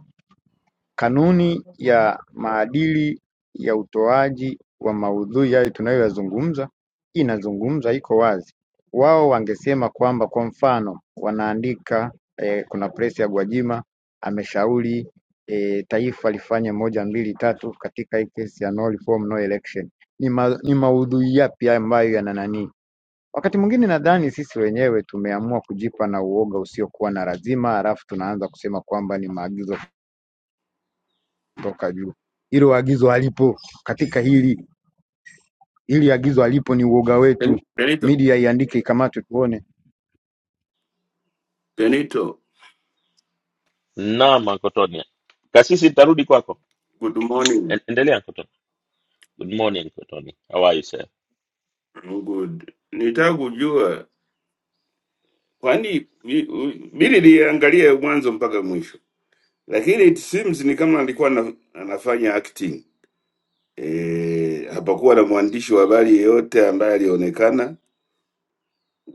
Speaker 14: Kanuni ya maadili ya utoaji wa maudhui yale tunayoyazungumza inazungumza, iko wazi. Wao wangesema kwamba, kwa mfano, wanaandika eh, kuna presi ya Gwajima ameshauri eh, taifa lifanye moja mbili tatu katika hii kesi ya no reform no election. Ni, ma, ni maudhui yapi ambayo yana nani Wakati mwingine nadhani sisi wenyewe tumeamua kujipa na uoga usiokuwa na lazima halafu tunaanza kusema kwamba ni maagizo kutoka juu. Hilo agizo halipo katika hili, hili agizo halipo, ni uoga wetu.
Speaker 8: Ben- Benito,
Speaker 14: Media iandike, ikamatwe tuone.
Speaker 8: Benito,
Speaker 11: Naam, Uncle Tony. Kasisi, nitarudi kwako.
Speaker 8: good morning.
Speaker 11: En- Endelea, Uncle Tony. Good morning, Uncle Tony. How are you, sir?
Speaker 8: Good. Nitaka kujua kwani mi- u- mi niliangalia mwanzo mpaka mwisho, lakini it seems ni kama alikuwa ana- anafanya acting. E, hapakuwa na mwandishi wa habari yeyote ambaye alionekana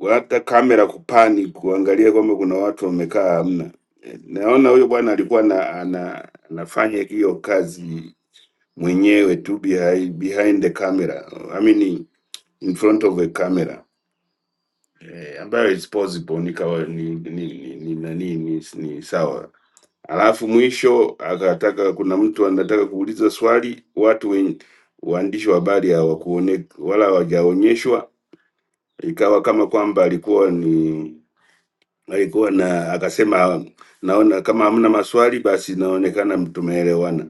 Speaker 8: hata kamera kupani kuangalia kwamba kuna watu wamekaa, hamna. E, naona huyo bwana alikuwa na, ana, anafanya hiyo kazi mwenyewe tu behind, behind the camera I mean in front of a camera e, ambayo is possible ni, kawa- ni, ni, ni, ni, ni, ni, ni, ni sawa Alafu mwisho akataka, kuna mtu anataka kuuliza swali, watu wenye waandishi wa habari hawakuone wala hawajaonyeshwa, ikawa kama kwamba alikuwa ni alikuwa na akasema, naona kama hamna maswali, basi inaonekana tumeelewana.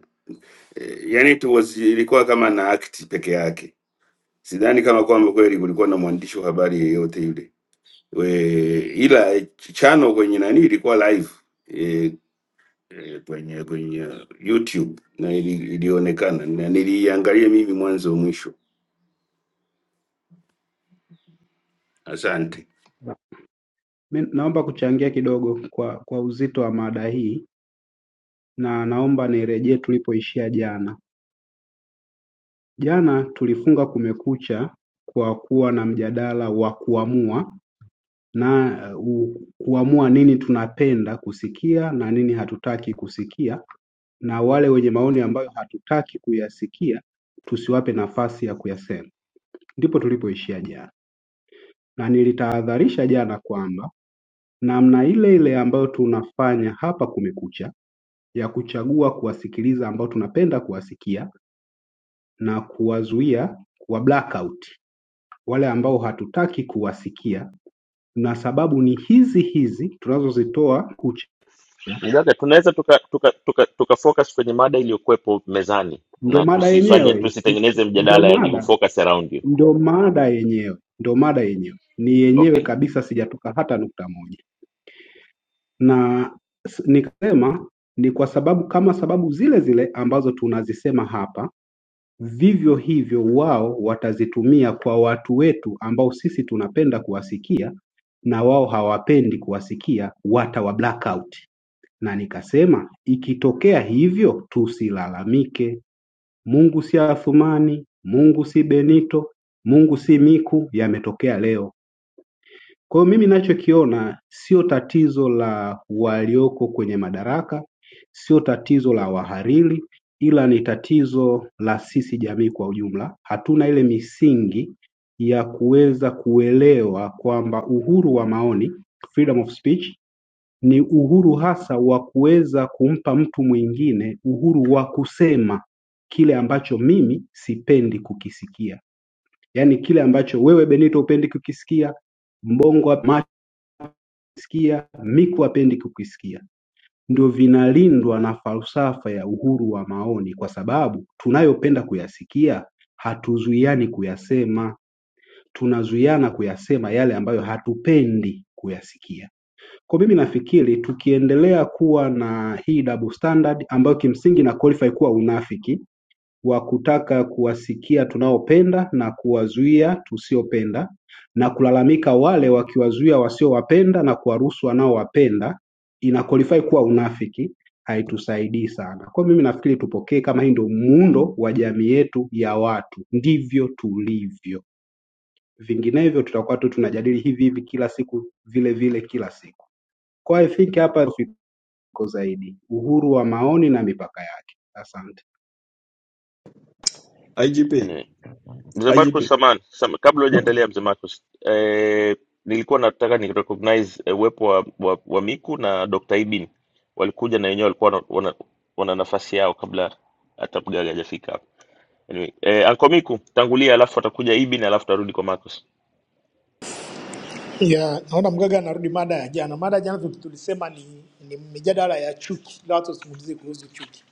Speaker 8: Eh, Yani it was, ilikuwa kama na act peke yake. Sidhani kama kwamba kweli kulikuwa na mwandishi wa habari yeyote yule we, ila eh, chano kwenye nani ilikuwa live E, eh, kwenye kwenye YouTube na ili- ilionekana na niliiangalia mimi mwanzo mwisho. Asante.
Speaker 15: Mi naomba kuchangia kidogo kwa, kwa uzito wa mada hii na naomba nirejee tulipoishia jana. Jana tulifunga kumekucha kwa kuwa na mjadala wa kuamua na uh, kuamua nini tunapenda kusikia na nini hatutaki kusikia, na wale wenye maoni ambayo hatutaki kuyasikia tusiwape nafasi ya kuyasema. Ndipo tulipoishia jana, na nilitahadharisha jana kwamba namna ile ile ambayo tunafanya hapa Kumekucha ya kuchagua kuwasikiliza ambao tunapenda kuwasikia na kuwazuia kuwa blackout wale ambao hatutaki kuwasikia, na sababu ni hizi hizi tunazozitoa kucha.
Speaker 11: Mgaga, tunaweza tuka, tuka, tuka, tuka focus kwenye mada iliyokuwepo mezani
Speaker 15: Ndio
Speaker 11: na
Speaker 15: mada
Speaker 11: tusifanye
Speaker 15: yenyewe,
Speaker 11: tusitengeneze
Speaker 15: ndio
Speaker 11: mjadala, yani you
Speaker 15: mada,
Speaker 11: focus around you.
Speaker 15: ndio mada yenyewe, ndio mada yenyewe ni yenyewe
Speaker 11: Okay.
Speaker 15: kabisa, sijatoka hata nukta moja. Na s- nikasema ni kwa sababu kama sababu zile zile ambazo tunazisema hapa Vivyo hivyo wao watazitumia kwa watu wetu ambao sisi tunapenda kuwasikia na wao hawapendi kuwasikia watawa blackout na nikasema ikitokea hivyo tusilalamike Mungu si Athumani Mungu si Benito Mungu si Miku yametokea leo kwa hiyo mimi ninachokiona sio tatizo la walioko kwenye madaraka, sio tatizo la wahariri, ila ni tatizo la sisi jamii kwa ujumla. Hatuna ile misingi ya kuweza kuelewa kwamba uhuru wa maoni, freedom of speech, ni uhuru hasa wa kuweza kumpa mtu mwingine uhuru wa kusema kile ambacho mimi sipendi kukisikia. Yaani kile ambacho wewe Benito hupendi kukisikia, Mbongo kukisikia Miku hapendi kukisikia ndio vinalindwa na falsafa ya uhuru wa maoni kwa sababu tunayopenda kuyasikia hatuzuiani kuyasema tunazuiana kuyasema yale ambayo hatupendi kuyasikia kwa mimi nafikiri tukiendelea kuwa na hii double standard ambayo kimsingi na qualify kuwa unafiki wa kutaka kuwasikia tunaopenda na kuwazuia tusiopenda, na kulalamika wale wakiwazuia wasiowapenda na kuwaruhusu wanaowapenda, ina qualify kuwa unafiki, haitusaidii sana. Kwa hiyo mimi nafikiri tupokee kama hii ndio muundo wa jamii yetu ya watu, ndivyo tulivyo. Vinginevyo tutakuwa tu tunajadili hivi hivi kila siku vile vile kila siku. Kwa hiyo I think hapa tuko zaidi, uhuru wa maoni na mipaka yake. Asante.
Speaker 12: IGP,
Speaker 11: Anyway. Mzee Marcus
Speaker 12: IGP.
Speaker 11: Saman, Sam, kabla hujaendelea mzee Marcus, eh, nilikuwa nataka ni recognize eh, uwepo wa, wa, wa Miku na Dr. Ibin. Walikuja na wenyewe walikuwa wana, wana wana nafasi yao kabla hata mgaga hajafika hapa. Anyway, eh, Anko Miku tangulia, alafu atakuja Ibin, alafu tarudi kwa Marcus.
Speaker 16: Ya, naona mgaga anarudi mada ya jana. Mada ya jana tu- tulisema ni, ni mijadala ya chuki, ila watu wazungumzie kuhusu chuki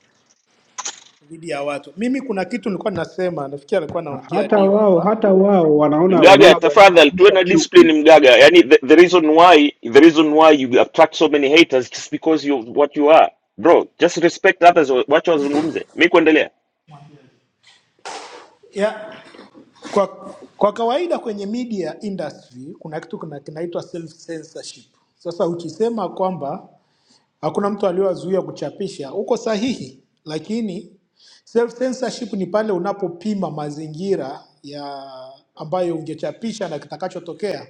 Speaker 16: dhidi ya watu. Mimi kuna kitu nilikuwa ninasema, nafikiri alikuwa anaongea
Speaker 15: hata
Speaker 16: Leo
Speaker 15: wao
Speaker 16: hapa
Speaker 15: hata wao wanaona
Speaker 11: Mgaga,
Speaker 15: wanaona Gwajima
Speaker 11: tafadhali tuwe
Speaker 15: anaamsha
Speaker 11: na
Speaker 15: chuki
Speaker 11: discipline mgaga. Yani the, the reason why the reason why you attract so many haters just because you what you are. Bro, just respect others, wacha wazungumze. Mi kuendelea.
Speaker 16: ya, kwa, kwa kawaida kwenye media industry kuna kitu kuna, kinaitwa self censorship. Sasa ukisema kwamba hakuna mtu aliyowazuia kuchapisha, uko sahihi, lakini self censorship ni pale unapopima mazingira ya ambayo ungechapisha na kitakachotokea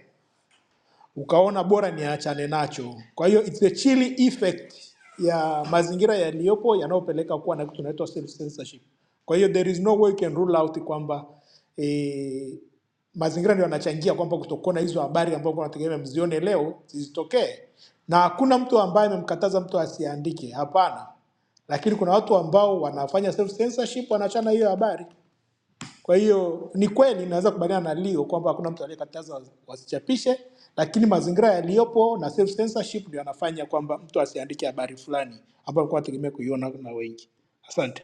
Speaker 16: ukaona bora niachane nacho. Kwa hiyo it's the chilling effect ya mazingira yaliyopo yanayopeleka kuwa na kitu kinaitwa self censorship. Kwa hiyo there is no way you can rule out kwamba eh, mazingira ndio yanachangia kwamba kutokuona hizo habari ambazo unategemea mzione leo zisitokee, na hakuna mtu ambaye amemkataza mtu asiandike, hapana lakini kuna watu ambao wanafanya self censorship, wanaachana hiyo habari. Kwa hiyo ni kweli naweza kubaliana na Leo kwamba hakuna mtu aliyekataza wasichapishe, lakini mazingira yaliyopo na self censorship ndio yanafanya kwamba mtu asiandike habari fulani ambayo alikuwa ategemea kuiona na wengi. Asante.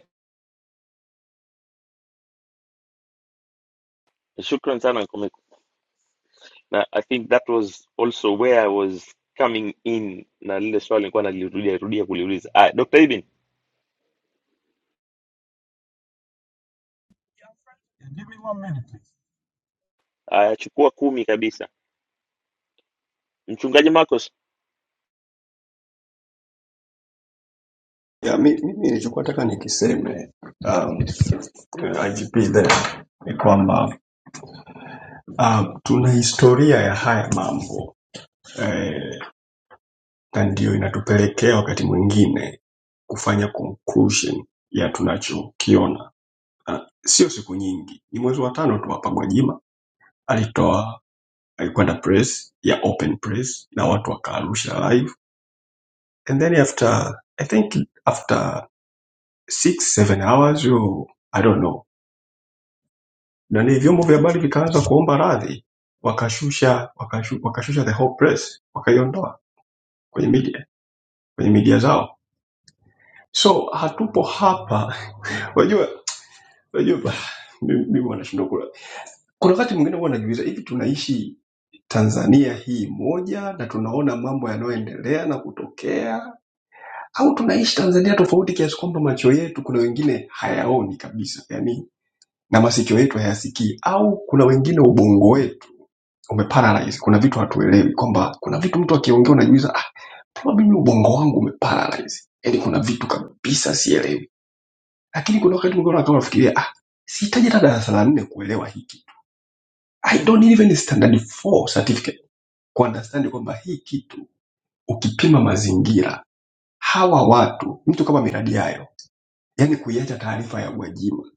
Speaker 11: Shukran sana Anko Miku. Na I think that was also where I was coming in na lile swali nilikuwa nalirudia rudia kuliuliza. Ah, Dr. Ibin,
Speaker 17: Yeah, give me one minute please.
Speaker 11: ah, chukua kumi kabisa. Mchungaji Marcus,
Speaker 12: Ya, mi- mimi nilichokuwa nataka nikiseme um, eh, IGP there ni kwamba Uh, tuna historia ya haya mambo eh, na ndiyo inatupelekea wakati mwingine kufanya conclusion ya tunachokiona. Uh, sio siku nyingi, ni mwezi wa tano tu hapa Gwajima alitoa alikwenda press ya open press na watu wakaarusha live and then after I think after six seven hours you, I don't know, na ni vyombo vya habari vikaanza kuomba radhi, wakashusha wakashu, wakashusha the whole press wakaiondoa kwenye media. kwenye media zao so hatupo hapa [laughs] unajua unajua mimi mimi huwa nashindwa kula kuna wakati mwingine huwa najiuliza hivi tunaishi tanzania hii moja na tunaona mambo yanayoendelea na kutokea au tunaishi tanzania tofauti kiasi kwamba macho yetu kuna wengine hayaoni kabisa yani na masikio yetu hayasikii au kuna wengine ubongo wetu umeparalyze kuna vitu hatuelewi kwamba kuna vitu mtu akiongea unajiuliza ah, probably ubongo wangu umeparalyze yani kuna vitu kabisa sielewi lakini kuna wakati mwingine unataka unafikiria ah sihitaji hata darasa la nne kuelewa hii kitu i don't need even standard 4 certificate ku understand kwamba hii kitu ukipima mazingira hawa watu mtu kama miradi yayo yani kuiacha taarifa ya Gwajima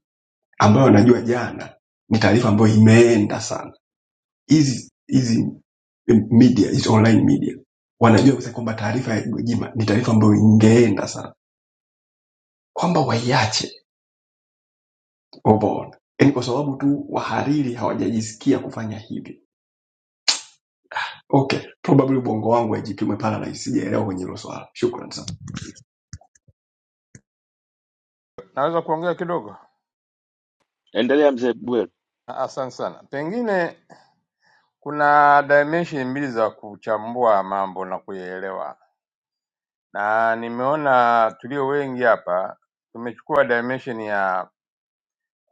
Speaker 12: ambayo anajua jana ni taarifa ambayo imeenda sana hizi hizi media hizi online media wanajua kabisa kwamba taarifa ya Gwajima ni taarifa ambayo ingeenda sana kwamba waiache Overall. Yaani kwa sababu tu wahariri hawajajisikia kufanya hivi. Okay, probably ubongo wangu haijipimwe pala na isijaelewa kwenye hilo swala. Shukrani sana.
Speaker 6: Naweza kuongea kidogo?
Speaker 11: endelea mzee Buero.
Speaker 6: Asante sana. Pengine kuna dimension mbili za kuchambua mambo na kuyaelewa, na nimeona tulio wengi hapa tumechukua dimension ya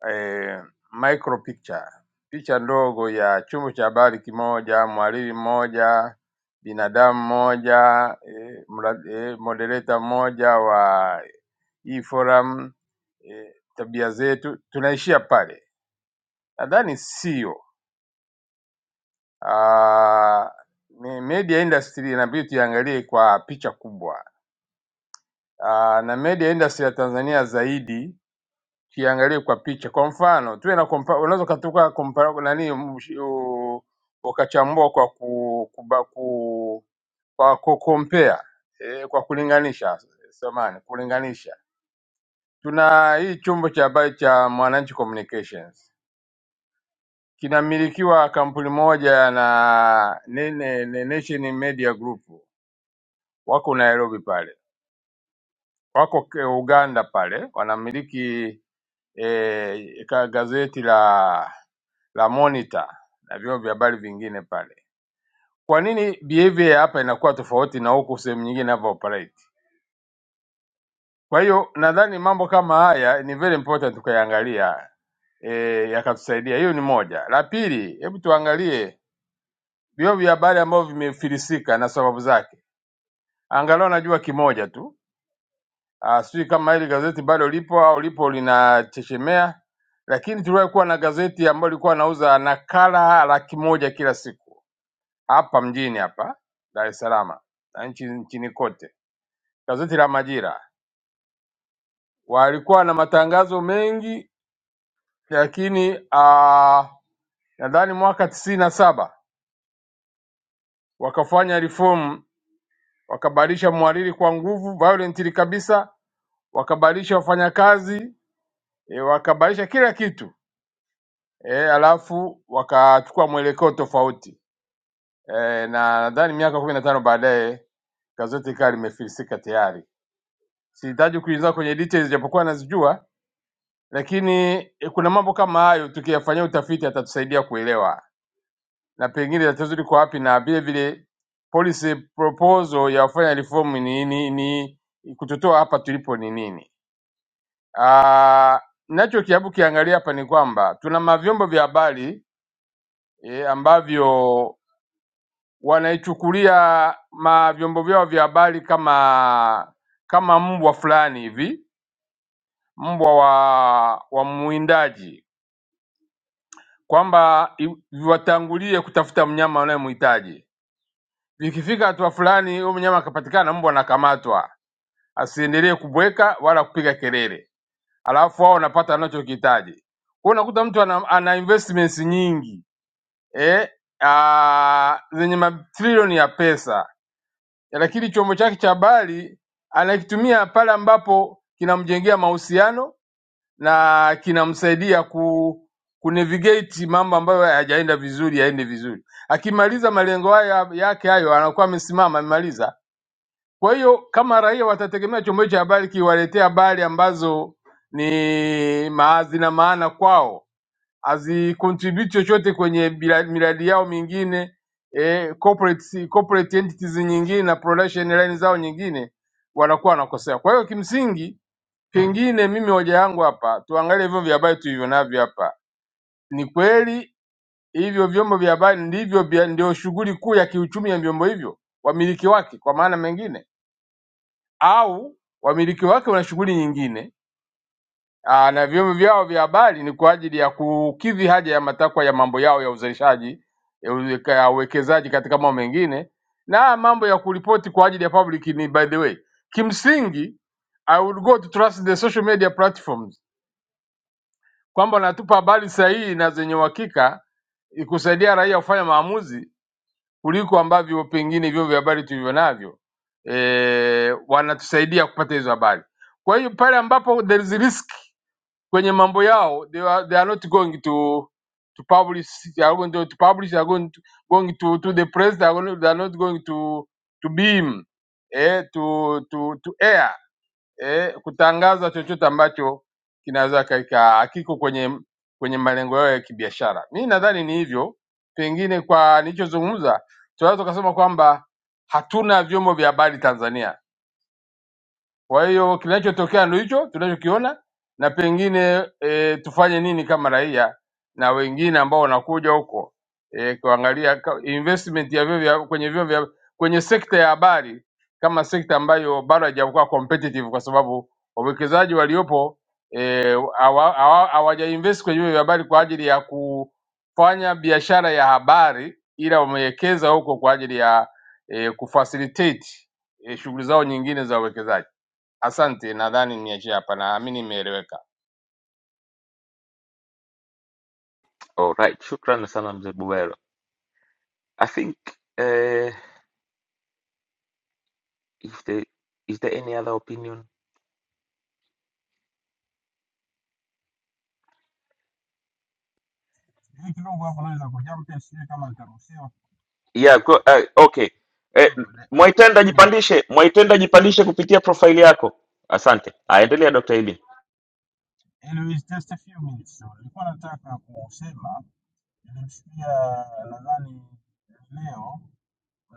Speaker 6: eh, micro picture, picha ndogo ya chombo cha habari kimoja, mhariri mmoja, binadamu mmoja, eh, mra- eh, moderator mmoja wa hii forum eh, tabia zetu, tunaishia pale. Nadhani sio Ah, ni- media industry inabidi tuiangalie kwa picha kubwa Ah, na media industry ya Tanzania zaidi kiangalie kwa picha. Kwa mfano tuwe na kompa, unaweza ukatoka kompa nani msh- u- ukachambua kwa ku, kuba, ku, kwa ku compare eh, kwa kulinganisha samani, kulinganisha. Tuna hii chombo cha habari cha Mwananchi Communications kinamilikiwa kampuni moja na nene, Nation Media Group wako Nairobi pale wako ke- Uganda pale wanamiliki e, gazeti la la Monitor na vyombo vya habari vingine pale. Kwa nini behavior ya hapa inakuwa tofauti na huku sehemu nyingine inavyo operate? Kwa hiyo nadhani mambo kama haya ni very important tukayaangalia, e, yakatusaidia. Hiyo ni moja. La pili, hebu tuangalie vyombo vya habari ambavyo vimefilisika na sababu zake. Angalau najua kimoja tu Ah, Sijui kama hili gazeti bado lipo au lipo linachechemea, lakini tuliwahi kuwa na gazeti ambayo ilikuwa anauza nakala laki moja kila siku hapa mjini hapa Dar es Salaam na nchi nchini kote. Gazeti la Majira walikuwa na matangazo mengi, lakini ah, nadhani mwaka tisini na saba wakafanya reform, wakabadilisha mhariri kwa nguvu violently kabisa, wakabadilisha wafanyakazi, eh, wakabadilisha kila kitu e, alafu wakachukua mwelekeo tofauti e, na nadhani miaka kumi na tano baadaye gazeti ikawa limefilisika tayari. Sihitaji kuingia kwenye details, japokuwa nazijua, lakini e, kuna mambo kama hayo tukiyafanyia utafiti yatatusaidia kuelewa na pengine tatizo liko wapi, na vile vile policy proposal ya wafanya reform ni, ni, ni kututoa hapa tulipo ni nini? Ah, Nacho kiabu kiangalia hapa ni kwamba tuna mavyombo vya habari e, ambavyo wanaichukulia ma vyombo vyao vya habari kama kama mbwa fulani hivi, mbwa wa, wa mwindaji, kwamba i- viwatangulie kutafuta mnyama wanayemhitaji. Vikifika hatua fulani, huyo mnyama akapatikana, mbwa anakamatwa, asiendelee kubweka wala kupiga kelele, alafu wao wanapata anachokihitaji. Kwa hiyo unakuta mtu ana, ana investments nyingi eh, aa, zenye matrilioni ya pesa lakini chombo chake cha habari anakitumia pale ambapo kinamjengea mahusiano na kinamsaidia ku kunavigate mambo ambayo hayajaenda vizuri yaende vizuri. Akimaliza malengo haya yake hayo, anakuwa amesimama amemaliza. Kwa hiyo kama raia watategemea chombo hicho cha habari kiwaletea habari ambazo ni ma- zina maana kwao, hazicontribute chochote kwenye bila- miradi yao mingine eh, corporate, corporate entities nyingine na production line zao nyingine wanakuwa wanakosea. Kwa hiyo kimsingi, pengine mimi hoja yangu hapa, tuangalie vyombo vya habari tulivyo navyo hapa. Ni kweli hivyo vyombo vya habari ndivyo vya- ndio shughuli kuu ya kiuchumi ya vyombo hivyo, wamiliki wake kwa maana mengine, au wamiliki wake wana shughuli nyingine Aa, na vyombo vyao vya habari ni kwa ajili ya kukidhi haja ya matakwa ya mambo yao ya uzalishaji ya uweka- ya uwekezaji katika mambo mengine na mambo ya kuripoti kwa ajili ya public ni by the way. Kimsingi I would go to trust the social media platforms kwamba wanatupa habari sahihi na zenye uhakika kusaidia raia kufanya maamuzi kuliko ambavyo pengine vyombo vya habari tulivyo navyo e, wanatusaidia kupata hizo habari. Kwa hiyo pale ambapo there is risk kwenye mambo yao they are, they are not going to to publish they are going to, to publish they are going to, going to, to the press they are, going, they are not going to to beam eh, to, to, to air eh, kutangaza chochote ambacho kinaweza kaika hakiko kwenye kwenye malengo yao ya kibiashara. Mi nadhani ni hivyo, pengine kwa nilichozungumza tunaweza tukasema kwamba hatuna vyombo vya habari Tanzania kwa hiyo kinachotokea ndio hicho tunachokiona, na pengine e, tufanye nini kama raia na wengine ambao wanakuja huko e, kuangalia ka- investment ya vyuo vya kwenye vyuo vya kwenye sekta ya habari kama sekta ambayo bado haijakuwa competitive kwa sababu wawekezaji waliopo e, hawa- hawa- hawajainvest kwenye vyuo vya habari kwa ajili ya kufanya biashara ya habari, ila wamewekeza huko kwa ajili ya e, kufacilitate e, shughuli zao nyingine za uwekezaji. Asante, nadhani niachie hapa, naamini nimeeleweka.
Speaker 11: Alright, shukran sana mzee Buero. I think uh, if there is there any other opinion?
Speaker 17: Hii kidogo hapo naweza kujampia, sijui kama nitaruhusiwa
Speaker 11: Yeah, go, uh, okay. Eh,
Speaker 17: kidogo, da-
Speaker 11: Mwaitenda
Speaker 17: few minutes tu.
Speaker 11: jipandishe, Mwaitenda jipandishe kupitia profile yako. Asante. Aendelea Dr. Ibin.
Speaker 17: Anyways, just a few minutes tu. Nilikuwa nataka kusema, nilimsikia nadhani leo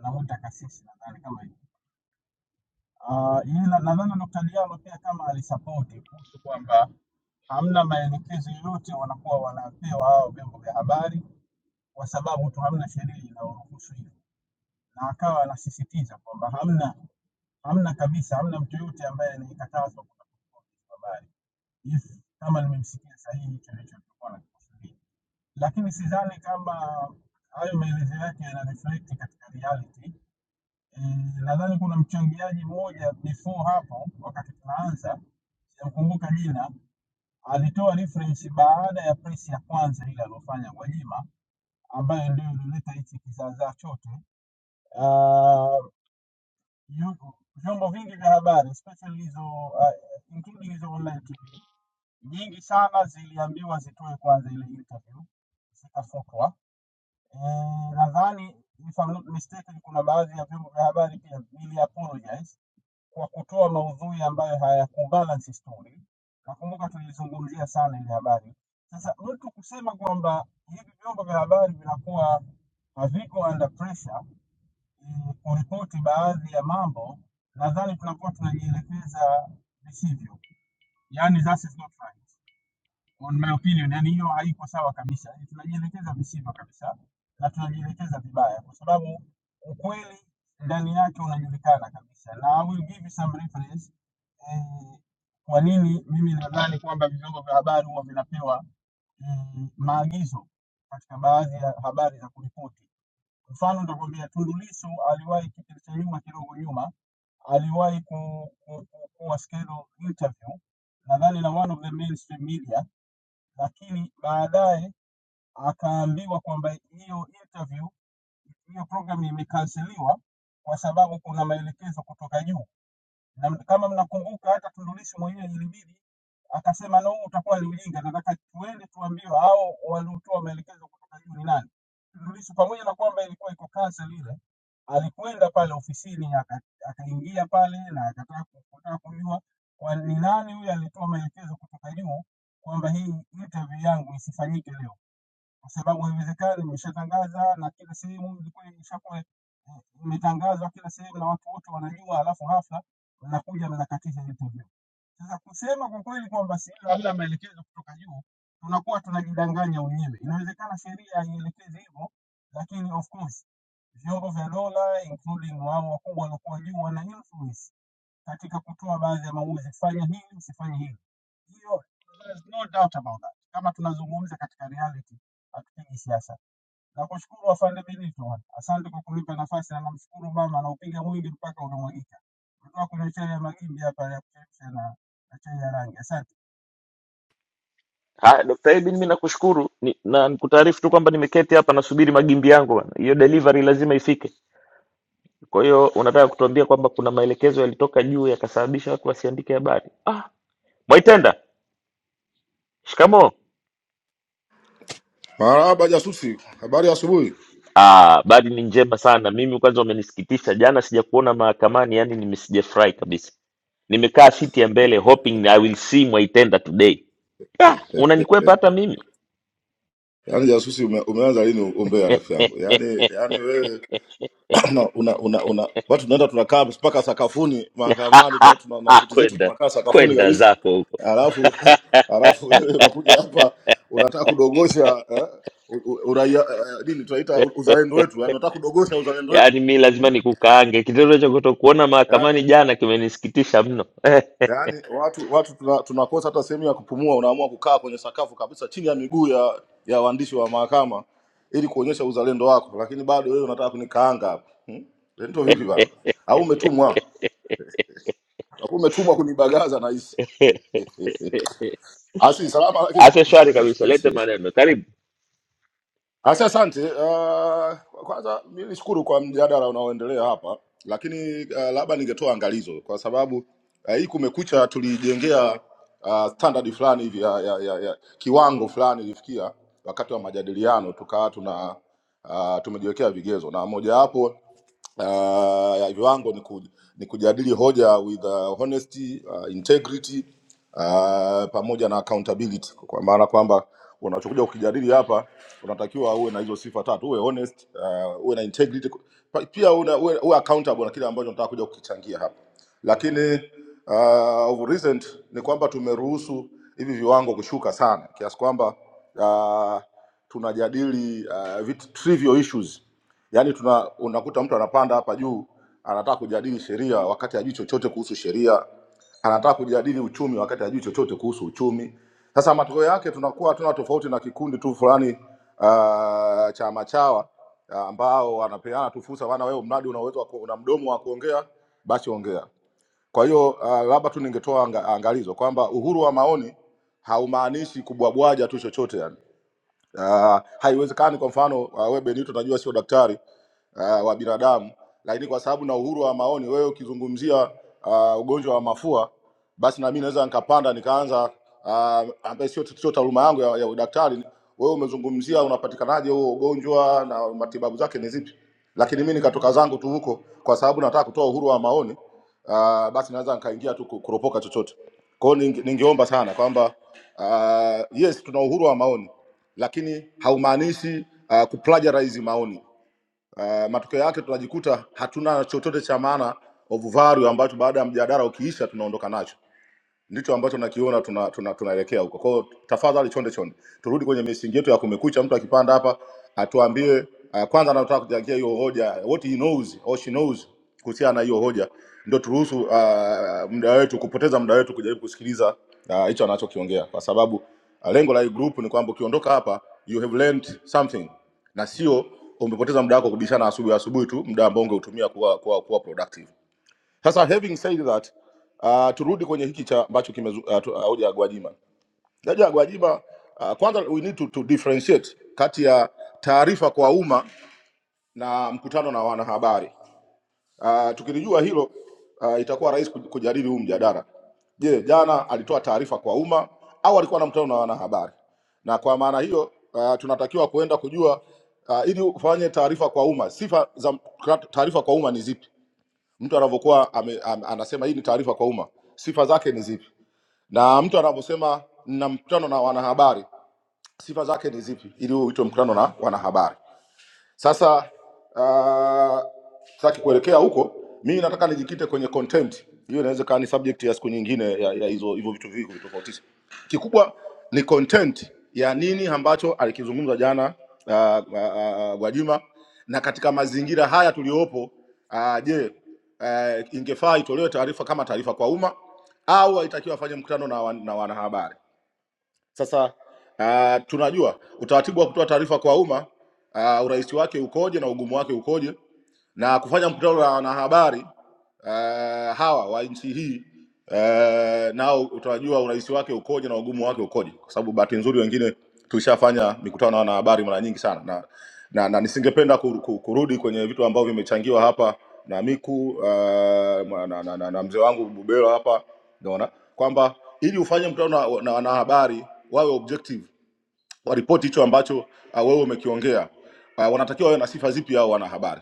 Speaker 17: namuita kasisi nadhani kama hivi. Ah, yeye na- nadhani Dr. Diallo pia kama alisapoti kuhusu kwamba hamna maelekezo yoyote wanakuwa wanapewa hao vyombo vya habari kwa sababu tu hamna sheria inayoruhusu hivyo. na akawa anasisitiza kwamba hamna hamna kabisa, hamna mtu yoyote ambaye nikatazwa kutoka kwa habari if kama nimemsikia sahihi hicho ndicho tulikuwa nakikusudia, lakini sidhani kama hayo maelezo yake yana reflect katika reality. Eh, Nadhani kuna mchangiaji mmoja before hapo, wakati tunaanza, sijamkumbuka jina, alitoa reference baada ya press ya kwanza ile aliyofanya Gwajima, ambayo ndio ilileta hichi kizaazaa chote Uh, vyombo vyombo vingi vya habari especially hizo uh, including hizo online TV nyingi sana ziliambiwa zitoe kwanza ile interview zikafutwa. Eh, Nadhani if I'm not mistaken, kuna baadhi ya vyombo vya habari pia vili apologize kwa kutoa maudhui ambayo hayakubalance story. Nakumbuka tulizungumzia sana ile habari. Sasa mtu kusema kwamba hivi vyombo vya habari vinakuwa haviko under pressure eh, kuripoti baadhi ya mambo, nadhani tunakuwa tunajielekeza visivyo, yani that is not right on my opinion, yani hiyo haiko sawa kabisa. Yaani Tunajielekeza visivyo kabisa na tunajielekeza vibaya, kwa sababu ukweli ndani yake unajulikana kabisa, na I will give you some reference eh, kwa nini mimi nadhani kwamba vyombo vya habari huwa vinapewa mm, maagizo katika baadhi ya habari za kuripoti Mfano nitakwambia Tundu Lissu aliwahi kipindi cha nyuma kidogo nyuma aliwahi ku, ku, ku, kuwa scheduled interview nadhani na one of the mainstream media, lakini baadaye akaambiwa kwamba hiyo interview, hiyo program imekanseliwa kwa sababu kuna maelekezo kutoka juu na kama mnakumbuka hata Tundu Lissu mwenyewe ilibidi akasema no, utakuwa ni ujinga, nataka tuende tuambiwe hao waliotoa maelekezo kutoka juu ni nani. Tundu Lissu pamoja na kwamba ilikuwa iko kansa lile, alikwenda pale ofisini aka- akaingia pale na akataka ku- kutaka kujua kwa ni nani huyo alitoa maelekezo kutoka juu kwamba hii interview yangu isifanyike leo kwa sababu haiwezekani, imeshatangaza na kila sehemu ilikuwa imeshakuwa eh, imetangazwa kila sehemu na watu wote wanajua, alafu hafla mnakuja mnakatisha interview. Sasa kusema kwa kweli kwamba si labda maelekezo kutoka juu, tunakuwa tunajidanganya wenyewe. Inawezekana sheria haielekezi hivyo, lakini of course vyombo vya dola including wao wakubwa waliokuwa juu wana influence katika kutoa baadhi ya maamuzi, fanya hili, usifanye hili. Hiyo there's no doubt about that. Kama tunazungumza katika reality, hatupigi siasa. Na kushukuru afande Benito, bwana. asante kwa kunipa nafasi, na namshukuru mama, anaupiga mwingi mpaka unamwagika. Kutoka kwenye chai ya magimbi hapa ya kuchemsha na, na chai ya rangi. Asante
Speaker 11: Haya Dr. Ibin, mimi nakushukuru ni, na nikutaarifu tu kwamba nimeketi hapa nasubiri magimbi yangu bana. Hiyo delivery lazima ifike. Kwa hiyo unataka kutuambia kwamba kuna maelekezo yalitoka juu yakasababisha watu wasiandike habari. Ah, Mwaitenda, shikamo.
Speaker 18: Marahaba jasusi, habari ya asubuhi.
Speaker 11: Ah, habari ni njema sana. Mimi kwanza umenisikitisha jana, sijakuona mahakamani, yani nime sijafurahi kabisa. Nimekaa siti ya mbele hoping I will see Mwaitenda today. Ah, unanikwepa hata mimi
Speaker 18: Yaani jasusi ume, umeanza lini umbea ya rafiki yangu?
Speaker 11: [laughs]
Speaker 18: Yaani yaani wewe [clears throat] una, una, una, una, watu tunaenda tunakaa mpaka sakafuni mahakamani, tuna tuna- na
Speaker 11: Ah,
Speaker 18: suti zetu
Speaker 11: kwenda
Speaker 18: tunakaa sakafuni
Speaker 11: kwenda
Speaker 18: kabisa.
Speaker 11: zako huko,
Speaker 18: Alafu [laughs] alafu wewe unakuja hapa unataka kudogosha eh, u- u- uraia eh, nini tunaita u- uzalendo wetu, yaani unataka kudogosha uzalendo wetu.
Speaker 11: yaani mi lazima nikukaange. Kitendo cha kutokuona
Speaker 18: Yaani,
Speaker 11: mahakamani jana kimenisikitisha mno. [laughs]
Speaker 18: yaani watu watu tuna- tunakosa hata sehemu ya kupumua unaamua kukaa kwenye sakafu kabisa chini ya miguu ya ya waandishi wa mahakama ili kuonyesha uzalendo wako lakini bado wewe unataka kunikaanga hapo hmm? ndio vipi bana au umetumwa au umetumwa kunibagaza nahisi [laughs] asi salama lakini
Speaker 11: Afya shwari kabisa, lete
Speaker 18: [laughs]
Speaker 11: maneno. Karibu
Speaker 18: Asa, asante. Uh, kwanza mi nishukuru kwa mjadala unaoendelea hapa, lakini uh, labda ningetoa angalizo kwa sababu uh, hii Kumekucha tulijengea uh, standard fulani hivi ya, ya, ya, ya kiwango fulani ilifikia wakati wa majadiliano, tukawa tuna uh, tumejiwekea vigezo na mojawapo uh, ya viwango ni, ku, ni kujadili hoja with uh, honesty uh, integrity uh, pamoja na accountability, kwa maana kwamba unachokuja kukijadili hapa unatakiwa uwe na hizo sifa tatu, uwe honest, uh, uwe na integrity, pa- pia una- uwe, uwe accountable na kile ambacho unataka kuja kukichangia hapa. Lakini uh, of recent ni kwamba tumeruhusu hivi viwango kushuka sana kiasi kwamba uh, tunajadili uh, vitu trivial issues yaani tuna unakuta mtu anapanda hapa juu anataka kujadili sheria wakati hajui chochote kuhusu sheria anataka kujadili uchumi wakati hajui chochote kuhusu uchumi sasa matokeo yake tunakuwa hatuna tofauti na kikundi tu fulani uh, cha machawa ah, ambao wanapeana tu fursa bana wewe mradi una uwezo wa ku- una mdomo wa kuongea basi ongea kwa hiyo uh, labda tu ningetoa anga, angalizo kwamba uhuru wa maoni haumaanishi kubwabwaja tu chochote yani Uh, haiwezekani kwa mfano uh, we Benito najua sio daktari uh, wa binadamu, lakini kwa sababu na uhuru wa maoni, wewe ukizungumzia uh, ugonjwa wa mafua, basi na mimi naweza nikapanda nikaanza uh, ambaye sio sio taaluma yangu ya, ya udaktari. Wewe umezungumzia unapatikanaje huo ugonjwa na matibabu zake ni zipi, lakini mimi nikatoka zangu tu huko kwa sababu nataka kutoa uhuru wa maoni uh, basi naweza nikaingia tu ku- kuropoka chochote. Kwa hiyo ninge, ningeomba sana kwamba uh, yes tuna uhuru wa maoni lakini haumaanishi uh, kuplagiarize maoni. Uh, matokeo yake tunajikuta hatuna chochote cha maana of value ambacho baada ya mjadala ukiisha tunaondoka nacho ndicho ambacho nakiona tunaelekea tuna, tuna tunaelekea huko. Kwa hiyo tafadhali, chonde chonde, turudi kwenye misingi yetu ya Kumekucha. Mtu akipanda hapa atuambie uh, kwanza anataka kuchangia hiyo hoja, what he knows or she knows kuhusiana na hiyo hoja, ndio turuhusu uh, muda wetu kupoteza muda wetu kujaribu kusikiliza ah, hicho uh, anachokiongea, kwa sababu uh, lengo la hii group ni kwamba ukiondoka hapa you have learned something, na sio umepoteza muda wako kubishana asubuhi asubuhi tu, muda ambao ungeutumia kuwa, kuwa, kuwa productive. Sasa having said that, uh, turudi kwenye hiki cha ambacho kimezu- ah, tu- ah, hoja ya Gwajima. Hoja ya Gwajima uh, kwanza we need to, to differentiate kati ya taarifa kwa umma na mkutano na wanahabari. Uh, tukilijua hilo uh, itakuwa rahisi kuj- kujadili huu mjadala. Je, jana alitoa taarifa kwa umma au alikuwa na mkutano na wanahabari? Na kwa maana hiyo uh, tunatakiwa kuenda kujua uh, ili ufanye taarifa kwa umma, sifa za mk- taarifa kwa umma ni zipi? mtu anavyokuwa ame- am- anasema hii ni taarifa kwa umma, sifa zake ni zipi? Na mtu anavyosema na mkutano na wanahabari, sifa zake ni zipi ili uitwe mkutano na wanahabari? Sasa uh, sitaki kuelekea huko, mimi nataka nijikite kwenye content hiyo, inaweza ikawa ni subject ya siku nyingine ya, ya hizo hivyo vitu vingi kuvitofautisha. Kikubwa ni content ya nini ambacho alikizungumza jana uh, uh, uh, Gwajima, na katika mazingira haya tuliyopo uh, je, uh, ingefaa itolewe taarifa kama taarifa kwa umma au haitakiwa afanye mkutano na, wan, na wanahabari? Sasa uh, tunajua utaratibu wa kutoa taarifa kwa umma uh, urahisi wake ukoje na ugumu wake ukoje, na kufanya mkutano na wanahabari uh, hawa wa nchi hii uh, nao utawajua urahisi wake ukoje na ugumu wake ukoje, kwa sababu bahati nzuri wengine tulishafanya mikutano na wanahabari mara nyingi sana na, na, na nisingependa kur, kur, kurudi kwenye vitu ambavyo vimechangiwa hapa na Miku uh, na, na, na, na, na mzee wangu Bubelo hapa, unaona kwamba ili ufanye mkutano na na wanahabari wawe objective, waripoti hicho ambacho uh, wewe umekiongea uh, wanatakiwa wawe na sifa zipi hao wanahabari?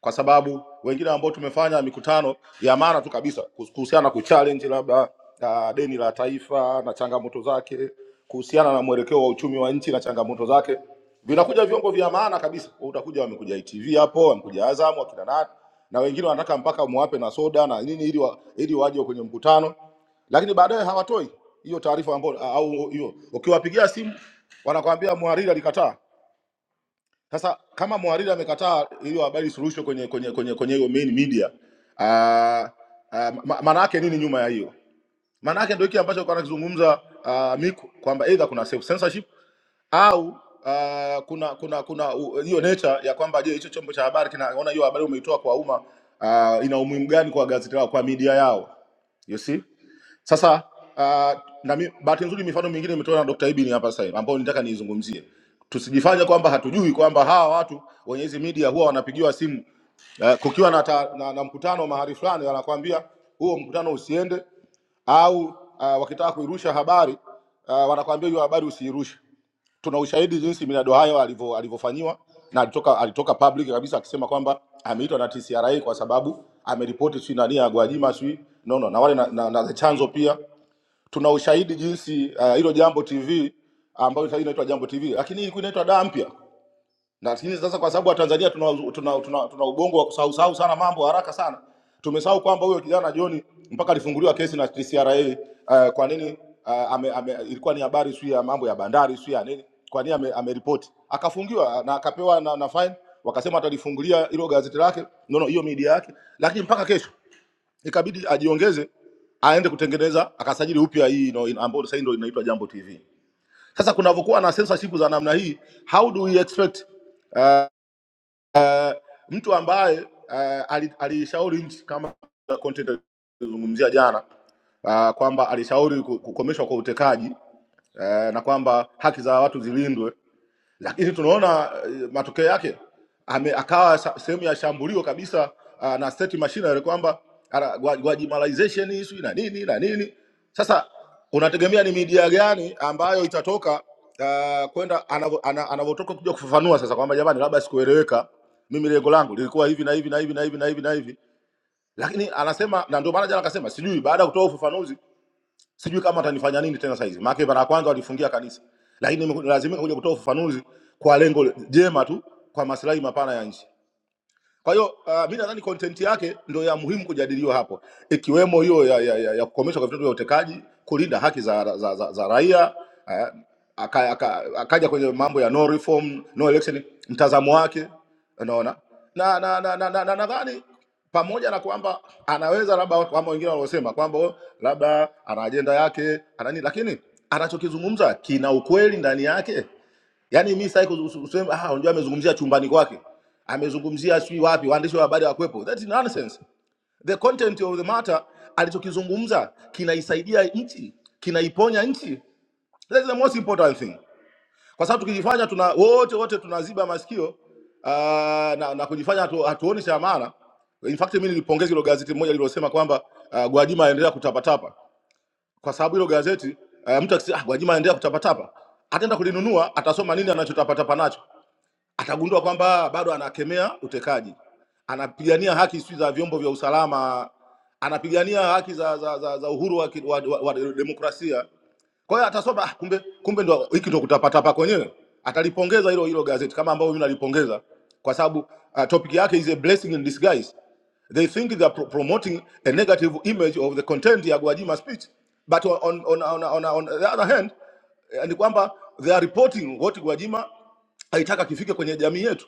Speaker 18: kwa sababu wengine ambao tumefanya mikutano ya maana tu kabisa kuhusu- kuhusiana na kuchallenge labda uh, deni la taifa na changamoto zake, kuhusiana na mwelekeo wa uchumi wa nchi na changamoto zake, vinakuja vyombo vya maana kabisa. Utakuja wamekuja ITV hapo, wamekuja Azam, wakina nani na wengine wanataka mpaka muwape na soda na nini ili wa, ili waje kwenye mkutano, lakini baadaye hawatoi hiyo taarifa ambayo au hiyo, ukiwapigia simu wanakwambia mhariri alikataa sasa kama mhariri amekataa hiyo habari suluhisho kwenye kwenye kwenye kwenye hiyo main media, ah, ah, ma- maana yake nini nyuma ya hiyo? Maana yake ndio hiki ambacho alikuwa anakizungumza ah, Miku kwamba either kuna self censorship au ah, kuna kuna kuna u- hiyo nature ya kwamba je, hicho chombo cha habari kinaona hiyo habari umeitoa kwa umma ah, ina umuhimu gani kwa gazeti lao, kwa media yao? You see? Sasa uh, na mi- bahati nzuri mifano mingine imetolewa na Dr. Ibini hapa sasa hivi ambayo nitaka niizungumzie. Tusijifanye kwamba hatujui kwamba hawa watu wenye hizi media huwa wanapigiwa simu uh, kukiwa na, ta, na, na mkutano mahali fulani, wanakuambia huo mkutano usiende, au uh, wakitaka kuirusha habari uh, wanakuambia hiyo habari usiirushe tuna ushahidi jinsi Millard Ayo alivyo- alivyofanyiwa na alitoka alitoka public kabisa akisema kwamba ameitwa na TCRA kwa sababu ameripoti sijui nani ya Gwajima sijui no, no, na wale na, na, na chanzo pia tuna ushahidi jinsi ah, hilo uh, Jambo TV ambayo sasa inaitwa Jambo TV, lakini hii ilikuwa inaitwa Daa Mpya lakini sasa kwa sababu Watanzania tuna, tuna, tuna, tuna tuna ubongo wa kusahau sahau sana mambo haraka sana, tumesahau kwamba huyo kijana John mpaka alifunguliwa kesi na TCRA. Uh, kwa nini uh, ame, ame, ilikuwa ni habari sio ya mambo ya bandari sio ya nini, kwa nini ame- ameripoti akafungiwa na akapewa na, na fine, wakasema atalifungulia hilo gazeti lake no, no, hiyo media yake, lakini mpaka kesho ikabidi ajiongeze aende kutengeneza akasajili upya hii no, ambayo sasa ndio inaitwa Jambo TV. Sasa kunavyokuwa na censorship za namna hii, how do we expect mtu ambaye uh, alishauri nchi kama content alizungumzia jana uh, kwamba alishauri ku- kukomeshwa kwa utekaji uh, na kwamba haki za watu zilindwe lakini tunaona eh, matokeo yake ame, akawa sa- sehemu ya shambulio kabisa uh, na state machinery kwamba ana- gwa- Gwajimalization issue na nini na nini. Sasa unategemea ni media gani ambayo itatoka uh, kwenda anavo- ana- anavotoka kuja kufafanua sasa kwamba jamani, labda sikueleweka, mimi lengo langu lilikuwa hivi na hivi na hivi na hivi na hivi na hivi, lakini anasema na ndio maana jana akasema sijui, baada ya kutoa ufafanuzi sijui kama atanifanya nini tena saizi, maana mara ya kwanza walifungia kanisa, lakini lazimika kuja kutoa ufafanuzi kwa lengo jema tu, kwa maslahi mapana ya nchi. Kwa hiyo uh, mi nadhani content yake ndio ya muhimu kujadiliwa hapo, ikiwemo hiyo ya, ya, ya, ya kukomeshwa kwa vitendo vya utekaji, kulinda haki za, za, za, za raia eh, aka, aka, akaja kwenye mambo ya no reform, no election, mtazamo wake unaona, na na na na na, na, nadhani pamoja na kwamba anaweza labda kama wengine wanaosema kwamba oh, labda ana ajenda yake ana nini, lakini anachokizungumza kina ukweli ndani yake Yaani mimi sasa useme ah, unajua amezungumzia chumbani kwake, amezungumzia sijui wapi, waandishi wa habari hawakuwepo. That is nonsense. The content of the matter alichokizungumza kinaisaidia nchi, kinaiponya nchi. That is the most important thing. Kwa sababu tukijifanya tuna wote wote tunaziba masikio uh, na, na kujifanya hatu, hatuoni cha maana. In fact mimi nilipongeza hilo gazeti moja lililosema kwamba uh, Gwajima aendelea kutapatapa kwa sababu hilo gazeti uh, mtu akisema ah, Gwajima aendelea kutapatapa, ataenda kulinunua, atasoma nini anachotapatapa nacho atagundua kwamba bado anakemea utekaji, anapigania haki sijui za vyombo vya usalama, anapigania haki za, za, za, za uhuru wa, ki- wa, wa, wa demokrasia. Kwa hiyo atasoma ah, kumbe kumbe ndo hiki ndo kutapata pa kwenyewe. Atalipongeza hilo hilo gazeti kama ambavyo mimi nalipongeza kwa sababu uh, topic yake is a blessing in disguise. They think they are pro promoting a negative image of the content ya Gwajima speech but on, on, on, on, on the other hand eh, ni kwamba they are reporting what Gwajima aitaka kifike kwenye jamii yetu.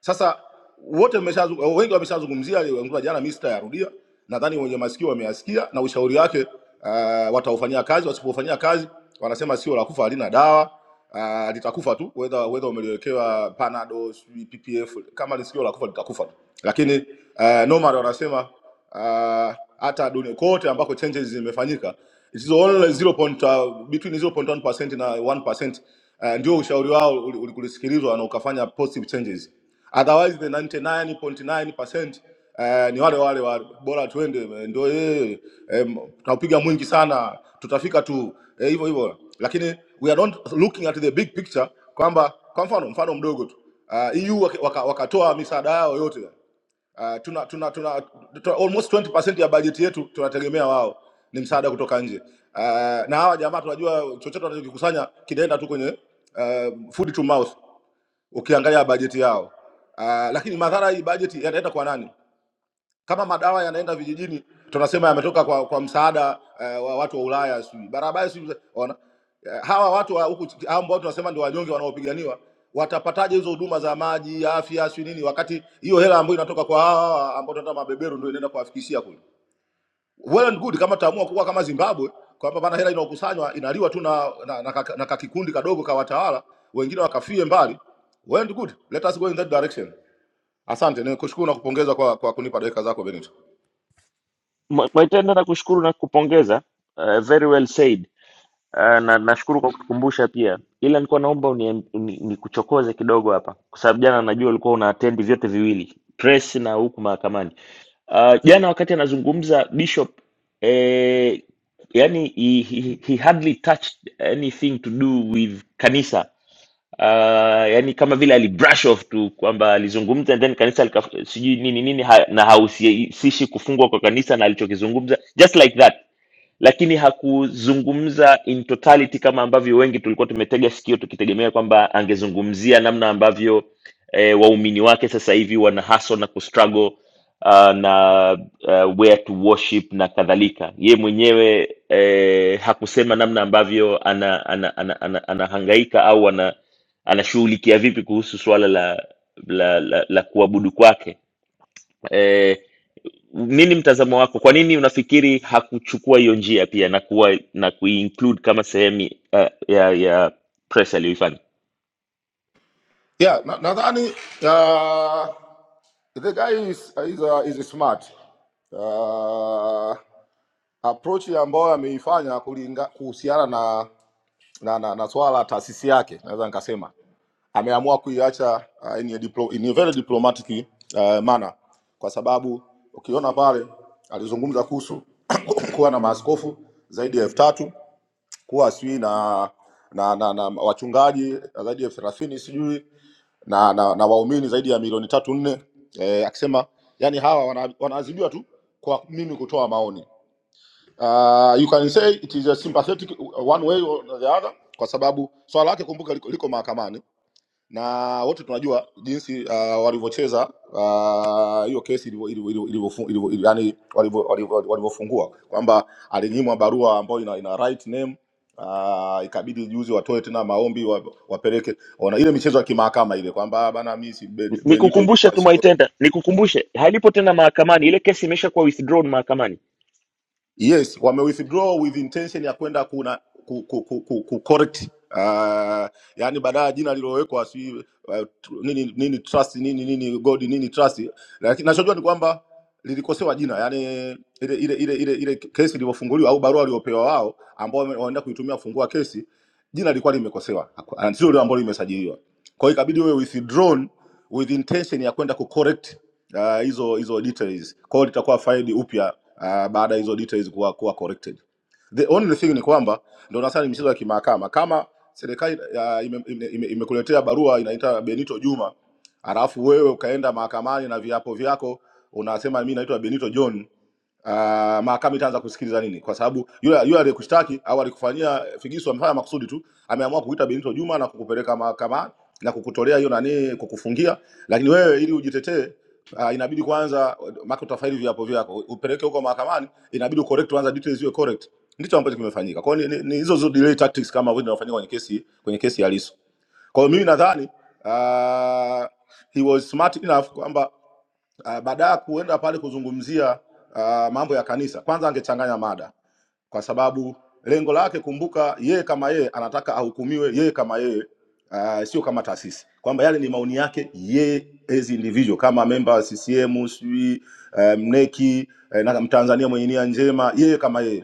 Speaker 18: Sasa wote mmeshazungumza, wengi wameshazungumzia aliyoongea jana, mimi sitayarudia. Nadhani wenye masikio wameyasikia na ushauri wake uh, wataufanyia kazi, wasipofanyia kazi wanasema sio la kufa halina dawa uh, litakufa tu, whether whether umeliwekewa panado sijui PPF, kama ni sikio la kufa litakufa tu. Lakini uh, normal wanasema uh, hata dunia kote ambako changes zimefanyika it is only 0. Uh, between 0.1% na 1% uh, ndio ushauri wao uli- ulikusikilizwa na ukafanya positive changes otherwise the 99.9% eh, ni wale wale wa bora tuende eh, ndio yeye eh, tutapiga mwingi sana tutafika tu eh, hivyo hivyo, lakini we are not looking at the big picture kwamba kwa mfano mfano mdogo tu uh, EU wak- waka, wakatoa misaada yao yote uh, tuna, tuna, tuna, tuna almost 20% ya bajeti yetu tunategemea wao ni msaada kutoka nje uh, na hawa jamaa tunajua chochote wanachokikusanya kinaenda tu kwenye uh, food to mouth ukiangalia bajeti yao. Uh, lakini madhara hii bajeti yanaenda kwa nani? Kama madawa yanaenda vijijini, tunasema yametoka kwa, kwa msaada uh, wa watu wa Ulaya, sijui barabara, sijui wana eh, hawa watu wa huku hao ambao tunasema ndio wanyonge wanaopiganiwa watapataje hizo huduma za maji, afya, sijui nini, wakati hiyo hela ambayo inatoka kwa hawa ambao tunataka mabeberu ndio inaenda kuwafikishia kule well and good kama tutaamua kuwa kama Zimbabwe kwamba bana hela inaokusanywa inaliwa tu na na, na, kaka- na kakikundi kadogo ka watawala wengine wakafie mbali. Well and good, let us go in that direction. Asante, nikushukuru na kupongeza kwa, kwa kunipa dakika zako Benito.
Speaker 11: Mwa- Mwaitenda, nakushukuru na kupongeza. Uh, very well said. Ah, na nashukuru kwa kutukumbusha pia, ila nilikuwa naomba uni- uni- nikuchokoze kidogo hapa, kwa sababu jana najua ulikuwa una attend vyote viwili, press na huku mahakamani. Ah, jana wakati anazungumza Bishop eh, yani he, he, he hardly touched anything to do with kanisa uh, yani kama vile alibrush off tu kwamba alizungumza and then kanisa lika, sijui nini nini ha, na hahusishi kufungwa kwa kanisa na alichokizungumza just like that lakini hakuzungumza in totality kama ambavyo wengi tulikuwa tumetega sikio tukitegemea kwamba angezungumzia namna ambavyo eh, waumini wake sasa hivi wana hustle na kustruggle uh, na uh, where to worship na kadhalika ye mwenyewe eh, hakusema namna ambavyo anahangaika ana, ana, ana, ana, anahangaika au ana anashughulikia vipi kuhusu suala la la, la, la kuabudu kwake E, nini mtazamo wako kwa nini unafikiri hakuchukua hiyo njia pia na kuwa na kuinclude kama sehemu uh, ya ya press aliyoifanya
Speaker 18: Yeah, na- nadhani na uh, the guy is, is, uh, is smart uh, approach ambayo ameifanya kulinga kuhusiana na na, na, na swala la taasisi yake naweza nikasema ameamua kuiacha uh, in, a diplo, in a very diplomatic uh, manner, kwa sababu ukiona pale alizungumza kuhusu [coughs] kuwa na maaskofu zaidi ya elfu tatu kuwa sijui na na, na na wachungaji zaidi ya elfu thelathini sijui na, na, na waumini zaidi ya milioni tatu nne eh, akisema yani hawa wana- wanaadhibiwa tu kwa mimi kutoa maoni. Uh, you can say it is a sympathetic one way or the other, kwa sababu swala lake kumbuka liko, liko mahakamani na wote tunajua jinsi uh, walivyocheza ah, hiyo kesi ilivyo- ilivyo- ilivyo- ilivyofu- ilivyo- ilivyo- yani walivyo- walivyo- walivyofungua kwamba alinyimwa barua ambayo ina, ina right name uh, ikabidi juzi watoe tena maombi wa, wapeleke ona ile michezo ya kimahakama ile kwamba bana mimi si Be- Benito
Speaker 11: nikukumbushe
Speaker 18: Juma
Speaker 11: tu
Speaker 18: sio
Speaker 11: mwaitenda nikukumbushe halipo tena mahakamani ile kesi imeshakuwa withdrawn mahakamani
Speaker 18: Yes, wame withdraw with intention ya kwenda kuna ku, ku, ku, ku, ku correct uh, yani baadaye jina lililowekwa si uh, tr- nini nini trust nini nini god nini trust, lakini nachojua ni kwamba lilikosewa jina, yani ile ile ile ile, ile kesi ilivyofunguliwa au barua waliopewa wao ambao wame- wanaenda kuitumia kufungua kesi, jina lilikuwa limekosewa, Haku- ah, sio lile ambalo limesajiliwa. Kwa hiyo ikabidi wewe withdrawn with intention ya kwenda ku correct ah, hizo hizo details. Kwa hiyo litakuwa filed upya ah, baada ya hizo details kuwa kuwa corrected. The only thing ni kwamba ndio nasema ni michezo ya kimahakama. Kama serikali ah, ime- ime- ime- imekuletea barua inaita Benito Juma, alafu wewe ukaenda mahakamani na viapo vyako unasema mimi naitwa Benito John uh, mahakama itaanza kusikiliza nini, kwa sababu yule yule aliyekushtaki au alikufanyia figisu amefanya makusudi tu, ameamua kuita Benito Juma na kukupeleka mahakamani na kukutolea hiyo nani, kukufungia. Lakini wewe ili ujitetee uh, inabidi kwanza maka utafaili viapo vyako upeleke huko mahakamani, inabidi ucorrect kwanza, details iwe correct. Ndicho ambacho kimefanyika. Kwa hiyo ni, ni, ni hizo hizo delay tactics kama vile zinafanyika kwenye kesi kwenye kesi ya Lissu. Kwa hiyo mimi nadhani uh, he was smart enough kwamba Uh, baada ya kuenda pale kuzungumzia uh, mambo ya kanisa, kwanza angechanganya mada, kwa sababu lengo lake, kumbuka, yeye kama yeye anataka ahukumiwe yeye kama yeye, uh, sio kama taasisi, kwamba yale ni maoni yake yeye as individual kama memba wa CCM sijui uh, mneki eh, na Mtanzania mwenye nia njema, yeye kama yeye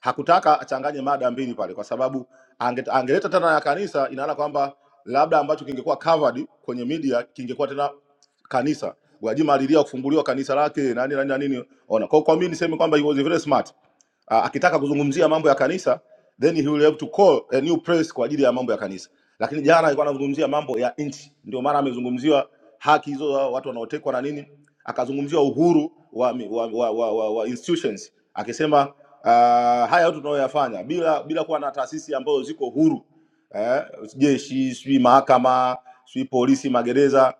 Speaker 18: hakutaka achanganye mada mbili pale, kwa sababu ange, angeleta tena ya kanisa, inaona kwamba labda ambacho kingekuwa covered kwenye media kingekuwa tena kanisa Gwajima alilia kufunguliwa kanisa lake na nini na nini na nini. Ona kwa, kwa mimi niseme kwamba he was very smart uh, akitaka kuzungumzia mambo ya kanisa then he will have to call a new press kwa ajili ya mambo ya kanisa lakini jana alikuwa anazungumzia mambo ya nchi ndio maana amezungumziwa haki hizo za watu wanaotekwa na nini akazungumziwa uhuru wa, mi- wa, wa, wa, wa, wa institutions akisema uh, haya yote tunayoyafanya bila bila kuwa na taasisi ambazo ziko huru eh, jeshi sijui mahakama sijui polisi magereza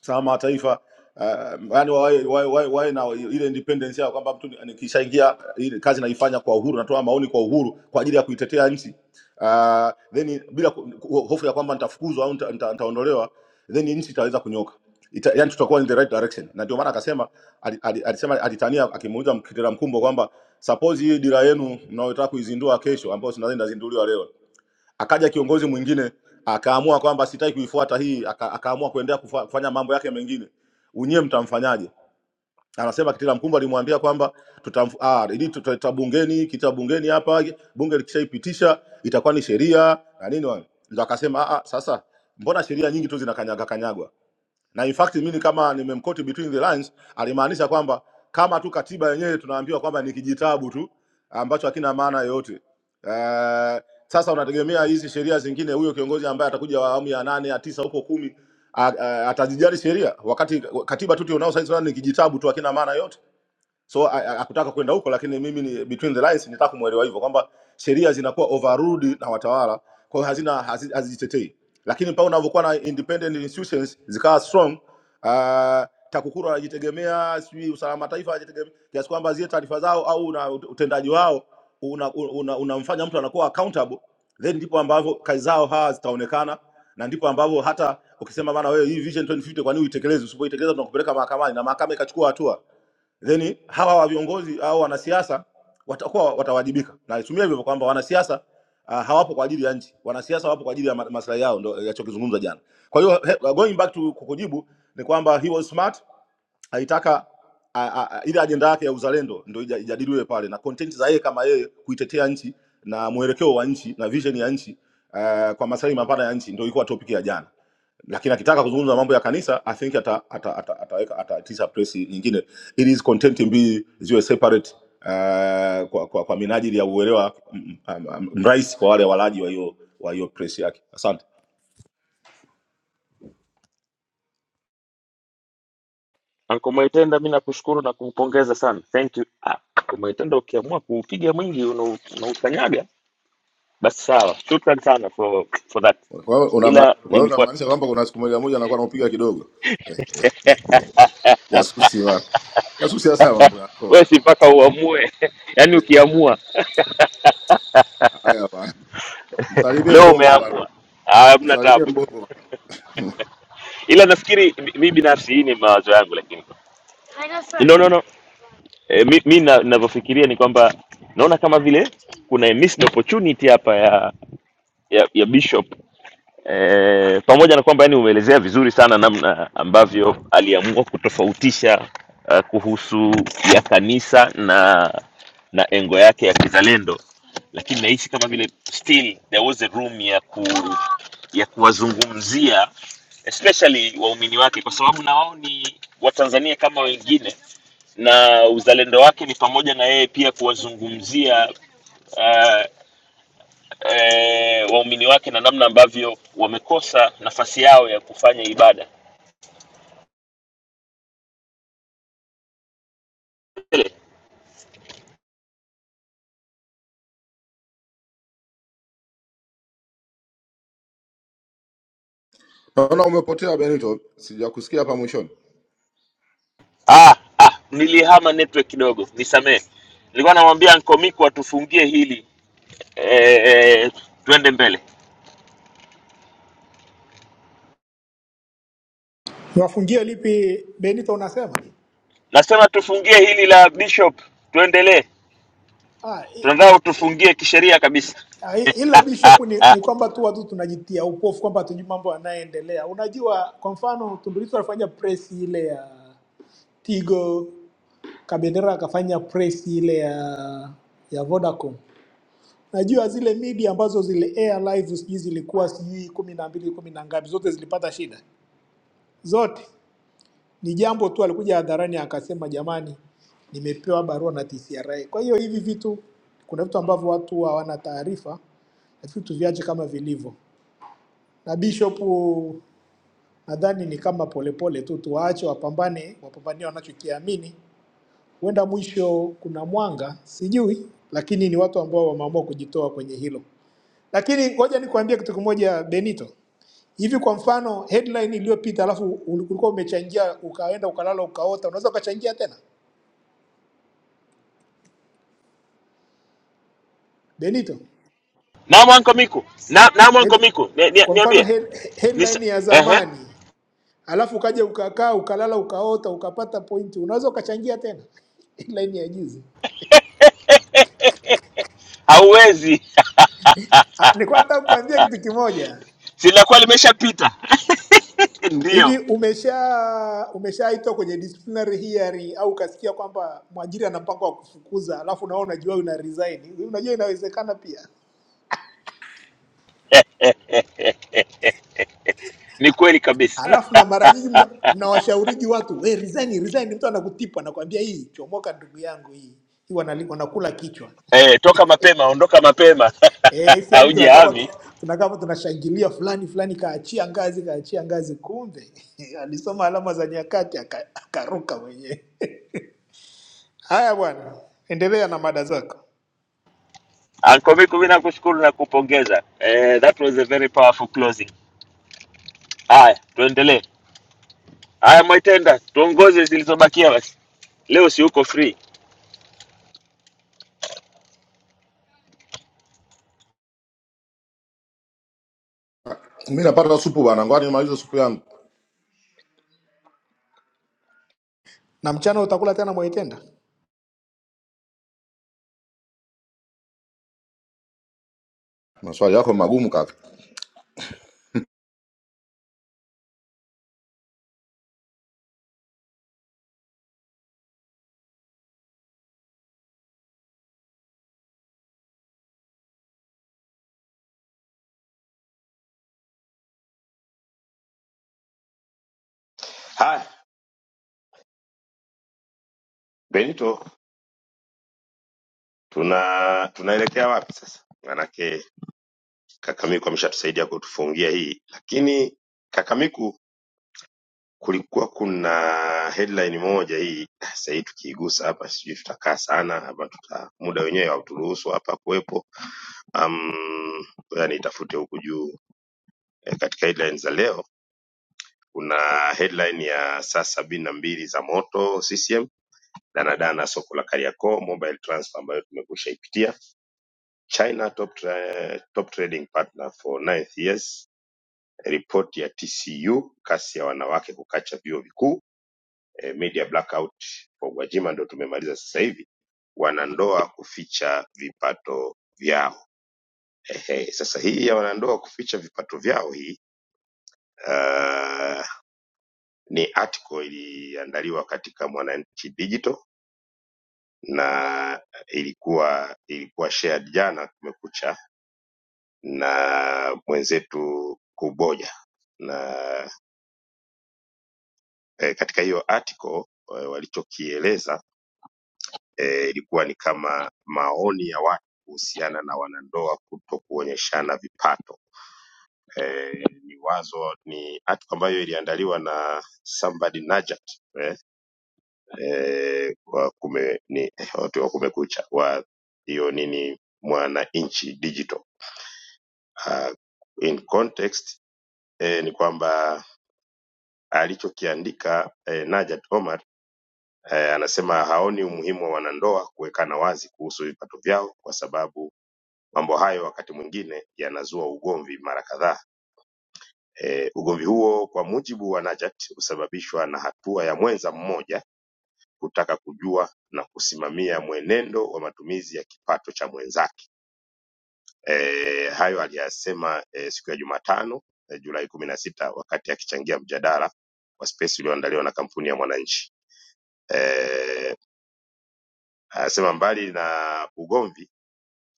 Speaker 18: salama wa taifa uh, yani wawe, wawe, wawe, wawe na ile independence yao kwamba mtu ni- nikishaingia ile kazi naifanya kwa uhuru, natoa maoni kwa uhuru kwa ajili ya kuitetea nchi uh, then bila ku- ku- hofu ya kwamba nitafukuzwa au nita- nita- nitaondolewa, then nchi itaweza kunyoka Ita, yani tutakuwa in the right direction, na ndio maana akasema ali- ali- alisema alitania akimuuliza Kitera Mkumbo kwamba suppose hii dira yenu mnayotaka kuizindua kesho, ambayo si nadhani inazinduliwa leo akaja kiongozi mwingine akaamua kwamba sitaki kuifuata hii aka, akaamua kuendelea kufa- kufanya mambo yake mengine unyie mtamfanyaje anasema kitila mkumbo alimwambia kwamba tutamf- ah, ili tutaleta bungeni kita bungeni hapa bunge likishaipitisha itakuwa ni sheria na nini wale ndo akasema ah, ah, sasa mbona sheria nyingi tu zinakanyaga kanyagwa na in fact mimi kama nimemkoti between the lines alimaanisha kwamba kama tu katiba yenyewe tunaambiwa kwamba ni kijitabu tu ambacho hakina maana yoyote. Uh, sasa unategemea hizi sheria zingine, huyo kiongozi ambaye atakuja wa awamu ya nane ya tisa huko kumi a- a- atazijali sheria, wakati katiba tu tunao sasa ni kijitabu tu, hakina maana yoyote so a- a- hakutaka kwenda huko lakini mimi ni between the lines nitaka kumwelewa hivyo kwamba sheria zinakuwa overruled na watawala kwa hiyo hazina hazi- hazijitetei lakini pale unavyokuwa na independent institutions zikawa strong uh, TAKUKURU anajitegemea sijui usalama wa taifa anajitegemea kiasi kwamba zile taarifa zao au na ut- utendaji wao unamfanya una, una unamfanya mtu anakuwa accountable then ndipo ambavyo kazi zao hawa zitaonekana na ndipo ambavyo hata ukisema bana wewe hii vision 2050 kwa nini uitekeleze usipoitekeleza tunakupeleka mahakamani na mahakama ikachukua hatua then hawa wa viongozi au wanasiasa watakuwa watawajibika. Na itumia hivyo kwamba wanasiasa uh, hawapo kwa ajili ya nchi, wanasiasa wapo kwa ajili ya ma- maslahi yao, ndio yachokizungumza jana. Kwa hiyo he- going back to kukujibu ni kwamba he was smart Alitaka a- a- a- ile ajenda yake ya uzalendo ndio ija- ijadiliwe pale na content za yeye kama yeye kuitetea nchi na mwelekeo wa nchi na vision ya nchi uh, kwa maslahi mapana ya nchi ndio ilikuwa topic ya jana lakini akitaka kuzungumza mambo ya kanisa i think ata, ata, ata, ataweka ataitisha ata, press nyingine ili hizi content mbili ziwe separate uh, kwa, kwa, kwa minajili ya uelewa mm, mm, um, mrahisi kwa wale walaji wa hiyo wa hiyo press yake. Asante.
Speaker 11: Uncle Mwaitenda, mi nakushukuru na kumpongeza sana. Thank you. Ah, Uncle Mwaitenda, ukiamua kuupiga mwingi una- unaukanyaga basi sawa. Shukran sana for, for that,
Speaker 18: Kwa hiyo unama-
Speaker 11: ila
Speaker 18: kwa hiyo
Speaker 11: nilikuwa
Speaker 18: unamaanisha kwamba kuna siku moja moja anakuwa anaupiga kidogo jasusi wa Yasusia sana mambo
Speaker 11: wewe
Speaker 18: yako
Speaker 11: si mpaka uamue, [laughs] yaani ukiamua
Speaker 18: haya bana.
Speaker 11: leo umeamua, Ah, hamna tabu. ila nafikiri mi mi binafsi hii ni mawazo yangu lakini no no no e, mi, mi na- ninavyofikiria ni kwamba naona kama vile kuna a missed opportunity hapa ya ya, ya bishop e, pamoja na kwamba yani umeelezea vizuri sana namna ambavyo aliamua kutofautisha uh, kuhusu ya kanisa na na engo yake ya kizalendo lakini nahisi kama vile still there was a room ya ku ya kuwazungumzia especially waumini wake, kwa sababu na wao ni Watanzania kama wengine, na uzalendo wake ni pamoja na yeye pia kuwazungumzia uh, eh, waumini wake na namna ambavyo wamekosa nafasi yao ya kufanya ibada.
Speaker 18: Naona
Speaker 11: Ah, ah, nilihama network kidogo, nisamehe. Nilikuwa namwambia Nkomiko atufungie hili eh, eh, tuende mbele.
Speaker 16: Niwafungie lipi, Benito? Unasema
Speaker 11: Nasema tufungie hili la Bishop, tuendelee.
Speaker 16: ah, i-
Speaker 11: Tunataka utufungie kisheria kabisa.
Speaker 16: ah, i- ila Bishop ni,
Speaker 11: [laughs]
Speaker 16: ni kwamba tu watu tunajitia upofu kwamba hatujui mambo yanayoendelea. Unajua, kwa mfano Tundu Lissu alifanya press ile ya Tigo, Kabendera akafanya press ile ya ya Vodacom Najua zile media ambazo zile air live sijui zilikuwa sijui kumi na mbili kumi na ngapi, zote zilipata shida zote. Ni jambo tu alikuja hadharani akasema, jamani, nimepewa barua na TCRA. Kwa hiyo hivi vitu, kuna vitu ambavyo watu hawana taarifa, lakini tuviache kama vilivyo. Na Bishop nadhani ni kama polepole tu, tuwaache wapambane, wapambanie wanachokiamini. Huenda mwisho kuna mwanga, sijui, lakini ni watu ambao wameamua kujitoa kwenye hilo. Lakini ngoja nikuambie kitu kimoja Benito. Hivi kwa mfano headline iliyopita alafu ulikuwa umechangia ukaenda ukalala ukaota, unaweza ukachangia tena Benito?
Speaker 11: Naam Anko Miku. Na, naam Anko
Speaker 16: Head,
Speaker 11: Miku. Ni, ni,
Speaker 16: kwa mfano
Speaker 11: niambie.
Speaker 16: head,
Speaker 11: Nisa,
Speaker 16: headline ya
Speaker 11: ehe.
Speaker 16: zamani alafu ukaja ukakaa ukalala ukaota ukapata pointi, unaweza ukachangia tena [laughs] headline ya juzi.
Speaker 11: Hauwezi.
Speaker 16: Ah, nilikuwa nataka kukuambia kitu kimoja.
Speaker 11: [laughs] Silakuwa limeshapita. [laughs]
Speaker 16: Hivi
Speaker 11: Ndio.
Speaker 16: umesha umeshaitwa kwenye disciplinary hearing au ukasikia kwamba mwajiri ana mpango wa kufukuza, alafu nawe unajua una resign? Unajua inawezekana pia.
Speaker 11: Ni kweli kabisa. [laughs]
Speaker 16: Alafu na mara nyingi mna- mnawashauriji watu we resign, resign. Mtu anakutipa anakuambia hii chomoka, ndugu yangu, hii hii wanali- wanakula kichwa
Speaker 11: Eh, toka mapema, ondoka mapema.
Speaker 16: eh.
Speaker 11: [laughs]
Speaker 16: Sisi hapo tunakaa hapa- tu-
Speaker 11: Haujihami.
Speaker 16: tunakaa hapa tunashangilia fulani fulani, kaachia ngazi, kaachia ngazi, kumbe [laughs] alisoma alama za nyakati aka- akaruka mwenyewe. [laughs] Haya bwana, endelea na mada zako.
Speaker 11: Anko Miku mimi nakushukuru na kupongeza. Eh, that was a very powerful closing. Haya, tuendelee. Haya Mwaitenda, tuongoze zilizobakia basi. Leo si uko free.
Speaker 18: mimi napata supu bana, ngoja nimalize supu yangu.
Speaker 16: na mchana utakula tena mwaitenda
Speaker 18: Maswali yako magumu kaka.
Speaker 5: Haya, Benito, tuna tunaelekea wapi sasa? Manake Kakamiku ameshatusaidia kutufungia hii, lakini Kakamiku kulikuwa kuna headline moja hii ah, sasa hii tukiigusa hapa sijui tutakaa sana ama tuta muda wenyewe hauturuhusu hapa kuwepo. Um, ngoja nitafute huku juu eh, katika headlines za leo Kuna headline ya saa sabini na mbili za moto CCM, danadana soko la Kariakoo, mobile transfer ambayo tumekusha ipitia, China top, tra top trading partner for ninth years, ripoti ya TCU, kasi ya wanawake kukacha vyuo vikuu, eh, media blackout kwa Gwajima ndo tumemaliza sasa hivi, wanandoa kuficha vipato vyao. Ehe, sasa hii ya wanandoa kuficha vipato vyao hii uh, ni article iliandaliwa katika Mwananchi Digital na ilikuwa ilikuwa shared jana kumekucha na mwenzetu Kuboja na e, katika hiyo article e, walichokieleza e, ilikuwa ni kama maoni ya watu kuhusiana na wanandoa kuto kuonyeshana vipato e, ni wazo ni article ambayo iliandaliwa na somebody Najat eh, eh, wa kume, ni, watu wa kumekucha wa hiyo nini mwananchi digital uh, in context eh, ni kwamba alichokiandika eh, Najat Omar eh, anasema haoni umuhimu wa wanandoa kuwekana wazi kuhusu vipato vyao kwa sababu mambo hayo wakati mwingine yanazua ugomvi mara kadhaa. E, ugomvi huo kwa mujibu wa Najat husababishwa na hatua ya mwenza mmoja kutaka kujua na kusimamia mwenendo wa matumizi ya kipato cha mwenzake. E, hayo aliyasema e, siku ya Jumatano e, Julai kumi na sita wakati akichangia mjadala wa space ulioandaliwa na kampuni ya Mwananchi. E, anasema mbali na ugomvi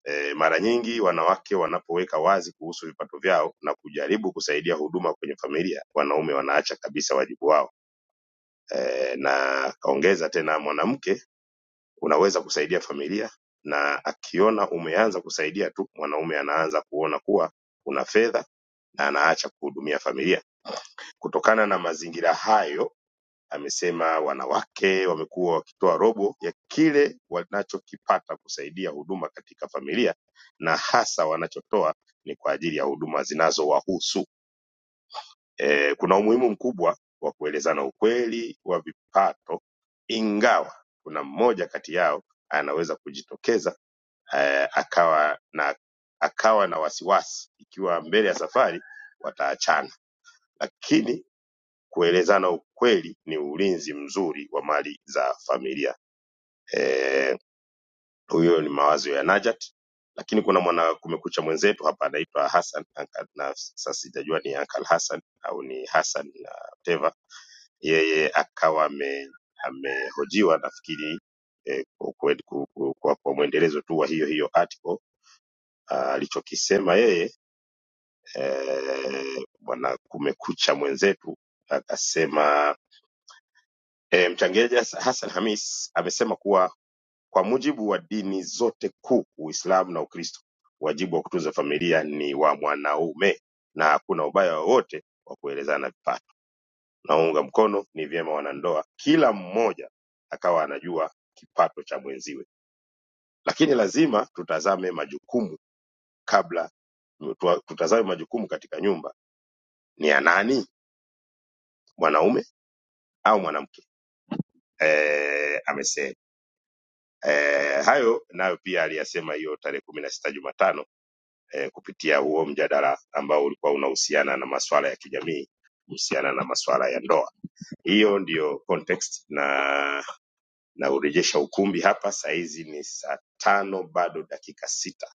Speaker 5: e, mara nyingi wanawake wanapoweka wazi kuhusu vipato vyao na kujaribu kusaidia huduma kwenye familia, wanaume wanaacha kabisa wajibu wao. E, na kaongeza tena, mwanamke unaweza kusaidia familia, na akiona umeanza kusaidia tu, mwanaume anaanza kuona kuwa una fedha na anaacha kuhudumia familia. Kutokana na mazingira hayo, amesema wanawake wamekuwa wakitoa robo ya kile wanachokipata kusaidia huduma katika familia, na hasa wanachotoa ni kwa ajili ya huduma zinazowahusu. E, kuna umuhimu mkubwa wa kuelezana ukweli wa vipato, ingawa kuna mmoja kati yao anaweza kujitokeza eh, akawa na akawa na wasiwasi ikiwa mbele ya safari wataachana, lakini Kuelezana ukweli ni ulinzi mzuri wa mali za familia. Eh, Huyo ni mawazo ya Najat, lakini kuna mwana kumekucha mwenzetu hapa anaitwa Hassan Anka- na sasa sijajua ni Uncle Hassan au ni Hassan na whatever. Yeye akawa ame- amehojiwa nafikiri eh, kwa, kwa, kwa, kwa, kwa mwendelezo tu wa hiyo hiyo article Ah, alichokisema yeye eh, bwana kumekucha mwenzetu akasema E, mchangiaji Has- Hassan Hamis amesema kuwa kwa mujibu wa dini zote kuu, Uislamu na Ukristo, wajibu wa kutunza familia ni wa mwanaume na hakuna ubaya wowote wa kuelezana vipato. Naunga mkono, ni vyema wanandoa kila mmoja akawa anajua kipato cha mwenziwe, lakini lazima tutazame majukumu kabla tuwa- tutazame majukumu katika nyumba ni ya nani, mwanaume au mwanamke? E, amesema Eh, hayo nayo pia aliyasema hiyo tarehe kumi na sita Jumatano eh, kupitia huo mjadala ambao ulikuwa unahusiana na masuala ya kijamii kuhusiana na masuala ya ndoa. Hiyo ndiyo context, na naurejesha ukumbi hapa. Sahizi ni saa tano bado dakika sita.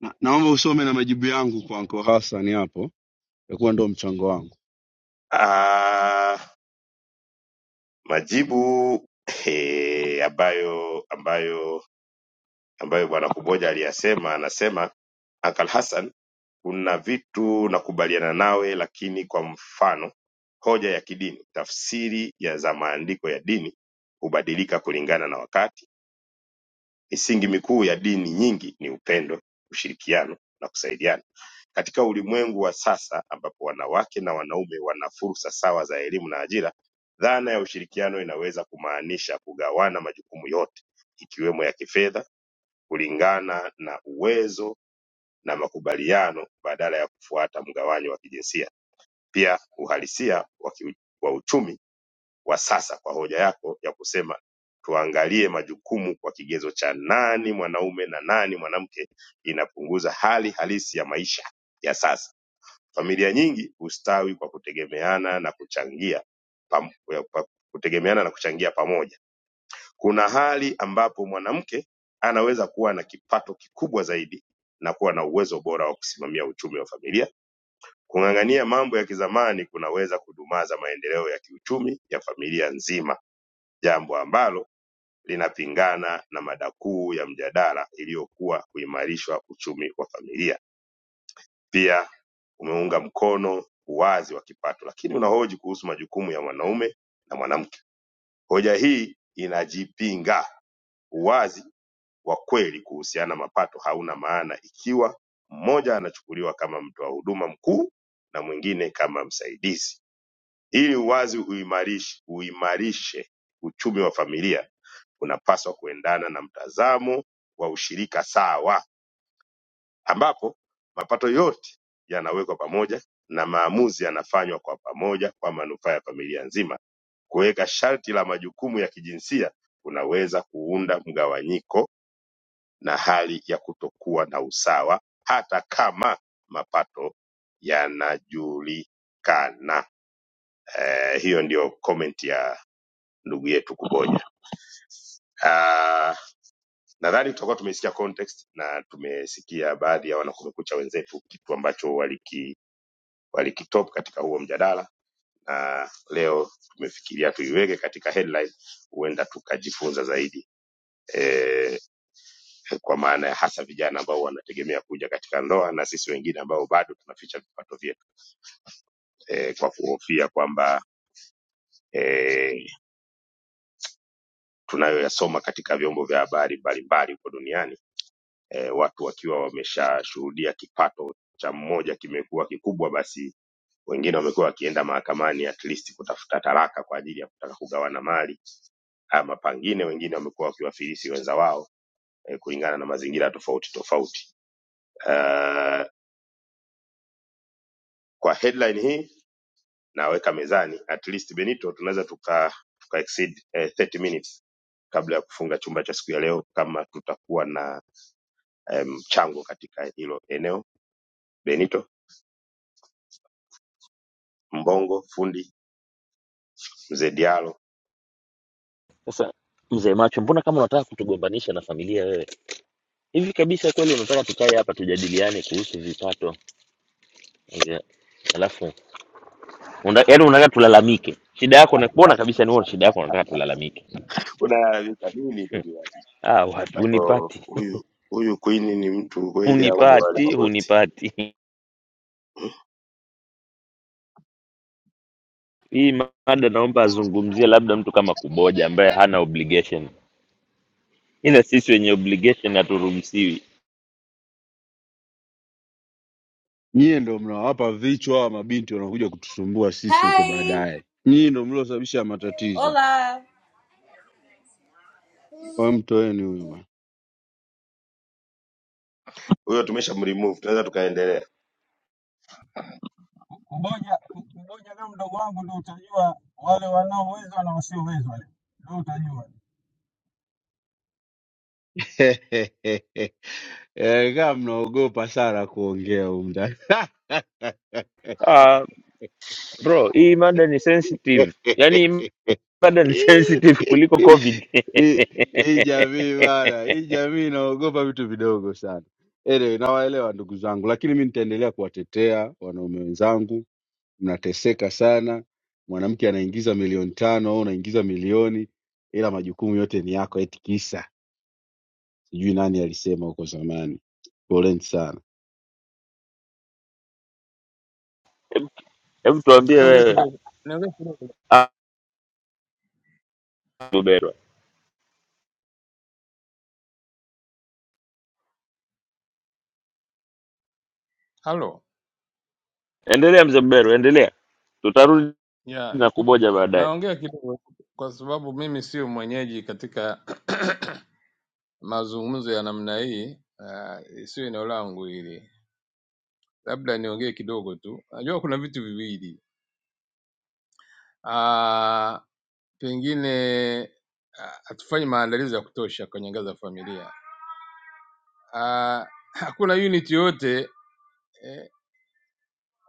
Speaker 19: Na, naomba usome na majibu yangu kwa Anko Hassan hapo, itakuwa ndo mchango wangu.
Speaker 5: Ah, majibu he, ambayo ambayo ambayo bwana Kuboja aliyasema, anasema Uncle Hassan Kuna vitu nakubaliana nawe lakini kwa mfano hoja ya kidini, tafsiri ya za maandiko ya dini hubadilika kulingana na wakati. Misingi mikuu ya dini nyingi ni upendo, ushirikiano na kusaidiana. Katika ulimwengu wa sasa ambapo wanawake na wanaume wana fursa sawa za elimu na ajira, dhana ya ushirikiano inaweza kumaanisha kugawana majukumu yote ikiwemo ya kifedha kulingana na uwezo na makubaliano badala ya kufuata mgawanyo wa kijinsia pia uhalisia wa kiu- wa uchumi wa sasa kwa hoja yako ya kusema tuangalie majukumu kwa kigezo cha nani mwanaume na nani mwanamke inapunguza hali halisi ya maisha ya sasa. Familia nyingi hustawi kwa kutegemeana na kuchangia pam, pa, kutegemeana na kuchangia pamoja. Kuna hali ambapo mwanamke anaweza kuwa na kipato kikubwa zaidi na kuwa na uwezo bora wa kusimamia uchumi wa familia Kung'ang'ania mambo ya kizamani kunaweza kudumaza maendeleo ya kiuchumi ya familia nzima, jambo ambalo linapingana na mada kuu ya mjadala iliyokuwa kuimarishwa uchumi wa familia. Pia umeunga mkono uwazi wa kipato, lakini unahoji kuhusu majukumu ya mwanaume na mwanamke. Hoja hii inajipinga. Uwazi wa kweli kuhusiana na mapato hauna maana ikiwa mmoja anachukuliwa kama mtoa huduma mkuu na mwingine kama msaidizi. Ili uwazi uimarishi- uimarishe uchumi wa familia, unapaswa kuendana na mtazamo wa ushirika sawa, ambapo mapato yote yanawekwa pamoja na maamuzi yanafanywa kwa pamoja kwa manufaa ya familia nzima. Kuweka sharti la majukumu ya kijinsia kunaweza kuunda mgawanyiko na hali ya kutokuwa na usawa, hata kama mapato yanajulikana. Eh, hiyo ndio comment ya ndugu yetu Kuboja. Ah, Nadhani tutakuwa tumesikia context na tumesikia baadhi ya wanakumekucha wenzetu kitu ambacho waliki walikitop katika huo mjadala na leo tumefikiria tuiweke katika headline, huenda tukajifunza zaidi e, kwa maana ya hasa vijana ambao wanategemea kuja katika ndoa na sisi wengine ambao bado tunaficha vipato vyetu e, kwa kuhofia kwamba e, tunayoyasoma katika vyombo vya habari mbalimbali huko duniani eh, watu wakiwa wameshashuhudia kipato cha mmoja kimekuwa kikubwa, basi wengine wamekuwa wakienda mahakamani at least kutafuta talaka kwa ajili ya kutaka kugawana mali ama pangine, wengine wamekuwa wakiwafilisi wenza wao eh, kulingana na mazingira tofauti tofauti. Uh, kwa headline hii naweka mezani at least Benito, tunaweza tuka, tuka exceed eh, 30 minutes kabla ya kufunga chumba cha siku ya leo, kama tutakuwa na eh, mchango katika hilo eneo. Benito Mbongo, fundi mzee Diallo.
Speaker 11: Sasa mzee macho, mbona kama unataka kutugombanisha na familia wewe? hivi kabisa kweli unataka tukae hapa tujadiliane kuhusu vipato Ya. alafu una, yaani unataka tulalamike shida yako nakuona kabisa ni wewe shida yako unataka tulalamike
Speaker 5: Unalalamika nini ndugu yangu?
Speaker 11: ah
Speaker 5: Kwa
Speaker 11: wapi
Speaker 5: hivyo,
Speaker 11: unipati
Speaker 5: huyu huyu Queen ni mtu
Speaker 11: [laughs]
Speaker 5: kweli au ni wale
Speaker 11: unipati
Speaker 5: magoti?
Speaker 11: unipati
Speaker 5: Hmm?
Speaker 11: hii mada naomba azungumzie labda mtu kama kuboja ambaye hana obligation ila sisi wenye obligation haturuhusiwi
Speaker 19: Nyie ndo mnawapa vichwa hawa mabinti wanakuja kutusumbua sisi huko
Speaker 20: Hi.
Speaker 19: baadaye. Nyie ndo mliosababisha matatizo,
Speaker 20: Hola.
Speaker 19: kwa hiyo mtoeni huyu bwana.
Speaker 5: Huyo tumeshamremove, tunaweza tukaendelea.
Speaker 17: Ku- kuboja. ku- Kuboja leo mdogo wangu ndio utajua wale wanaowezwa na wasiowezwa, leo ndio utajua.
Speaker 19: [laughs] Eh, Kama mnaogopa sana kuongea humu ndani
Speaker 11: ah bro hii mada ni sensitive yaani hii
Speaker 19: [laughs]
Speaker 11: mada ni [laughs]
Speaker 19: hii
Speaker 11: sensitive kuliko covid [laughs]
Speaker 19: hii jamii bana, hii jamii inaogopa vitu vidogo sana. Anyway, nawaelewa ndugu zangu, lakini mi nitaendelea kuwatetea wanaume wenzangu. Mnateseka sana, mwanamke anaingiza milioni tano au unaingiza milioni, ila majukumu yote ni yako, eti kisa sijui nani alisema huko zamani. Poleni sana.
Speaker 11: hebu tuambie
Speaker 6: Niongee
Speaker 11: wewe
Speaker 6: kidogo, niongee kidogo.
Speaker 11: Ah,
Speaker 6: Halo,
Speaker 11: Endelea mzee Mberu, endelea, tutarudi
Speaker 6: ya
Speaker 11: na
Speaker 6: na-
Speaker 11: kuboja baadaye.
Speaker 6: naongea kidogo kwa sababu mimi sio mwenyeji katika [clears throat] mazungumzo ya namna hii. Uh, sio eneo langu hili, labda niongee kidogo tu. Najua kuna vitu viwili, uh, pengine ah, hatufanyi maandalizi ya kutosha kwenye ngazi ya familia. Uh, [clears throat] hakuna unit yoyote eh,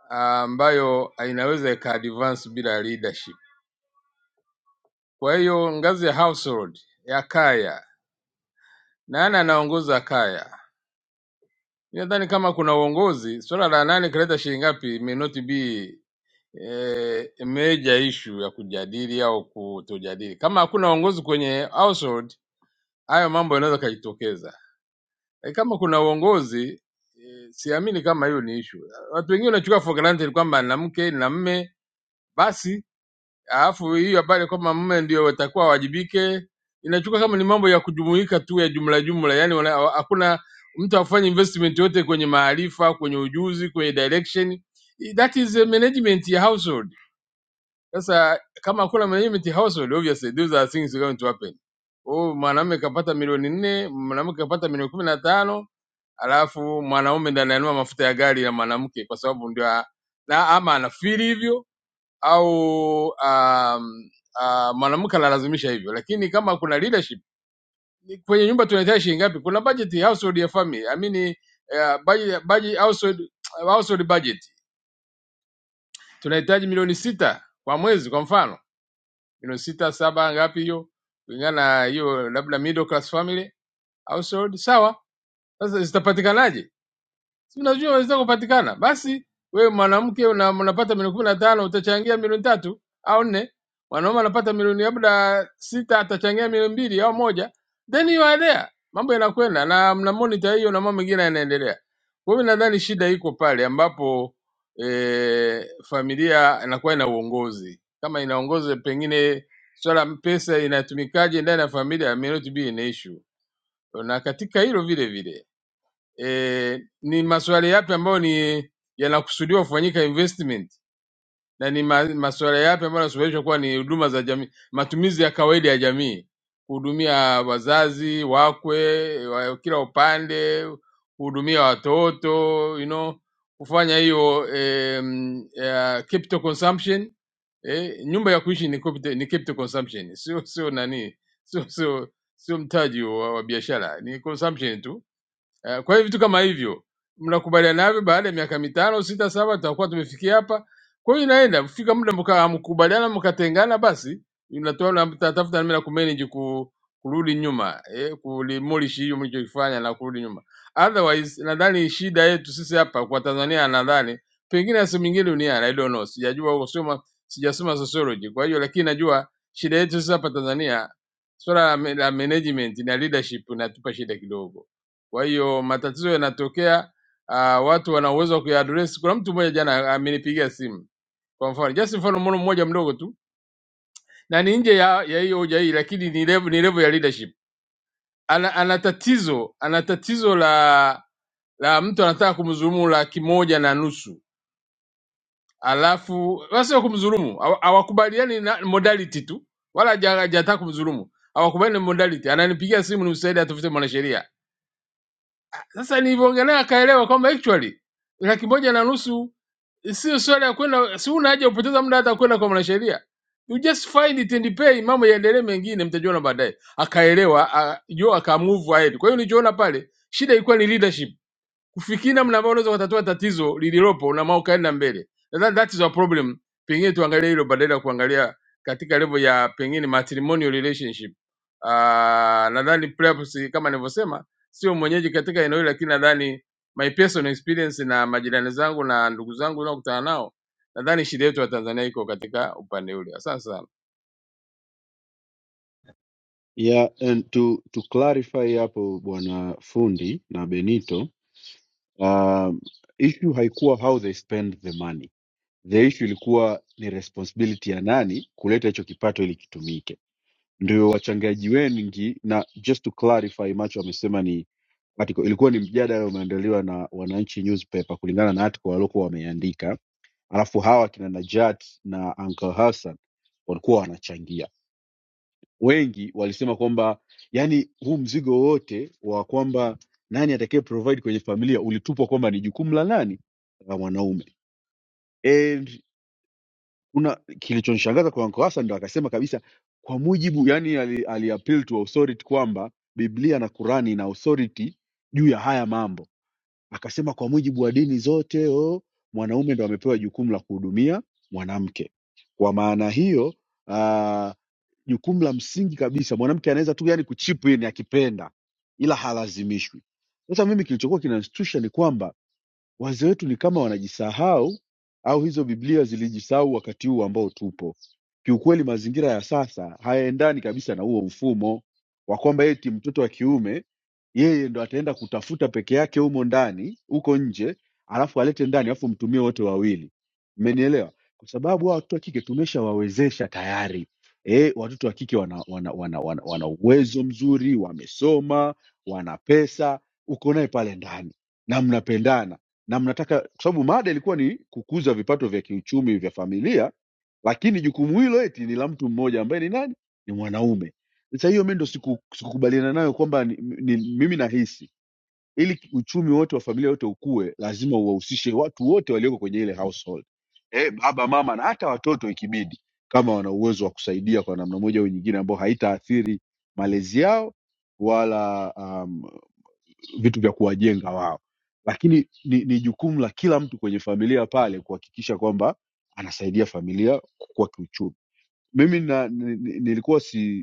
Speaker 6: ambayo inaweza ika advance bila leadership Kwa hiyo ngazi ya household ya kaya, nani anaongoza kaya? Mi Nadhani kama kuna uongozi, swala la nani kaleta shilingi ngapi may not be eh, major issue ya kujadili au kutojadili. Kama hakuna uongozi kwenye household, hayo mambo yanaweza kajitokeza. E, kama kuna uongozi eh, siamini kama hiyo ni issue. Watu wengine wanachukua for granted kwamba na mke na mme basi alafu hiyo habari kwamba mume ndio watakuwa wawajibike inachukua kama ni mambo ya kujumuika tu ya jumla jumla, yani wana- hakuna mtu afanye investment yote kwenye maarifa, kwenye ujuzi, kwenye direction. That is a management ya household. Sasa kama hakuna management ya household, obviously those are things going to happen. Oh, mwanamume kapata milioni nne, mwanamke kapata milioni kumi na tano alafu mwanaume ndiye ananunua mafuta ya gari ya mwanamke kwa sababu ndio a- na ama anafiri hivyo au um, uh, mwanamke analazimisha hivyo, lakini kama kuna leadership ni- kwenye nyumba tunahitaji shilingi ngapi? Kuna budget ya household ya family, I mean uh, budget, budget household, household budget tunahitaji milioni sita kwa mwezi, kwa mfano milioni sita saba ngapi hiyo, kulingana na hiyo labda middle class family household. Sawa, sasa zitapatikanaje? si unajua unaweza kupatikana. Basi wewe mwanamke una- unapata milioni kumi na tano utachangia milioni tatu au nne, mwanaume anapata milioni labda sita atachangia milioni mbili au moja, then you are there, mambo yanakwenda na mna monitor hiyo na mambo mengine yanaendelea. Kwa hiyo nadhani shida iko pale ambapo e, familia inakuwa ina uongozi kama inaongoza, pengine swala pesa inatumikaje ndani ya familia may not be an issue, na katika hilo vile vile e, ni masuala yapi ambayo ni yanakusudiwa kufanyika investment na ni ma- masuala yapi ambayo yanasuluhishwa kuwa ni huduma za jamii, matumizi ya kawaida ya jamii, kuhudumia wazazi wakwe wa kila upande, kuhudumia watoto you know, kufanya hiyo em, eh, capital consumption eh, nyumba ya kuishi ni capital, ni capital consumption, sio sio nani, sio sio sio mtaji wa, wa biashara, ni consumption tu Eh, Kwa hiyo vitu kama hivyo mnakubaliana navyo, baada ya miaka mitano sita saba tutakuwa tumefikia hapa. Kwa hiyo inaenda kufika muda mka hamkubaliana mkatengana, basi mnatoa na mtatafuta namna ya kumanage ku, kurudi nyuma eh, kulimolish hiyo mlichokifanya na kurudi nyuma. Otherwise nadhani shida yetu sisi hapa kwa Tanzania, nadhani pengine na sehemu nyingine duniani, I don't know, sijajua huko, soma sijasoma sociology. Kwa hiyo lakini najua shida yetu sisi hapa Tanzania, swala la la management na leadership inatupa shida kidogo kwa hiyo matatizo yanatokea, uh, watu wana uwezo wa kuyaadress. Kuna mtu mmoja jana amenipigia simu kwa mfano, just mfano mmono mmoja mdogo tu, na ni nje ya ya hiyo hoja hii, lakini ni level, ni level ya leadership. Ana, ana tatizo ana tatizo la la mtu anataka kumdhulumu laki moja na nusu alafu wasio kumdhulumu hawa- hawakubaliani na modality tu, wala haja- hajataka kumdhulumu, hawakubaliani na modality. Ananipigia simu, nimsaidie atafute mwanasheria Sasa nilivyoongelea akaelewa kwamba actually laki moja na nusu sio swala ya kwenda, si una haja kupoteza muda hata kwenda kwa mwanasheria, you just find it and pay, mambo yaendelee mengine, mtajiona baadaye. Akaelewa a- jo, akamove ahead. Kwa hiyo nilichoona pale, shida ilikuwa ni leadership kufikiri namna ambavyo unaweza kutatua tatizo lililopo na maana ukaenda mbele. Nadhani that that is a problem. Pengine tuangalie hilo badala ya kuangalia katika level ya pengine matrimonial relationship. Uh, nadhani perhaps kama nilivyosema, sio mwenyeji katika eneo hili, lakini nadhani my personal experience na majirani zangu na ndugu zangu naokutana nao, nadhani shida yetu ya Tanzania iko katika upande ule. Asante sana.
Speaker 19: Yeah, and to, to clarify hapo bwana fundi na Benito, um, issue haikuwa how they spend the money The issue ilikuwa ni responsibility ya nani kuleta hicho kipato ili kitumike. Ndio wachangiaji wengi, na just to clarify, macho amesema ni article ilikuwa ni mjadala umeandaliwa na Wananchi newspaper kulingana na article waliokuwa wameandika, alafu hawa kina Najat na Uncle Hassan walikuwa wanachangia. Wengi walisema kwamba yani, huu mzigo wote wa kwamba nani atakaye provide kwenye familia ulitupwa kwamba ni jukumu la nani, la mwanaume And una kilichonishangaza kwa Uncle Hassan ndo akasema kabisa kwa mujibu yani ali, ali appeal to authority kwamba Biblia na Kurani ina authority juu ya haya mambo. Akasema kwa mujibu wa dini zote o, mwanaume ndo amepewa jukumu la kuhudumia mwanamke. Kwa maana hiyo ah, jukumu la msingi kabisa mwanamke anaweza tu yani kuchip in akipenda ila halazimishwi. Sasa mimi kilichokuwa kinanishtusha ni kwamba Wazee wetu ni kama wanajisahau au hizo Biblia zilijisahau wakati huu ambao tupo. Kiukweli, mazingira ya sasa hayaendani kabisa na huo mfumo wa kwamba eti mtoto wa kiume yeye ndo ataenda kutafuta peke yake humo ndani huko nje, alafu alete ndani, alafu mtumie wote wawili. Mmenielewa? Kwa sababu hawa watoto wa kike tumeshawawezesha tayari. E, watoto wa kike wana, wana, wana, wana, wana uwezo mzuri, wamesoma, wana pesa, uko naye pale ndani na mnapendana na mnataka kwa sababu mada ilikuwa ni kukuza vipato vya kiuchumi vya familia lakini jukumu hilo eti ni la mtu mmoja ambaye ni nani ni mwanaume sasa hiyo mi ndo siku- sikukubaliana nayo kwamba ni, ni, mimi nahisi ili uchumi wote wa familia yote ukue lazima uwahusishe watu wote walioko kwenye ile household eh baba mama na hata watoto ikibidi kama wana uwezo wa kusaidia kwa namna moja au nyingine ambao haitaathiri malezi yao wala um, vitu vya kuwajenga wao lakini ni, ni jukumu la kila mtu kwenye familia pale kuhakikisha kwamba anasaidia familia kukua kiuchumi mimi na, ni, ni- nilikuwa si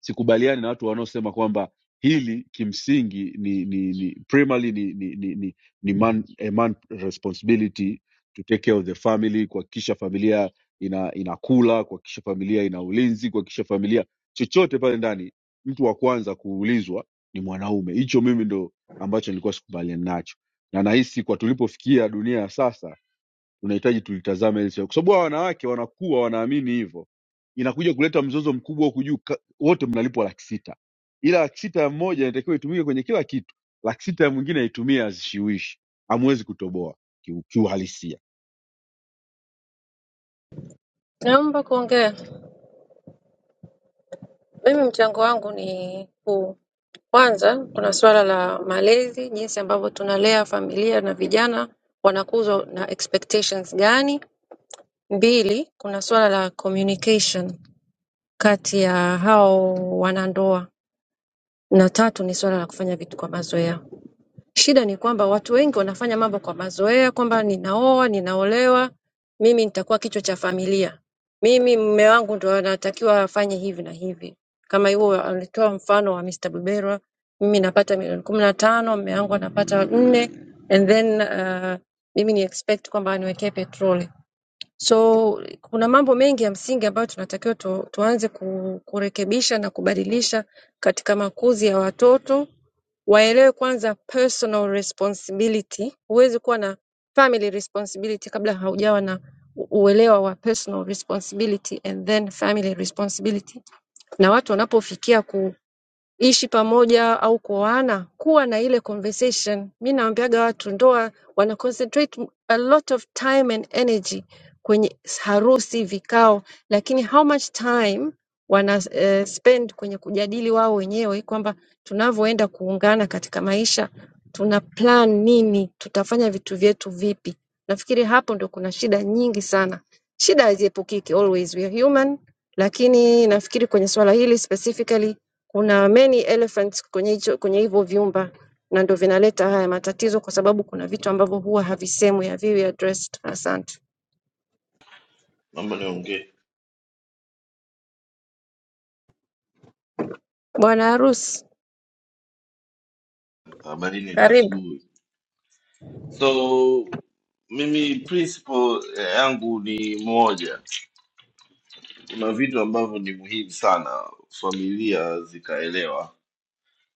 Speaker 19: sikubaliani na watu wanaosema kwamba hili kimsingi ni ni, ni primarily ni, ni, ni, ni, ni man, a man responsibility to take care of the family kuhakikisha familia ina inakula kuhakikisha familia ina ulinzi kuhakikisha familia chochote pale ndani mtu wa kwanza kuulizwa ni mwanaume hicho mimi ndo ambacho nilikuwa sikubaliani nacho na nahisi kwa tulipofikia dunia ya sasa tunahitaji tulitazame hili swala. kwa sababu hawa wanawake wanakuwa wanaamini hivyo inakuja kuleta mzozo mkubwa huku juu ka- wote mnalipwa laki sita ila laki sita ya mmoja inatakiwa itumike kwenye kila kitu laki sita ya mwingine aitumie azishiwishi hamwezi kutoboa kiu- kiuhalisia
Speaker 1: naomba kuongea Mimi mchango wangu ni huu. Kwanza, kuna swala la malezi, jinsi ambavyo tunalea familia na vijana wanakuzwa na expectations gani. Mbili, kuna swala la communication kati ya hao wanandoa, na tatu ni swala la kufanya vitu kwa mazoea. Shida ni kwamba watu wengi wanafanya mambo kwa mazoea kwamba ninaoa, ninaolewa, mimi nitakuwa kichwa cha familia. Mimi mume wangu ndo anatakiwa afanye hivi na hivi. Kama hiyo alitoa mfano wa Mr. Buberwa, mimi napata milioni kumi na tano, mume wangu anapata nne and then uh, mimi ni expect kwamba aniwekee petroli. So kuna mambo mengi ya msingi ambayo tunatakiwa tu, tuanze ku, kurekebisha na kubadilisha katika makuzi ya watoto waelewe kwanza personal responsibility. Huwezi kuwa na family responsibility kabla haujawa na u- uelewa wa personal responsibility and then family responsibility. Na watu wanapofikia ku ishi pamoja au kuoana, kuwa na ile conversation. Mi naambiaga watu ndoa wana concentrate a lot of time and energy kwenye harusi, vikao, lakini how much time wana eh, spend kwenye kujadili wao wenyewe kwamba tunavyoenda kuungana katika maisha, tuna plan nini, tutafanya vitu vyetu vipi. Nafikiri hapo ndo kuna shida nyingi sana. Shida haziepukiki, always we are human, lakini nafikiri kwenye swala hili specifically Kuna many elephants kwenye hicho kwenye hivyo vyumba na ndio vinaleta haya matatizo kwa sababu kuna vitu ambavyo huwa havisemwi, haviwi addressed. Asante.
Speaker 21: naomba niongee
Speaker 1: Bwana harusi,
Speaker 21: habarini za
Speaker 1: karibu.
Speaker 21: asubuhi so mimi principle eh, yangu ni moja kuna vitu ambavyo ni muhimu sana familia zikaelewa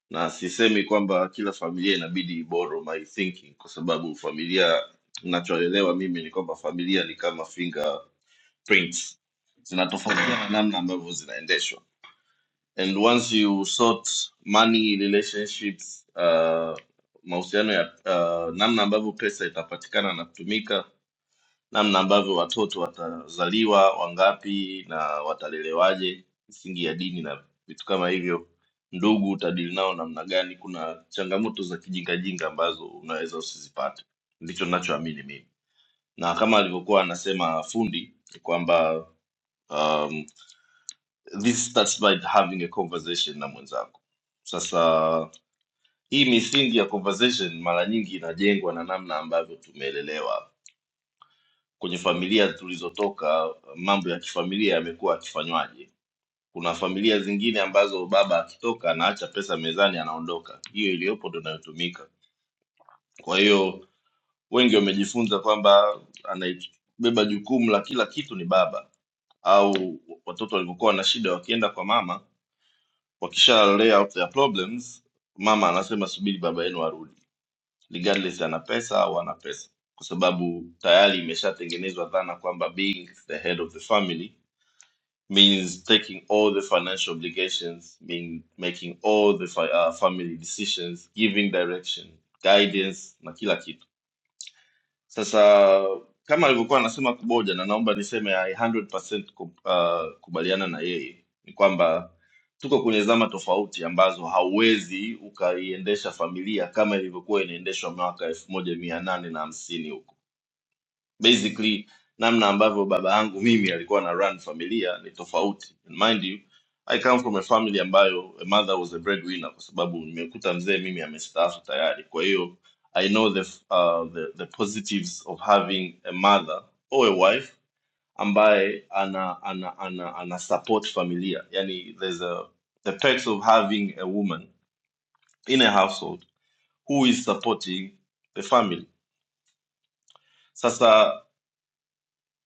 Speaker 21: na sisemi kwamba kila familia inabidi iboro my thinking kwa sababu familia nachoelewa mimi ni kwamba familia ni kama fingerprints zinatofautiana namna ambavyo zinaendeshwa and once you sort money relationships uh, mahusiano ya uh, namna ambavyo pesa itapatikana na kutumika namna ambavyo watoto watazaliwa wangapi na watalelewaje misingi ya dini na vitu kama hivyo ndugu utadili nao namna gani kuna changamoto za kijingajinga ambazo unaweza usizipate ndicho ninachoamini mimi na kama alivyokuwa anasema fundi kwamba um, this starts by having a conversation na mwenzako sasa hii misingi ya conversation mara nyingi inajengwa na namna ambavyo tumeelelewa kwenye familia tulizotoka mambo ya kifamilia yamekuwa akifanywaje kuna familia zingine ambazo baba akitoka anaacha pesa mezani anaondoka hiyo iliyopo ndo inayotumika kwa hiyo wengi wamejifunza kwamba anabeba jukumu la kila kitu ni baba au watoto walivyokuwa na shida wakienda kwa mama wakisha lay out their problems mama anasema subiri baba yenu arudi regardless ana pesa au ana pesa kwa sababu tayari imeshatengenezwa dhana kwamba being the head of the family means taking all the financial obligations mean making all the fi uh, family decisions giving direction guidance na kila kitu sasa kama alivyokuwa anasema Kuboja, na naomba niseme I 100% ku- uh, kubaliana na yeye, ni kwamba tuko kwenye zama tofauti ambazo hauwezi ukaiendesha familia kama ilivyokuwa inaendeshwa mwaka elfu moja mia nane na hamsini huko basically namna ambavyo baba yangu mimi alikuwa na run familia ni tofauti And mind you i come from a family ambayo a mother was a breadwinner kwa sababu nimekuta mzee mimi amestaafu tayari kwa hiyo i know the, uh, the, the positives of having a mother or a wife ambaye ana ana ana, ana support familia yani there's a the perks of having a woman in a household who is supporting the family sasa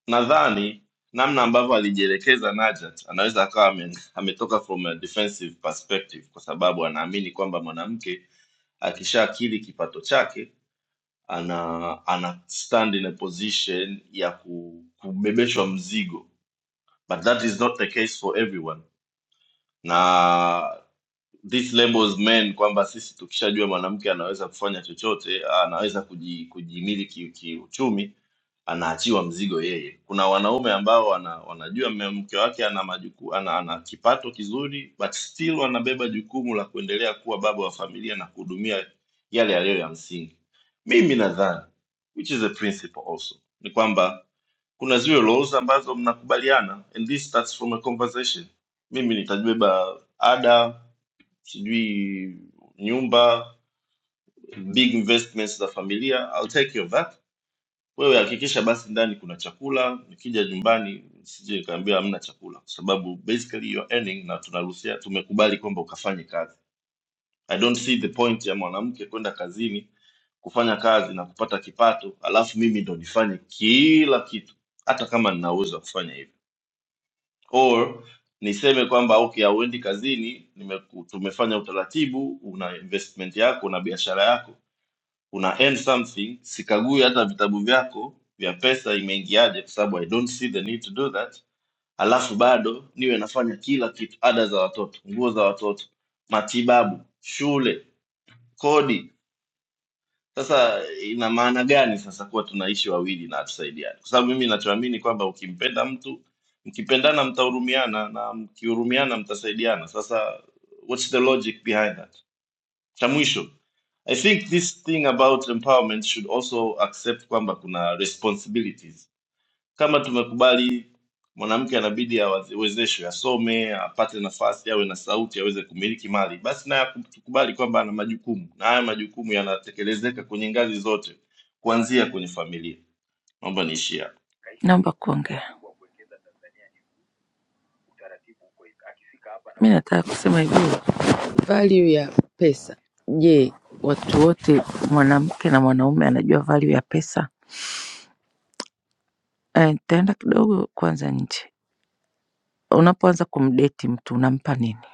Speaker 21: nadhani namna ambavyo alijielekeza Najat anaweza akawa ame- ametoka from a defensive perspective, kwa sababu anaamini kwamba mwanamke akishaakili kipato chake ana ana stand in a position ya ku, kubebeshwa mzigo, but that is not the case for everyone, na this labels men kwamba sisi tukishajua mwanamke anaweza kufanya chochote anaweza kuji, kujimili ki- kiuchumi anaachiwa mzigo yeye kuna wanaume ambao wana, wanajua mme- mke wake ana majuku, ana, ana kipato kizuri but still wanabeba jukumu la kuendelea kuwa baba wa familia na kuhudumia yale yaliyo ya msingi mimi nadhani which is a principle also ni kwamba kuna zile laws ambazo mnakubaliana and this starts from a conversation mimi nitabeba ada sijui nyumba, big investments za familia, I'll take care of that. Wewe hakikisha basi ndani kuna chakula, nikija nyumbani sije nikaambiwa hamna chakula, kwa sababu basically you're earning na tunaruhusia, tumekubali kwamba ukafanye kazi. I don't see the point ya mwanamke kwenda kazini kufanya kazi na kupata kipato, alafu mimi ndo nifanye kila kitu, hata kama nina uwezo wa kufanya hivyo. or niseme kwamba okay hauendi kazini nimeku, tumefanya utaratibu una investment yako una biashara yako una earn something sikagui hata vitabu vyako vya pesa imeingiaje kwa sababu i don't see the need to do that alafu bado niwe nafanya kila kitu ada za watoto nguo za watoto matibabu shule kodi sasa ina maana gani sasa kuwa tunaishi wawili na hatusaidiani? Kwa sababu mimi nachoamini kwamba ukimpenda mtu, mkipendana mtahurumiana na mkihurumiana mtasaidiana. Sasa what's the logic behind that? Cha mwisho, I think this thing about empowerment should also accept kwamba kuna responsibilities kama tumekubali mwanamke anabidi awezeshwe, asome, apate nafasi, awe na sauti, aweze kumiliki mali, basi naye tukubali kwamba ana majukumu na haya majukumu yanatekelezeka kwenye ngazi zote, kuanzia kwenye familia. Naomba niishie hapo.
Speaker 2: Naomba kuongea. Mi nataka kusema hivi. Value ya pesa. Je, watu wote mwanamke na mwanaume anajua value ya pesa? Eh, Nitaenda kidogo kwanza nje. Unapoanza kumdeti mtu unampa nini?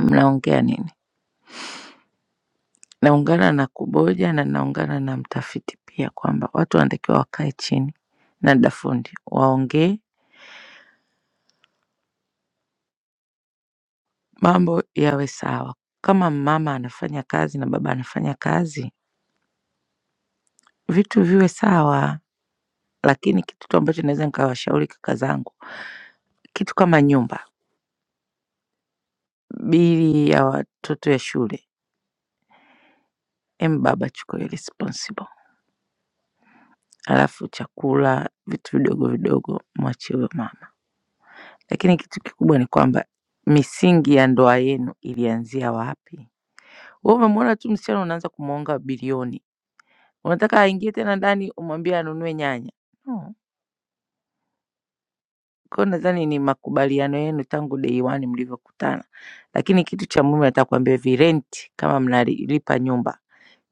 Speaker 2: Mnaongea nini? Naungana na Kuboja na naungana na mtafiti pia kwamba watu wanatakiwa wakae chini na dafundi waongee, mambo yawe sawa. Kama mama anafanya kazi na baba anafanya kazi, vitu viwe sawa. Lakini kitu tu ambacho naweza nikawashauri kaka zangu, kitu kama nyumba bili ya watoto ya shule. Em baba, chukua hiyo responsible, ala vidogo mwachie huyo mama. Lakini kitu kikubwa amba misingi ya ndoa yenu ilianzia wapi? Wewe umemwona tu msichana unaanza kumwonga bilioni, unataka aingie tena ndani umwambie anunue nyanya no. Kwa hiyo nadhani ni makubaliano yenu tangu day one mlivyokutana, lakini kitu cha muhimu nataka kuambia hivi, rent kama mnalipa nyumba,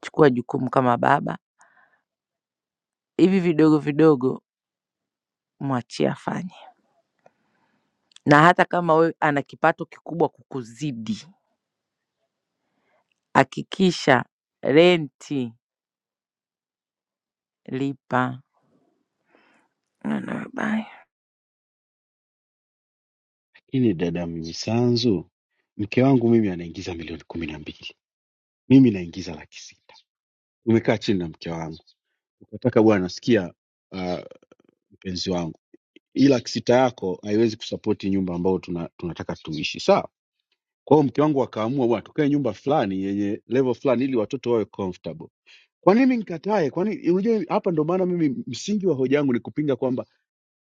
Speaker 2: chukua jukumu kama baba. Hivi vidogo vidogo mwachie afanye. Na hata kama wewe ana kipato kikubwa kukuzidi, hakikisha renti lipa. No, no, bye.
Speaker 19: Lakini dada Mnyisanzu, mke wangu mimi anaingiza milioni kumi na mbili, mimi naingiza laki sita. Nimekaa chini na mke wangu ukataka, bwana, sikia ah, mpenzi wangu, hii laki sita yako haiwezi kusapoti nyumba ambayo tuna, tunataka tuishi, sawa Kwa hiyo mke wangu akaamua bwana, tukae nyumba fulani yenye level fulani ili watoto wawe comfortable. Kwa nini nikatae? Kwa nini? Unajua, hapa ndo maana mimi msingi wa hoja yangu ni kupinga kwamba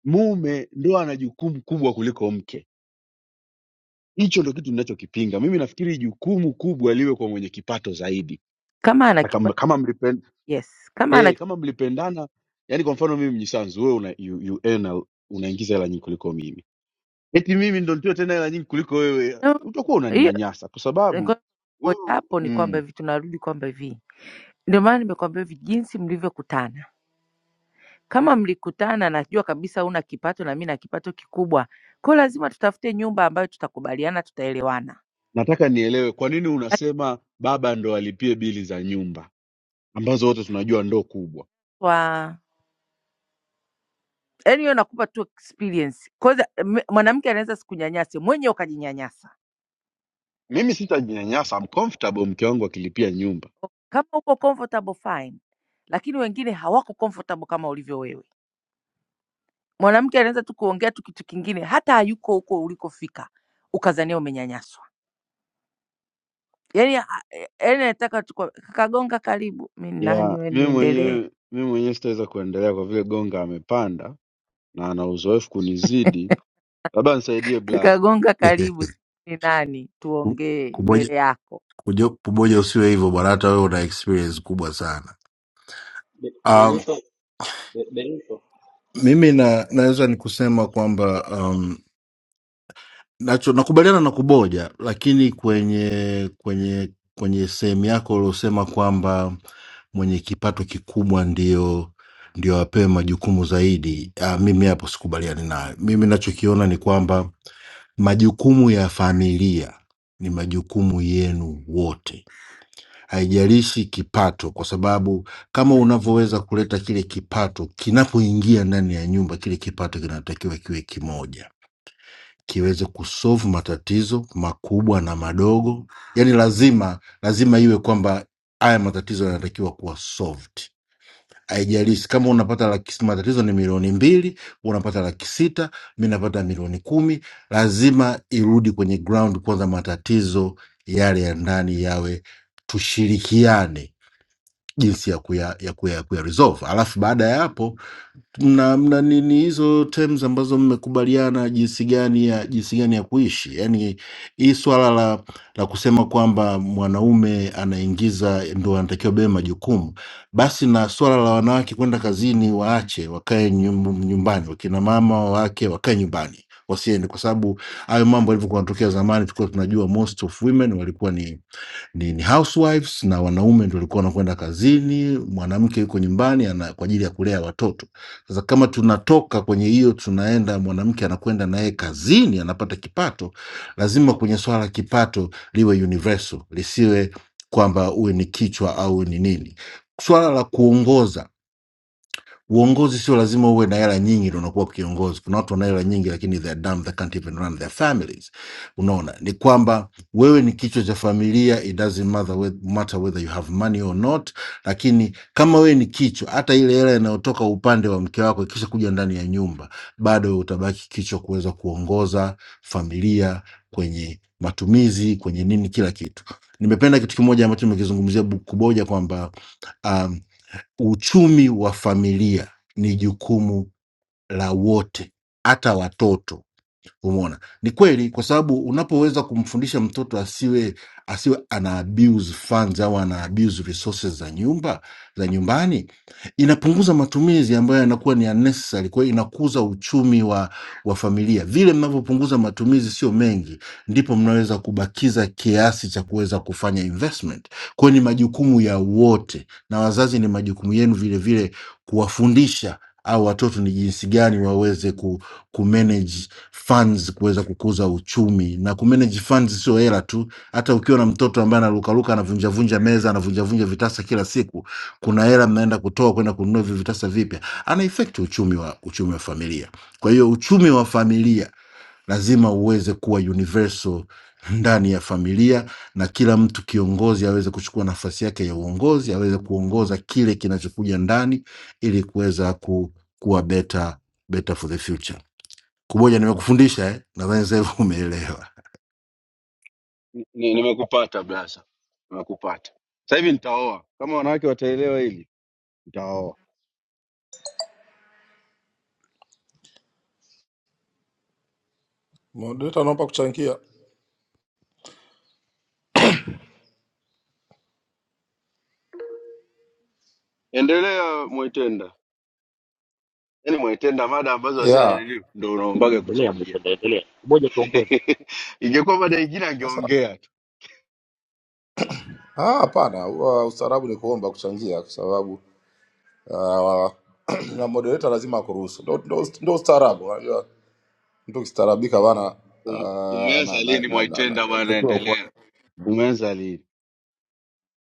Speaker 19: mume ndo ana jukumu kubwa kuliko mke. Hicho ndo kitu ninachokipinga. Mimi nafikiri jukumu kubwa liwe kwa mwenye kipato zaidi.
Speaker 2: Kama ana
Speaker 19: Na Kama,
Speaker 2: kipato
Speaker 19: kama, mlipen,
Speaker 2: yes.
Speaker 19: eh, kama mlipendana, yani kwa mfano mimi Mnyisanzu, wewe una, you, you earn a- unaingiza hela nyingi kuliko mimi, eti mimi ndo nitoe tena hela nyingi kuliko wewe,
Speaker 2: No,
Speaker 19: utakuwa
Speaker 2: hiyo
Speaker 19: unaninyanyasa kwa sababu
Speaker 2: nilikuwa ngoja
Speaker 19: wewe
Speaker 2: hapo ni
Speaker 19: mm,
Speaker 2: kwamba hivi tunarudi kwamba hivi ndio maana nimekwambia hivi jinsi mlivyokutana. Kama mlikutana, najua kabisa una kipato na mimi na kipato kikubwa, kwa hiyo lazima tutafute nyumba ambayo tutakubaliana, tutaelewana
Speaker 19: nataka nielewe kwa nini unasema baba ndo alipie bili za nyumba ambazo wote tunajua ndo kubwa.
Speaker 2: kwa yaani hiyo nakupa tu experience. Kwanza m- mwanamke anaweza sikunyanyase mwenye ukajinyanyasa
Speaker 19: Mimi sitajinyanyasa, I'm comfortable mke wangu akilipia nyumba
Speaker 2: Kama uko comfortable fine, lakini wengine hawako comfortable kama ulivyo wewe. Mwanamke anaweza tu kuongea tu kitu kingine, hata hayuko huko ulikofika, ukazania umenyanyaswa. Yani yani nataka tu kwa- kakagonga, karibu. Mi ni nani
Speaker 19: ya
Speaker 2: we,
Speaker 19: mimi
Speaker 2: niendelee?
Speaker 19: mwenyewe. Mimi mwenyewe sitaweza kuendelea kwa vile Gonga amepanda na ana uzoefu kunizidi. Labda nisaidie
Speaker 2: [laughs]
Speaker 19: Blaza.
Speaker 2: Kakagonga,
Speaker 22: [laughs]
Speaker 2: karibu. Si- Ni nani? Tuongee
Speaker 22: kuboja,
Speaker 2: mbele yako.
Speaker 22: kujo, kuboja usiwe hivyo bwana, hata wewe una experience kubwa sana.
Speaker 23: Be-
Speaker 22: Um,
Speaker 23: Benito, Be- Benito.
Speaker 22: mimi na naweza ni kusema kwamba um, nacho nakubaliana na kuboja, lakini kwenye kwenye kwenye sehemu yako uliosema kwamba mwenye kipato kikubwa ndio ndio apewe majukumu zaidi. Uh, mimi hapo sikubaliani nayo. Mimi nachokiona ni kwamba majukumu ya familia ni majukumu yenu wote haijalishi kipato, kwa sababu kama unavyoweza kuleta kile kipato kinapoingia ndani ya nyumba, kile kipato kinatakiwa kiwe kimoja, kiweze kusolve matatizo makubwa na madogo. Yani lazima lazima iwe kwamba haya matatizo yanatakiwa kuwa solved. Haijalishi kama unapata laki, s- matatizo ni milioni mbili, unapata laki sita, mi napata milioni kumi, lazima irudi kwenye ground kwanza, matatizo yale ya ndani yawe tushirikiane jinsi ya kuya ya kuya ya kuya resolve. Alafu baada ya hapo mna mna nini hizo terms ambazo mmekubaliana jinsi gani ya jinsi gani ya kuishi. Yaani hii swala la la kusema kwamba mwanaume anaingiza ndo anatakiwa bebe majukumu, basi na swala la wanawake kwenda kazini waache, wakae nyum- nyumbani, wakina mama wake wakae nyumbani wasiende, kwa sababu hayo mambo yalivyokuwa yanatokea zamani, tulikuwa tunajua most of women walikuwa ni ni ni housewives na wanaume ndio walikuwa wanakwenda kazini, mwanamke yuko nyumbani ana, kwa ajili ya kulea watoto. Sasa kama tunatoka kwenye hiyo tunaenda, mwanamke anakwenda naye kazini, anapata kipato, lazima kwenye swala la kipato liwe universal, lisiwe kwamba uwe ni kichwa au ni nini. Swala la kuongoza uongozi sio lazima uwe na hela nyingi ndio unakuwa kiongozi. Kuna watu wana hela nyingi lakini they are dumb, they can't even run their families. Unaona, ni kwamba wewe ni kichwa cha familia, it doesn't matter, whe- matter whether you have money or not, lakini kama wewe ni kichwa, hata ile hela inayotoka upande wa mke wako ikisha kuja ndani ya nyumba, bado wewe utabaki kichwa kuweza kuongoza familia kwenye matumizi, kwenye nini, kila kitu. Nimependa kitu kimoja ambacho nimekizungumzia Kuboja kwamba um, Uchumi wa familia ni jukumu la wote, hata watoto. Umeona, ni kweli, kwa sababu unapoweza kumfundisha mtoto asiwe asiwe ana abuse funds au ana abuse resources za nyumba za nyumbani, inapunguza matumizi ambayo yanakuwa ni unnecessary. Kwa hiyo inakuza uchumi wa wa familia. Vile mnavyopunguza matumizi, sio mengi, ndipo mnaweza kubakiza kiasi cha kuweza kufanya investment. Kwa hiyo ni majukumu ya wote na wazazi, ni majukumu yenu vile vile kuwafundisha au watoto ni jinsi gani waweze ku, ku manage funds kuweza kukuza uchumi na ku manage funds sio hela tu. Hata ukiwa na mtoto ambaye anarukaruka anavunjavunja meza anavunjavunja vitasa kila siku, kuna hela mnaenda kutoa kwenda kununua hivyo vitasa vipya, ana affect uchumi wa uchumi wa familia. Kwa hiyo uchumi wa familia lazima uweze kuwa universal ndani ya familia na kila mtu kiongozi aweze kuchukua nafasi yake ya uongozi, aweze kuongoza kile kinachokuja ndani, ili kuweza ku, kuwa better, better for the future. Kuboja nimekufundisha eh? Nadhani sasa hivi [laughs] umeelewa.
Speaker 19: Ni- ni- Nimekupata Blaza, nimekupata sasa hivi. Nitaoa kama wanawake wataelewa hili, nitaoa.
Speaker 18: Moderator, naomba kuchangia.
Speaker 19: Endelea Mwaitenda, yaani Mwaitenda, mada ambazo hazina
Speaker 18: Yeah.
Speaker 19: nini ndo unaombaga
Speaker 11: Endelea
Speaker 19: kuchangia.
Speaker 11: Mwaipenda, endelea kuboja, tuongoze.
Speaker 19: [laughs] ingekuwa mada ingine
Speaker 18: Sasa
Speaker 19: angeongea tu.
Speaker 18: ah, hapana, huwa ustaarabu ni kuomba kuchangia kwa sababu ah, [clears throat] na moderator lazima akuruhusu. Ndio ndio ndio ustaarabu. Unajua mtu kistaarabika bana
Speaker 19: Um-
Speaker 18: uh,
Speaker 19: Umeanza
Speaker 18: na na
Speaker 19: lini
Speaker 18: na, na, na,
Speaker 19: Mwaitenda ama
Speaker 18: na,
Speaker 19: anaendelea? Umeanza lini?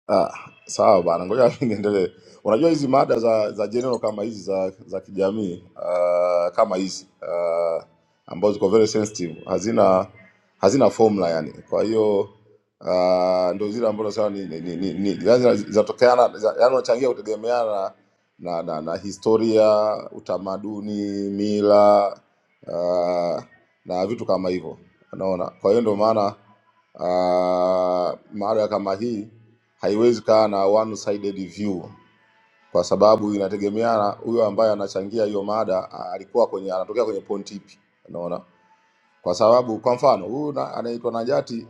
Speaker 18: Ah, sawa bana, ngoja [laughs] mimi niendelee. Unajua hizi mada za za general kama hizi za za kijamii uh, kama hizi uh, ambazo ziko very sensitive hazina hazina formula yani. Kwa hiyo uh, ndio zile ambazo nasema ni, ni, ni, ni, ni lazima zinatokeana za- yani unachangia kutegemeana na, na na historia, utamaduni, mila uh, na vitu kama hivyo. Unaona? Kwa hiyo ndio maana Uh, mada kama hii haiwezi kaa na one sided view kwa sababu inategemeana huyo ambaye anachangia hiyo mada a- alikuwa kwenye anatokea kwenye point ipi, unaona? Kwa sababu kwa mfano huyu na- anaitwa Najati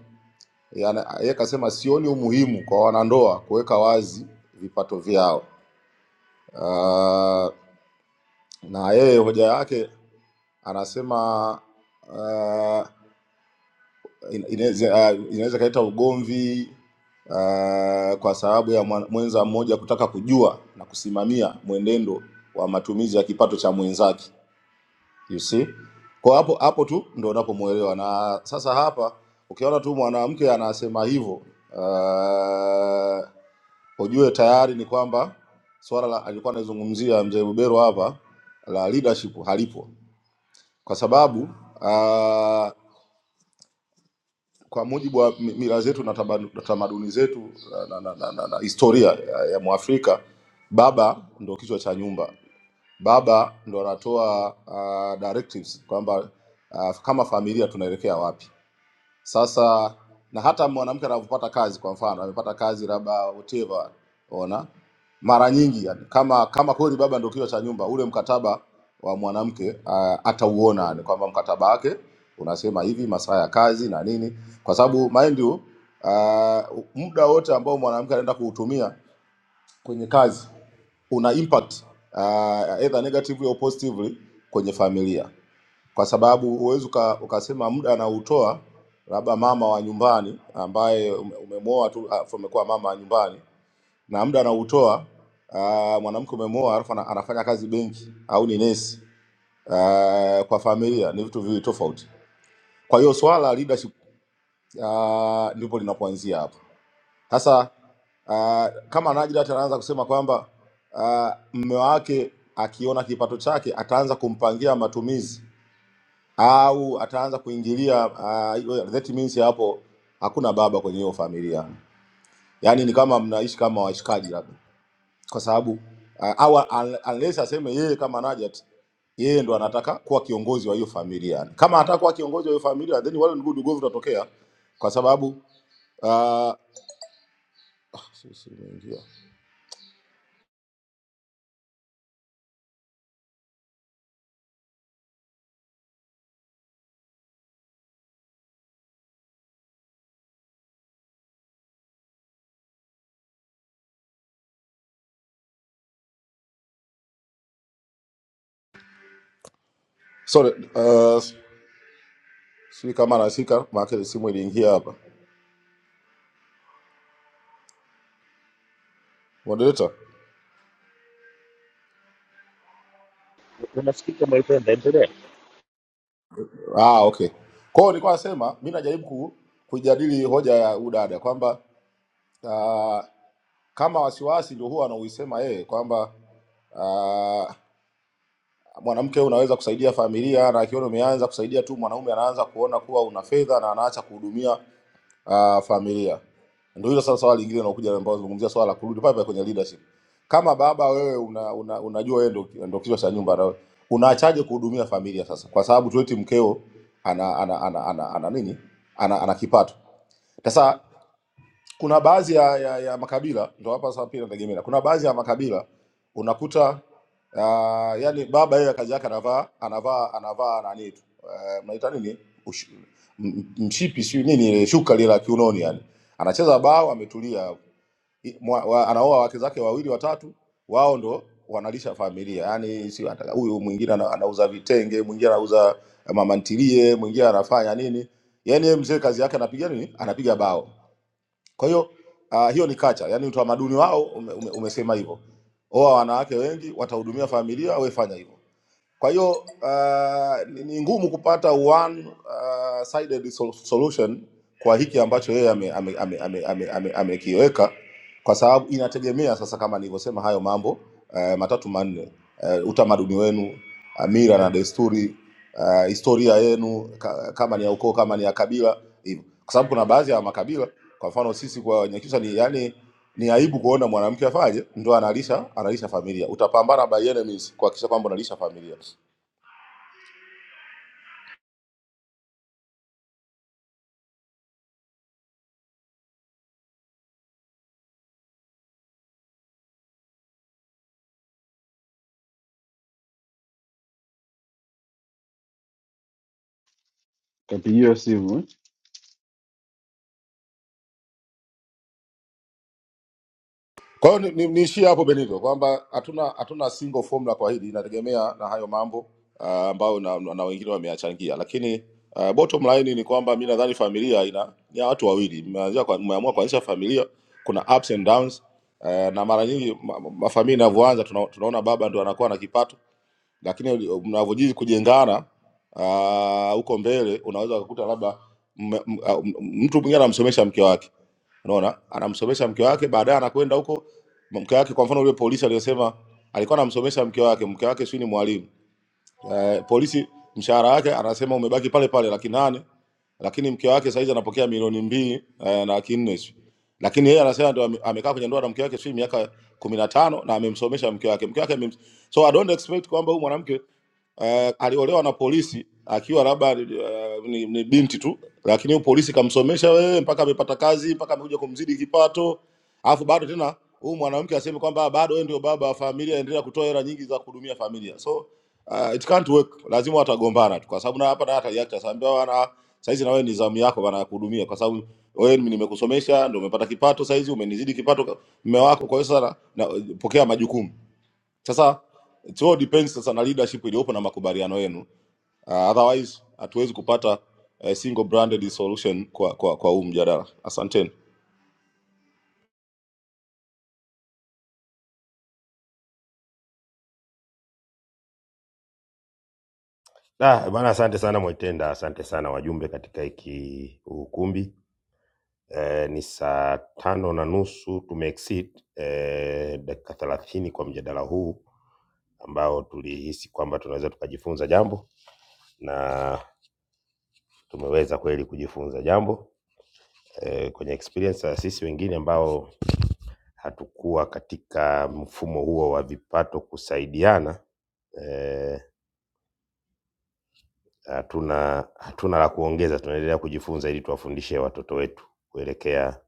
Speaker 18: yeye ana- yeye kasema sioni umuhimu kwa wanandoa kuweka wazi vipato vyao. Uh, na yeye hoja yake anasema uh, ina- inaweza uh, inaweza ikaleta ugomvi uh, kwa sababu ya mwan- mwenza mmoja kutaka kujua na kusimamia mwenendo wa matumizi ya kipato cha mwenzake you see kwa hapo hapo tu ndo unapomuelewa na sasa hapa ukiona tu mwanamke anasema hivyo uh, ujue tayari ni kwamba swala la alikuwa anazungumzia mzee Bubero hapa la leadership halipo kwa sababu uh, kwa mujibu wa mi- mila zetu na tabanu- na tamaduni zetu na, na, na, na, na historia ya, ya Mwafrika, baba ndo kichwa cha nyumba, baba ndo anatoa uh, directives kwamba uh, kama familia tunaelekea wapi. Sasa na hata mwanamke anavyopata kazi, kwa mfano amepata kazi labda whatever, ona mara nyingi yani, kama kama kweli baba ndio kichwa cha nyumba, ule mkataba wa mwanamke uh, atauona yani, kwamba mkataba wake unasema hivi masaa ya kazi na nini, kwa sababu mind you uh, muda wote ambao mwanamke anaenda kuutumia kwenye kazi una impact uh, either negatively or positively kwenye familia kwa sababu huwezi uka, ukasema muda anautoa labda mama wa nyumbani ambaye ume- umemwoa tu alafu amekuwa mama wa nyumbani na muda anautoa uh, mwanamke umemwoa alafu ana- anafanya kazi benki au ni nesi uh, kwa familia ni vitu viwili tofauti. Kwa hiyo swala la leadership uh, ndipo linapoanzia hapo sasa. Uh, kama Najlat anaanza kusema kwamba uh, mme wake akiona kipato chake ataanza kumpangia matumizi au ataanza kuingilia ah, hiyo- that means hapo hakuna baba kwenye hiyo familia, yaani ni kama mnaishi kama washikaji labda, kwa sababu ah, au un- unless aseme yeye kama Najat yeye ndo anataka kuwa kiongozi wa hiyo familia. Kama anataka kuwa kiongozi wa hiyo familia, then wale ndugu dugovu utatokea, kwa sababu ah, si- si- imeingia. sorry, uh, sijui kama anasika maana simu iliingia hapa moderator.
Speaker 11: Unasikika Mwaipenda, endelea.
Speaker 18: Ah, okay. Kwa hiyo nilikuwa nasema mi najaribu ku, kujadili hoja ya udada kwamba uh, kama wasiwasi ndio huwa anauisema yeye kwamba uh, mwanamke unaweza kusaidia familia, na akiona umeanza kusaidia tu mwanaume anaanza kuona kuwa una fedha na anaacha kuhudumia uh, familia. Ndio hilo sasa swala lingine linakuja ambao zungumzia swala la kurudi pale pale kwenye leadership. Kama baba wewe una, una, unajua wewe ndio ndio kichwa cha nyumba na unaachaje kuhudumia familia sasa? Kwa sababu tueti mkeo ana ana ana, ana, ana, ana nini? Ana, ana kipato. Sasa kuna baadhi ya, ya, ya makabila ndo hapa sasa pia nategemea. Kuna baadhi ya makabila unakuta uh, yani baba yeye kazi yake anavaa anavaa anavaa nani tu uh, mnaita nini Ush, m- m- mshipi siyo nini ile shuka lile la kiunoni, yani anacheza bao ametulia, I- mwa- wa- anaoa wake zake wawili watatu, wao ndo wanalisha familia yani, si hata- huyu mwingine ana- anauza vitenge, mwingine anauza mamantilie, mwingine anafanya nini, yani yeye mzee kazi yake anapiga nini, anapiga bao kwa hiyo uh, hiyo ni kacha, yani utamaduni wao ume, ume, umesema hivyo. Oa wanawake wengi, watahudumia familia, wewe fanya hivyo. Kwa hiyo uh, ni ni ngumu kupata one uh, sided sol- solution kwa hiki ambacho yeye amekiweka ame, ame, ame, ame, ame, amekiweka, kwa sababu inategemea sasa, kama nilivyosema, hayo mambo uh, matatu manne, uh, utamaduni wenu, uh, mila na desturi, uh, historia yenu, ka, kama ni ya ukoo, kama ni ya kabila, hivyo, kwa sababu kuna baadhi ya makabila, kwa mfano sisi kwa Wanyakyusa ni yani ni aibu kuona mwanamke afaje, ndo analisha analisha familia. Utapambana by enemies kuhakikisha kwamba unalisha familia.
Speaker 19: kapigiwa simu eh?
Speaker 18: Kwa hiyo niishie ni, niishie hapo Benito, kwamba hatuna hatuna single formula kwa hili, inategemea na hayo mambo ah, ambayo na, na, na wengine wameyachangia, lakini uh, bottom line ni kwamba mi nadhani familia ina ni ya watu wawili, Mmeanzia kwa- mmeamua kuanzisha familia, kuna ups and downs uh, na mara nyingi ma- ma- mafamilia inavyoanza tuna, tunaona baba ndo anakuwa na kipato lakini uli- mnavyozidi kujengana ah, huko mbele unaweza ukakuta labda mme- m- ah, m- mtu mwingine anamsomesha mke wake, unaona, anamsomesha mke wake, baadaye anakwenda huko mke wake. Kwa mfano yule polisi aliyosema alikuwa anamsomesha mke wake, mke wake sio ni mwalimu eh, polisi, mshahara wake anasema umebaki pale pale laki nane, lakini mke wake saizi anapokea milioni mbili eh, na laki nne sijui. lakini yeye anasema ndio ame- amekaa kwenye ndoa na mke wake sijui miaka kumi na tano na amemsomesha mke wake, mke wake amem... so I don't expect kwamba huyu mwanamke uh, aliolewa na polisi akiwa labda uh, ni, ni binti tu, lakini huyo polisi kamsomesha wewe mpaka amepata kazi mpaka amekuja kumzidi kipato, alafu bado tena huyu mwanamke aseme kwamba bado wewe ndio baba wa familia, endelea kutoa hela nyingi za kuhudumia familia. So uh, it can't work, lazima watagombana tu, kwa sababu na hapa na hata yacha sambia wana saizi na wewe ni zamu yako bana ya kuhudumia, kwa sababu wewe mimi nimekusomesha, ndio umepata kipato, saizi umenizidi kipato ka- mume wako, kwa hiyo sasa na- eh, pokea majukumu. Sasa it all depends sasa na leadership iliyopo na makubaliano yenu. Uh, otherwise hatuwezi kupata uh, single branded solution kwa kwa kwa huu mjadala. Asanteni.
Speaker 5: Ah, bana asante sana Mwaitenda, asante sana wajumbe katika hiki ukumbi. eh, ni saa tano na nusu tumeexceed eh, dakika thelathini kwa mjadala huu ambao tulihisi kwamba tunaweza tukajifunza jambo na tumeweza kweli kujifunza jambo eh, kwenye experience ya sisi wengine ambao hatukuwa katika mfumo huo wa vipato kusaidiana eh, hatuna hatuna la kuongeza, tunaendelea kujifunza ili tuwafundishe watoto wetu kuelekea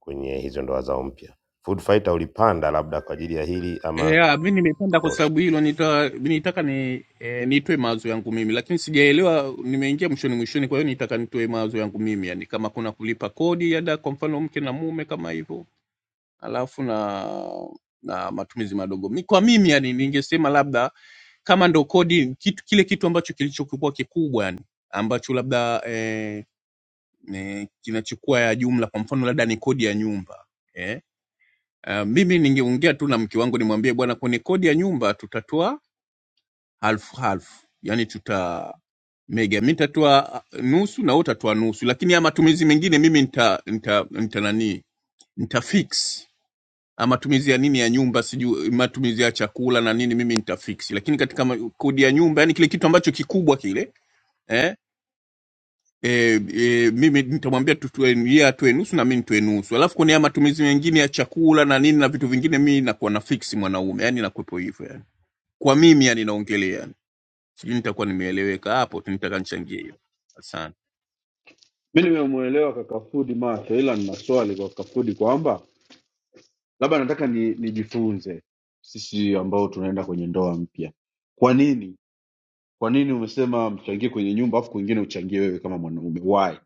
Speaker 5: kwenye hizo ndoa zao mpya. Food Fighter ulipanda labda kwa ajili ya hili ama
Speaker 24: Yeah, mi nimependa kwa
Speaker 5: oh, sh-
Speaker 24: sababu hilo nita, nitaka ni eh, nitoe mawazo yangu mimi, lakini sijaelewa, nimeingia mwishoni mwishoni, kwa hiyo nitaka nitoe mawazo yangu mimi, yani kama kuna kulipa kodi ya ada, kwa mfano mke na mume kama hivyo, alafu na na matumizi madogo mi, kwa mimi yani ningesema labda kama ndo kodi kitu, kile kitu ambacho kilichokuwa kikubwa yani ambacho labda eh, eh, kinachukua ya jumla, kwa mfano labda ni kodi ya nyumba eh, Uh, mimi ningeongea tu na mke wangu nimwambie bwana, kwenye kodi ya nyumba tutatoa halfu halfu, yani tuta mega mi nitatoa uh, nusu na wewe utatoa nusu, lakini ya matumizi mengine mimi nita, nita, nita nani nita fix Ah, matumizi ya nini ya nyumba sijui matumizi ya chakula na nini mimi nitafix, lakini katika ma- kodi ya nyumba, yani kile kitu ambacho kikubwa kile eh e, e, mimi nitamwambia tu tutue- yeye atoe nusu na mimi nitoe nusu, alafu kwenye haya matumizi mengine ya chakula na nini na vitu vingine, mimi nakuwa na fix mwanaume, yani nakuwepo hivyo yani, kwa mimi yani naongelea yani, sijui nitakuwa nimeeleweka hapo tu, nitaka nichangie hiyo. Asante.
Speaker 19: mi nimemwelewa kaka Fudi macho ila nina swali kwa kaka Fudi kwamba labda nataka ni, nijifunze sisi ambao tunaenda kwenye ndoa mpya kwa nini kwa nini umesema mchangie kwenye nyumba afu kwingine uchangie wewe kama mwanaume why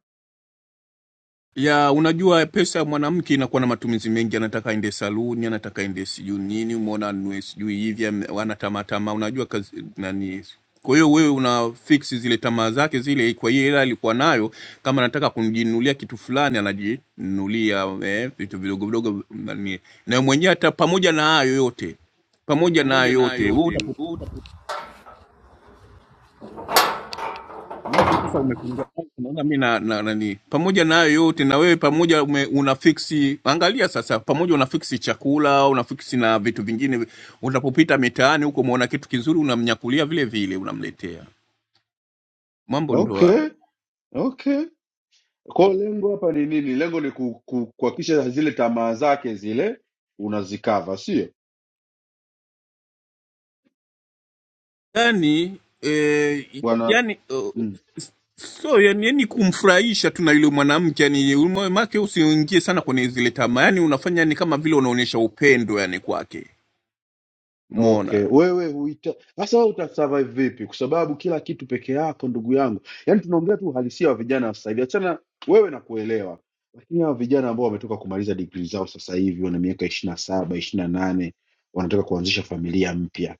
Speaker 24: ya unajua pesa ya mwanamke inakuwa na matumizi mengi anataka aende saluni anataka aende sijui nini umeona anunue sijui hivi am- ana tamaa tamaa unajua kazi nani kwa hiyo wewe una fix zile tamaa zake zile kwa hiyo hela alikuwa nayo kama anataka kujinunulia kitu fulani anajinunulia eh, vitu vidogo vidogo nani na mwenyewe hata pamoja na hayo yote pamoja na hayo
Speaker 5: pamoja na hayo
Speaker 24: yote
Speaker 5: yote
Speaker 24: wewe
Speaker 5: huu utakuwa
Speaker 24: macho sasa umefungua macho, unaona mi na, na nani pamoja na hayo yote na wewe pamoja ume, unafiksi angalia sasa pamoja unafiksi chakula unafiksi na vitu vingine unapopita mitaani huko umeona kitu kizuri unamnyakulia vile vile unamletea mambo ndo hayo
Speaker 19: okay okay kwao lengo hapa ni nini lengo ni ku- ku- kuhakikisha zile tamaa zake zile unazikava sio
Speaker 24: yani eh,
Speaker 19: Bwana
Speaker 24: yani uh,
Speaker 19: Mm.
Speaker 24: so yani, yani kumfurahisha tu na yule mwanamke yani moyo wake usiingie sana kwenye zile tamaa yani unafanya ni kama vile unaonyesha upendo yani kwake umeona
Speaker 19: Okay, wewe huita sasa, wewe utasurvive vipi? Kwa sababu kila kitu peke yako, ndugu yangu, yaani tunaongea tu uhalisia wa vijana wa sasa hivi. Achana wewe na kuelewa, lakini hawa vijana ambao wametoka kumaliza degree zao sasa hivi wana miaka ishirini na saba ishirini na nane wanataka kuanzisha familia mpya.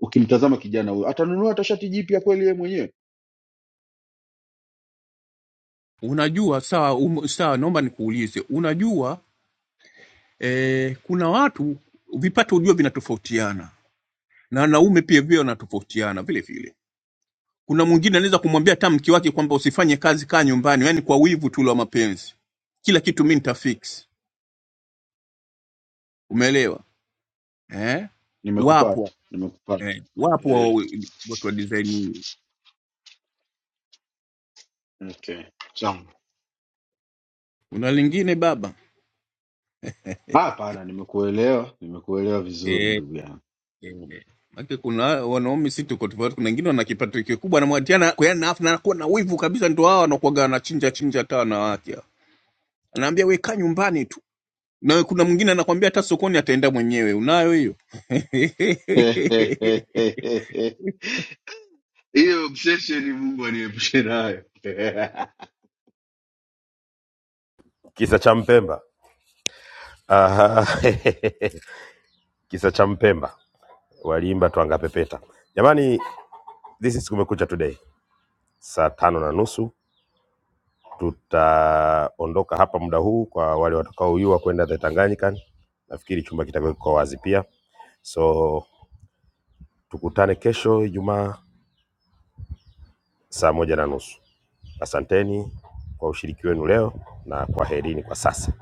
Speaker 19: Ukimtazama kijana huyo, atanunua hata shati jipya kweli yeye mwenyewe?
Speaker 24: Unajua, sawa, um, sawa, naomba nikuulize, unajua eh, kuna watu vipato ujua vinatofautiana na wanaume pia vile wanatofautiana vile vile. Kuna mwingine anaweza kumwambia hata mke wake kwamba usifanye kazi, kaa nyumbani, yani kwa wivu tu wa mapenzi, kila kitu mi nitafix. Umeelewa eh?
Speaker 19: Nimekupata,
Speaker 24: Wapo
Speaker 19: nimekupata.
Speaker 24: eh, wapo
Speaker 19: Eh,
Speaker 24: wa- watu wa design hiyo.
Speaker 19: okay, sawa.
Speaker 24: Kuna lingine baba
Speaker 19: Ah, Hapana, nimekuelewa, nimekuelewa vizuri
Speaker 24: Eh,
Speaker 19: ndugu yangu.
Speaker 24: Eh, Maana kuna wanaume si tuko tofauti, kuna wengine wana kipato kikubwa, anamwatiana kwa yana afu na anakuwa na wivu kabisa, ndio hao wanakuwaga wanachinja chinja hata wanawake hao. Anaambia we kaa nyumbani tu, na kuna mwingine anakwambia hata sokoni ataenda mwenyewe. Unayo hiyo? [laughs]
Speaker 19: [laughs] Eu Io, msheshe ni Mungu aniyemshirayo [laughs]
Speaker 5: kisa cha Mpemba? Aha, [laughs] kisa cha Mpemba waliimba twangapepeta. Jamani, this is Kumekucha Today, saa tano na nusu tutaondoka hapa muda huu kwa wale watakaoyua kwenda the Tanganyika. Nafikiri chumba kitakuwa kiko wazi pia, so tukutane kesho Ijumaa saa moja na nusu. Asanteni kwa ushiriki wenu leo na kwaherini kwa sasa.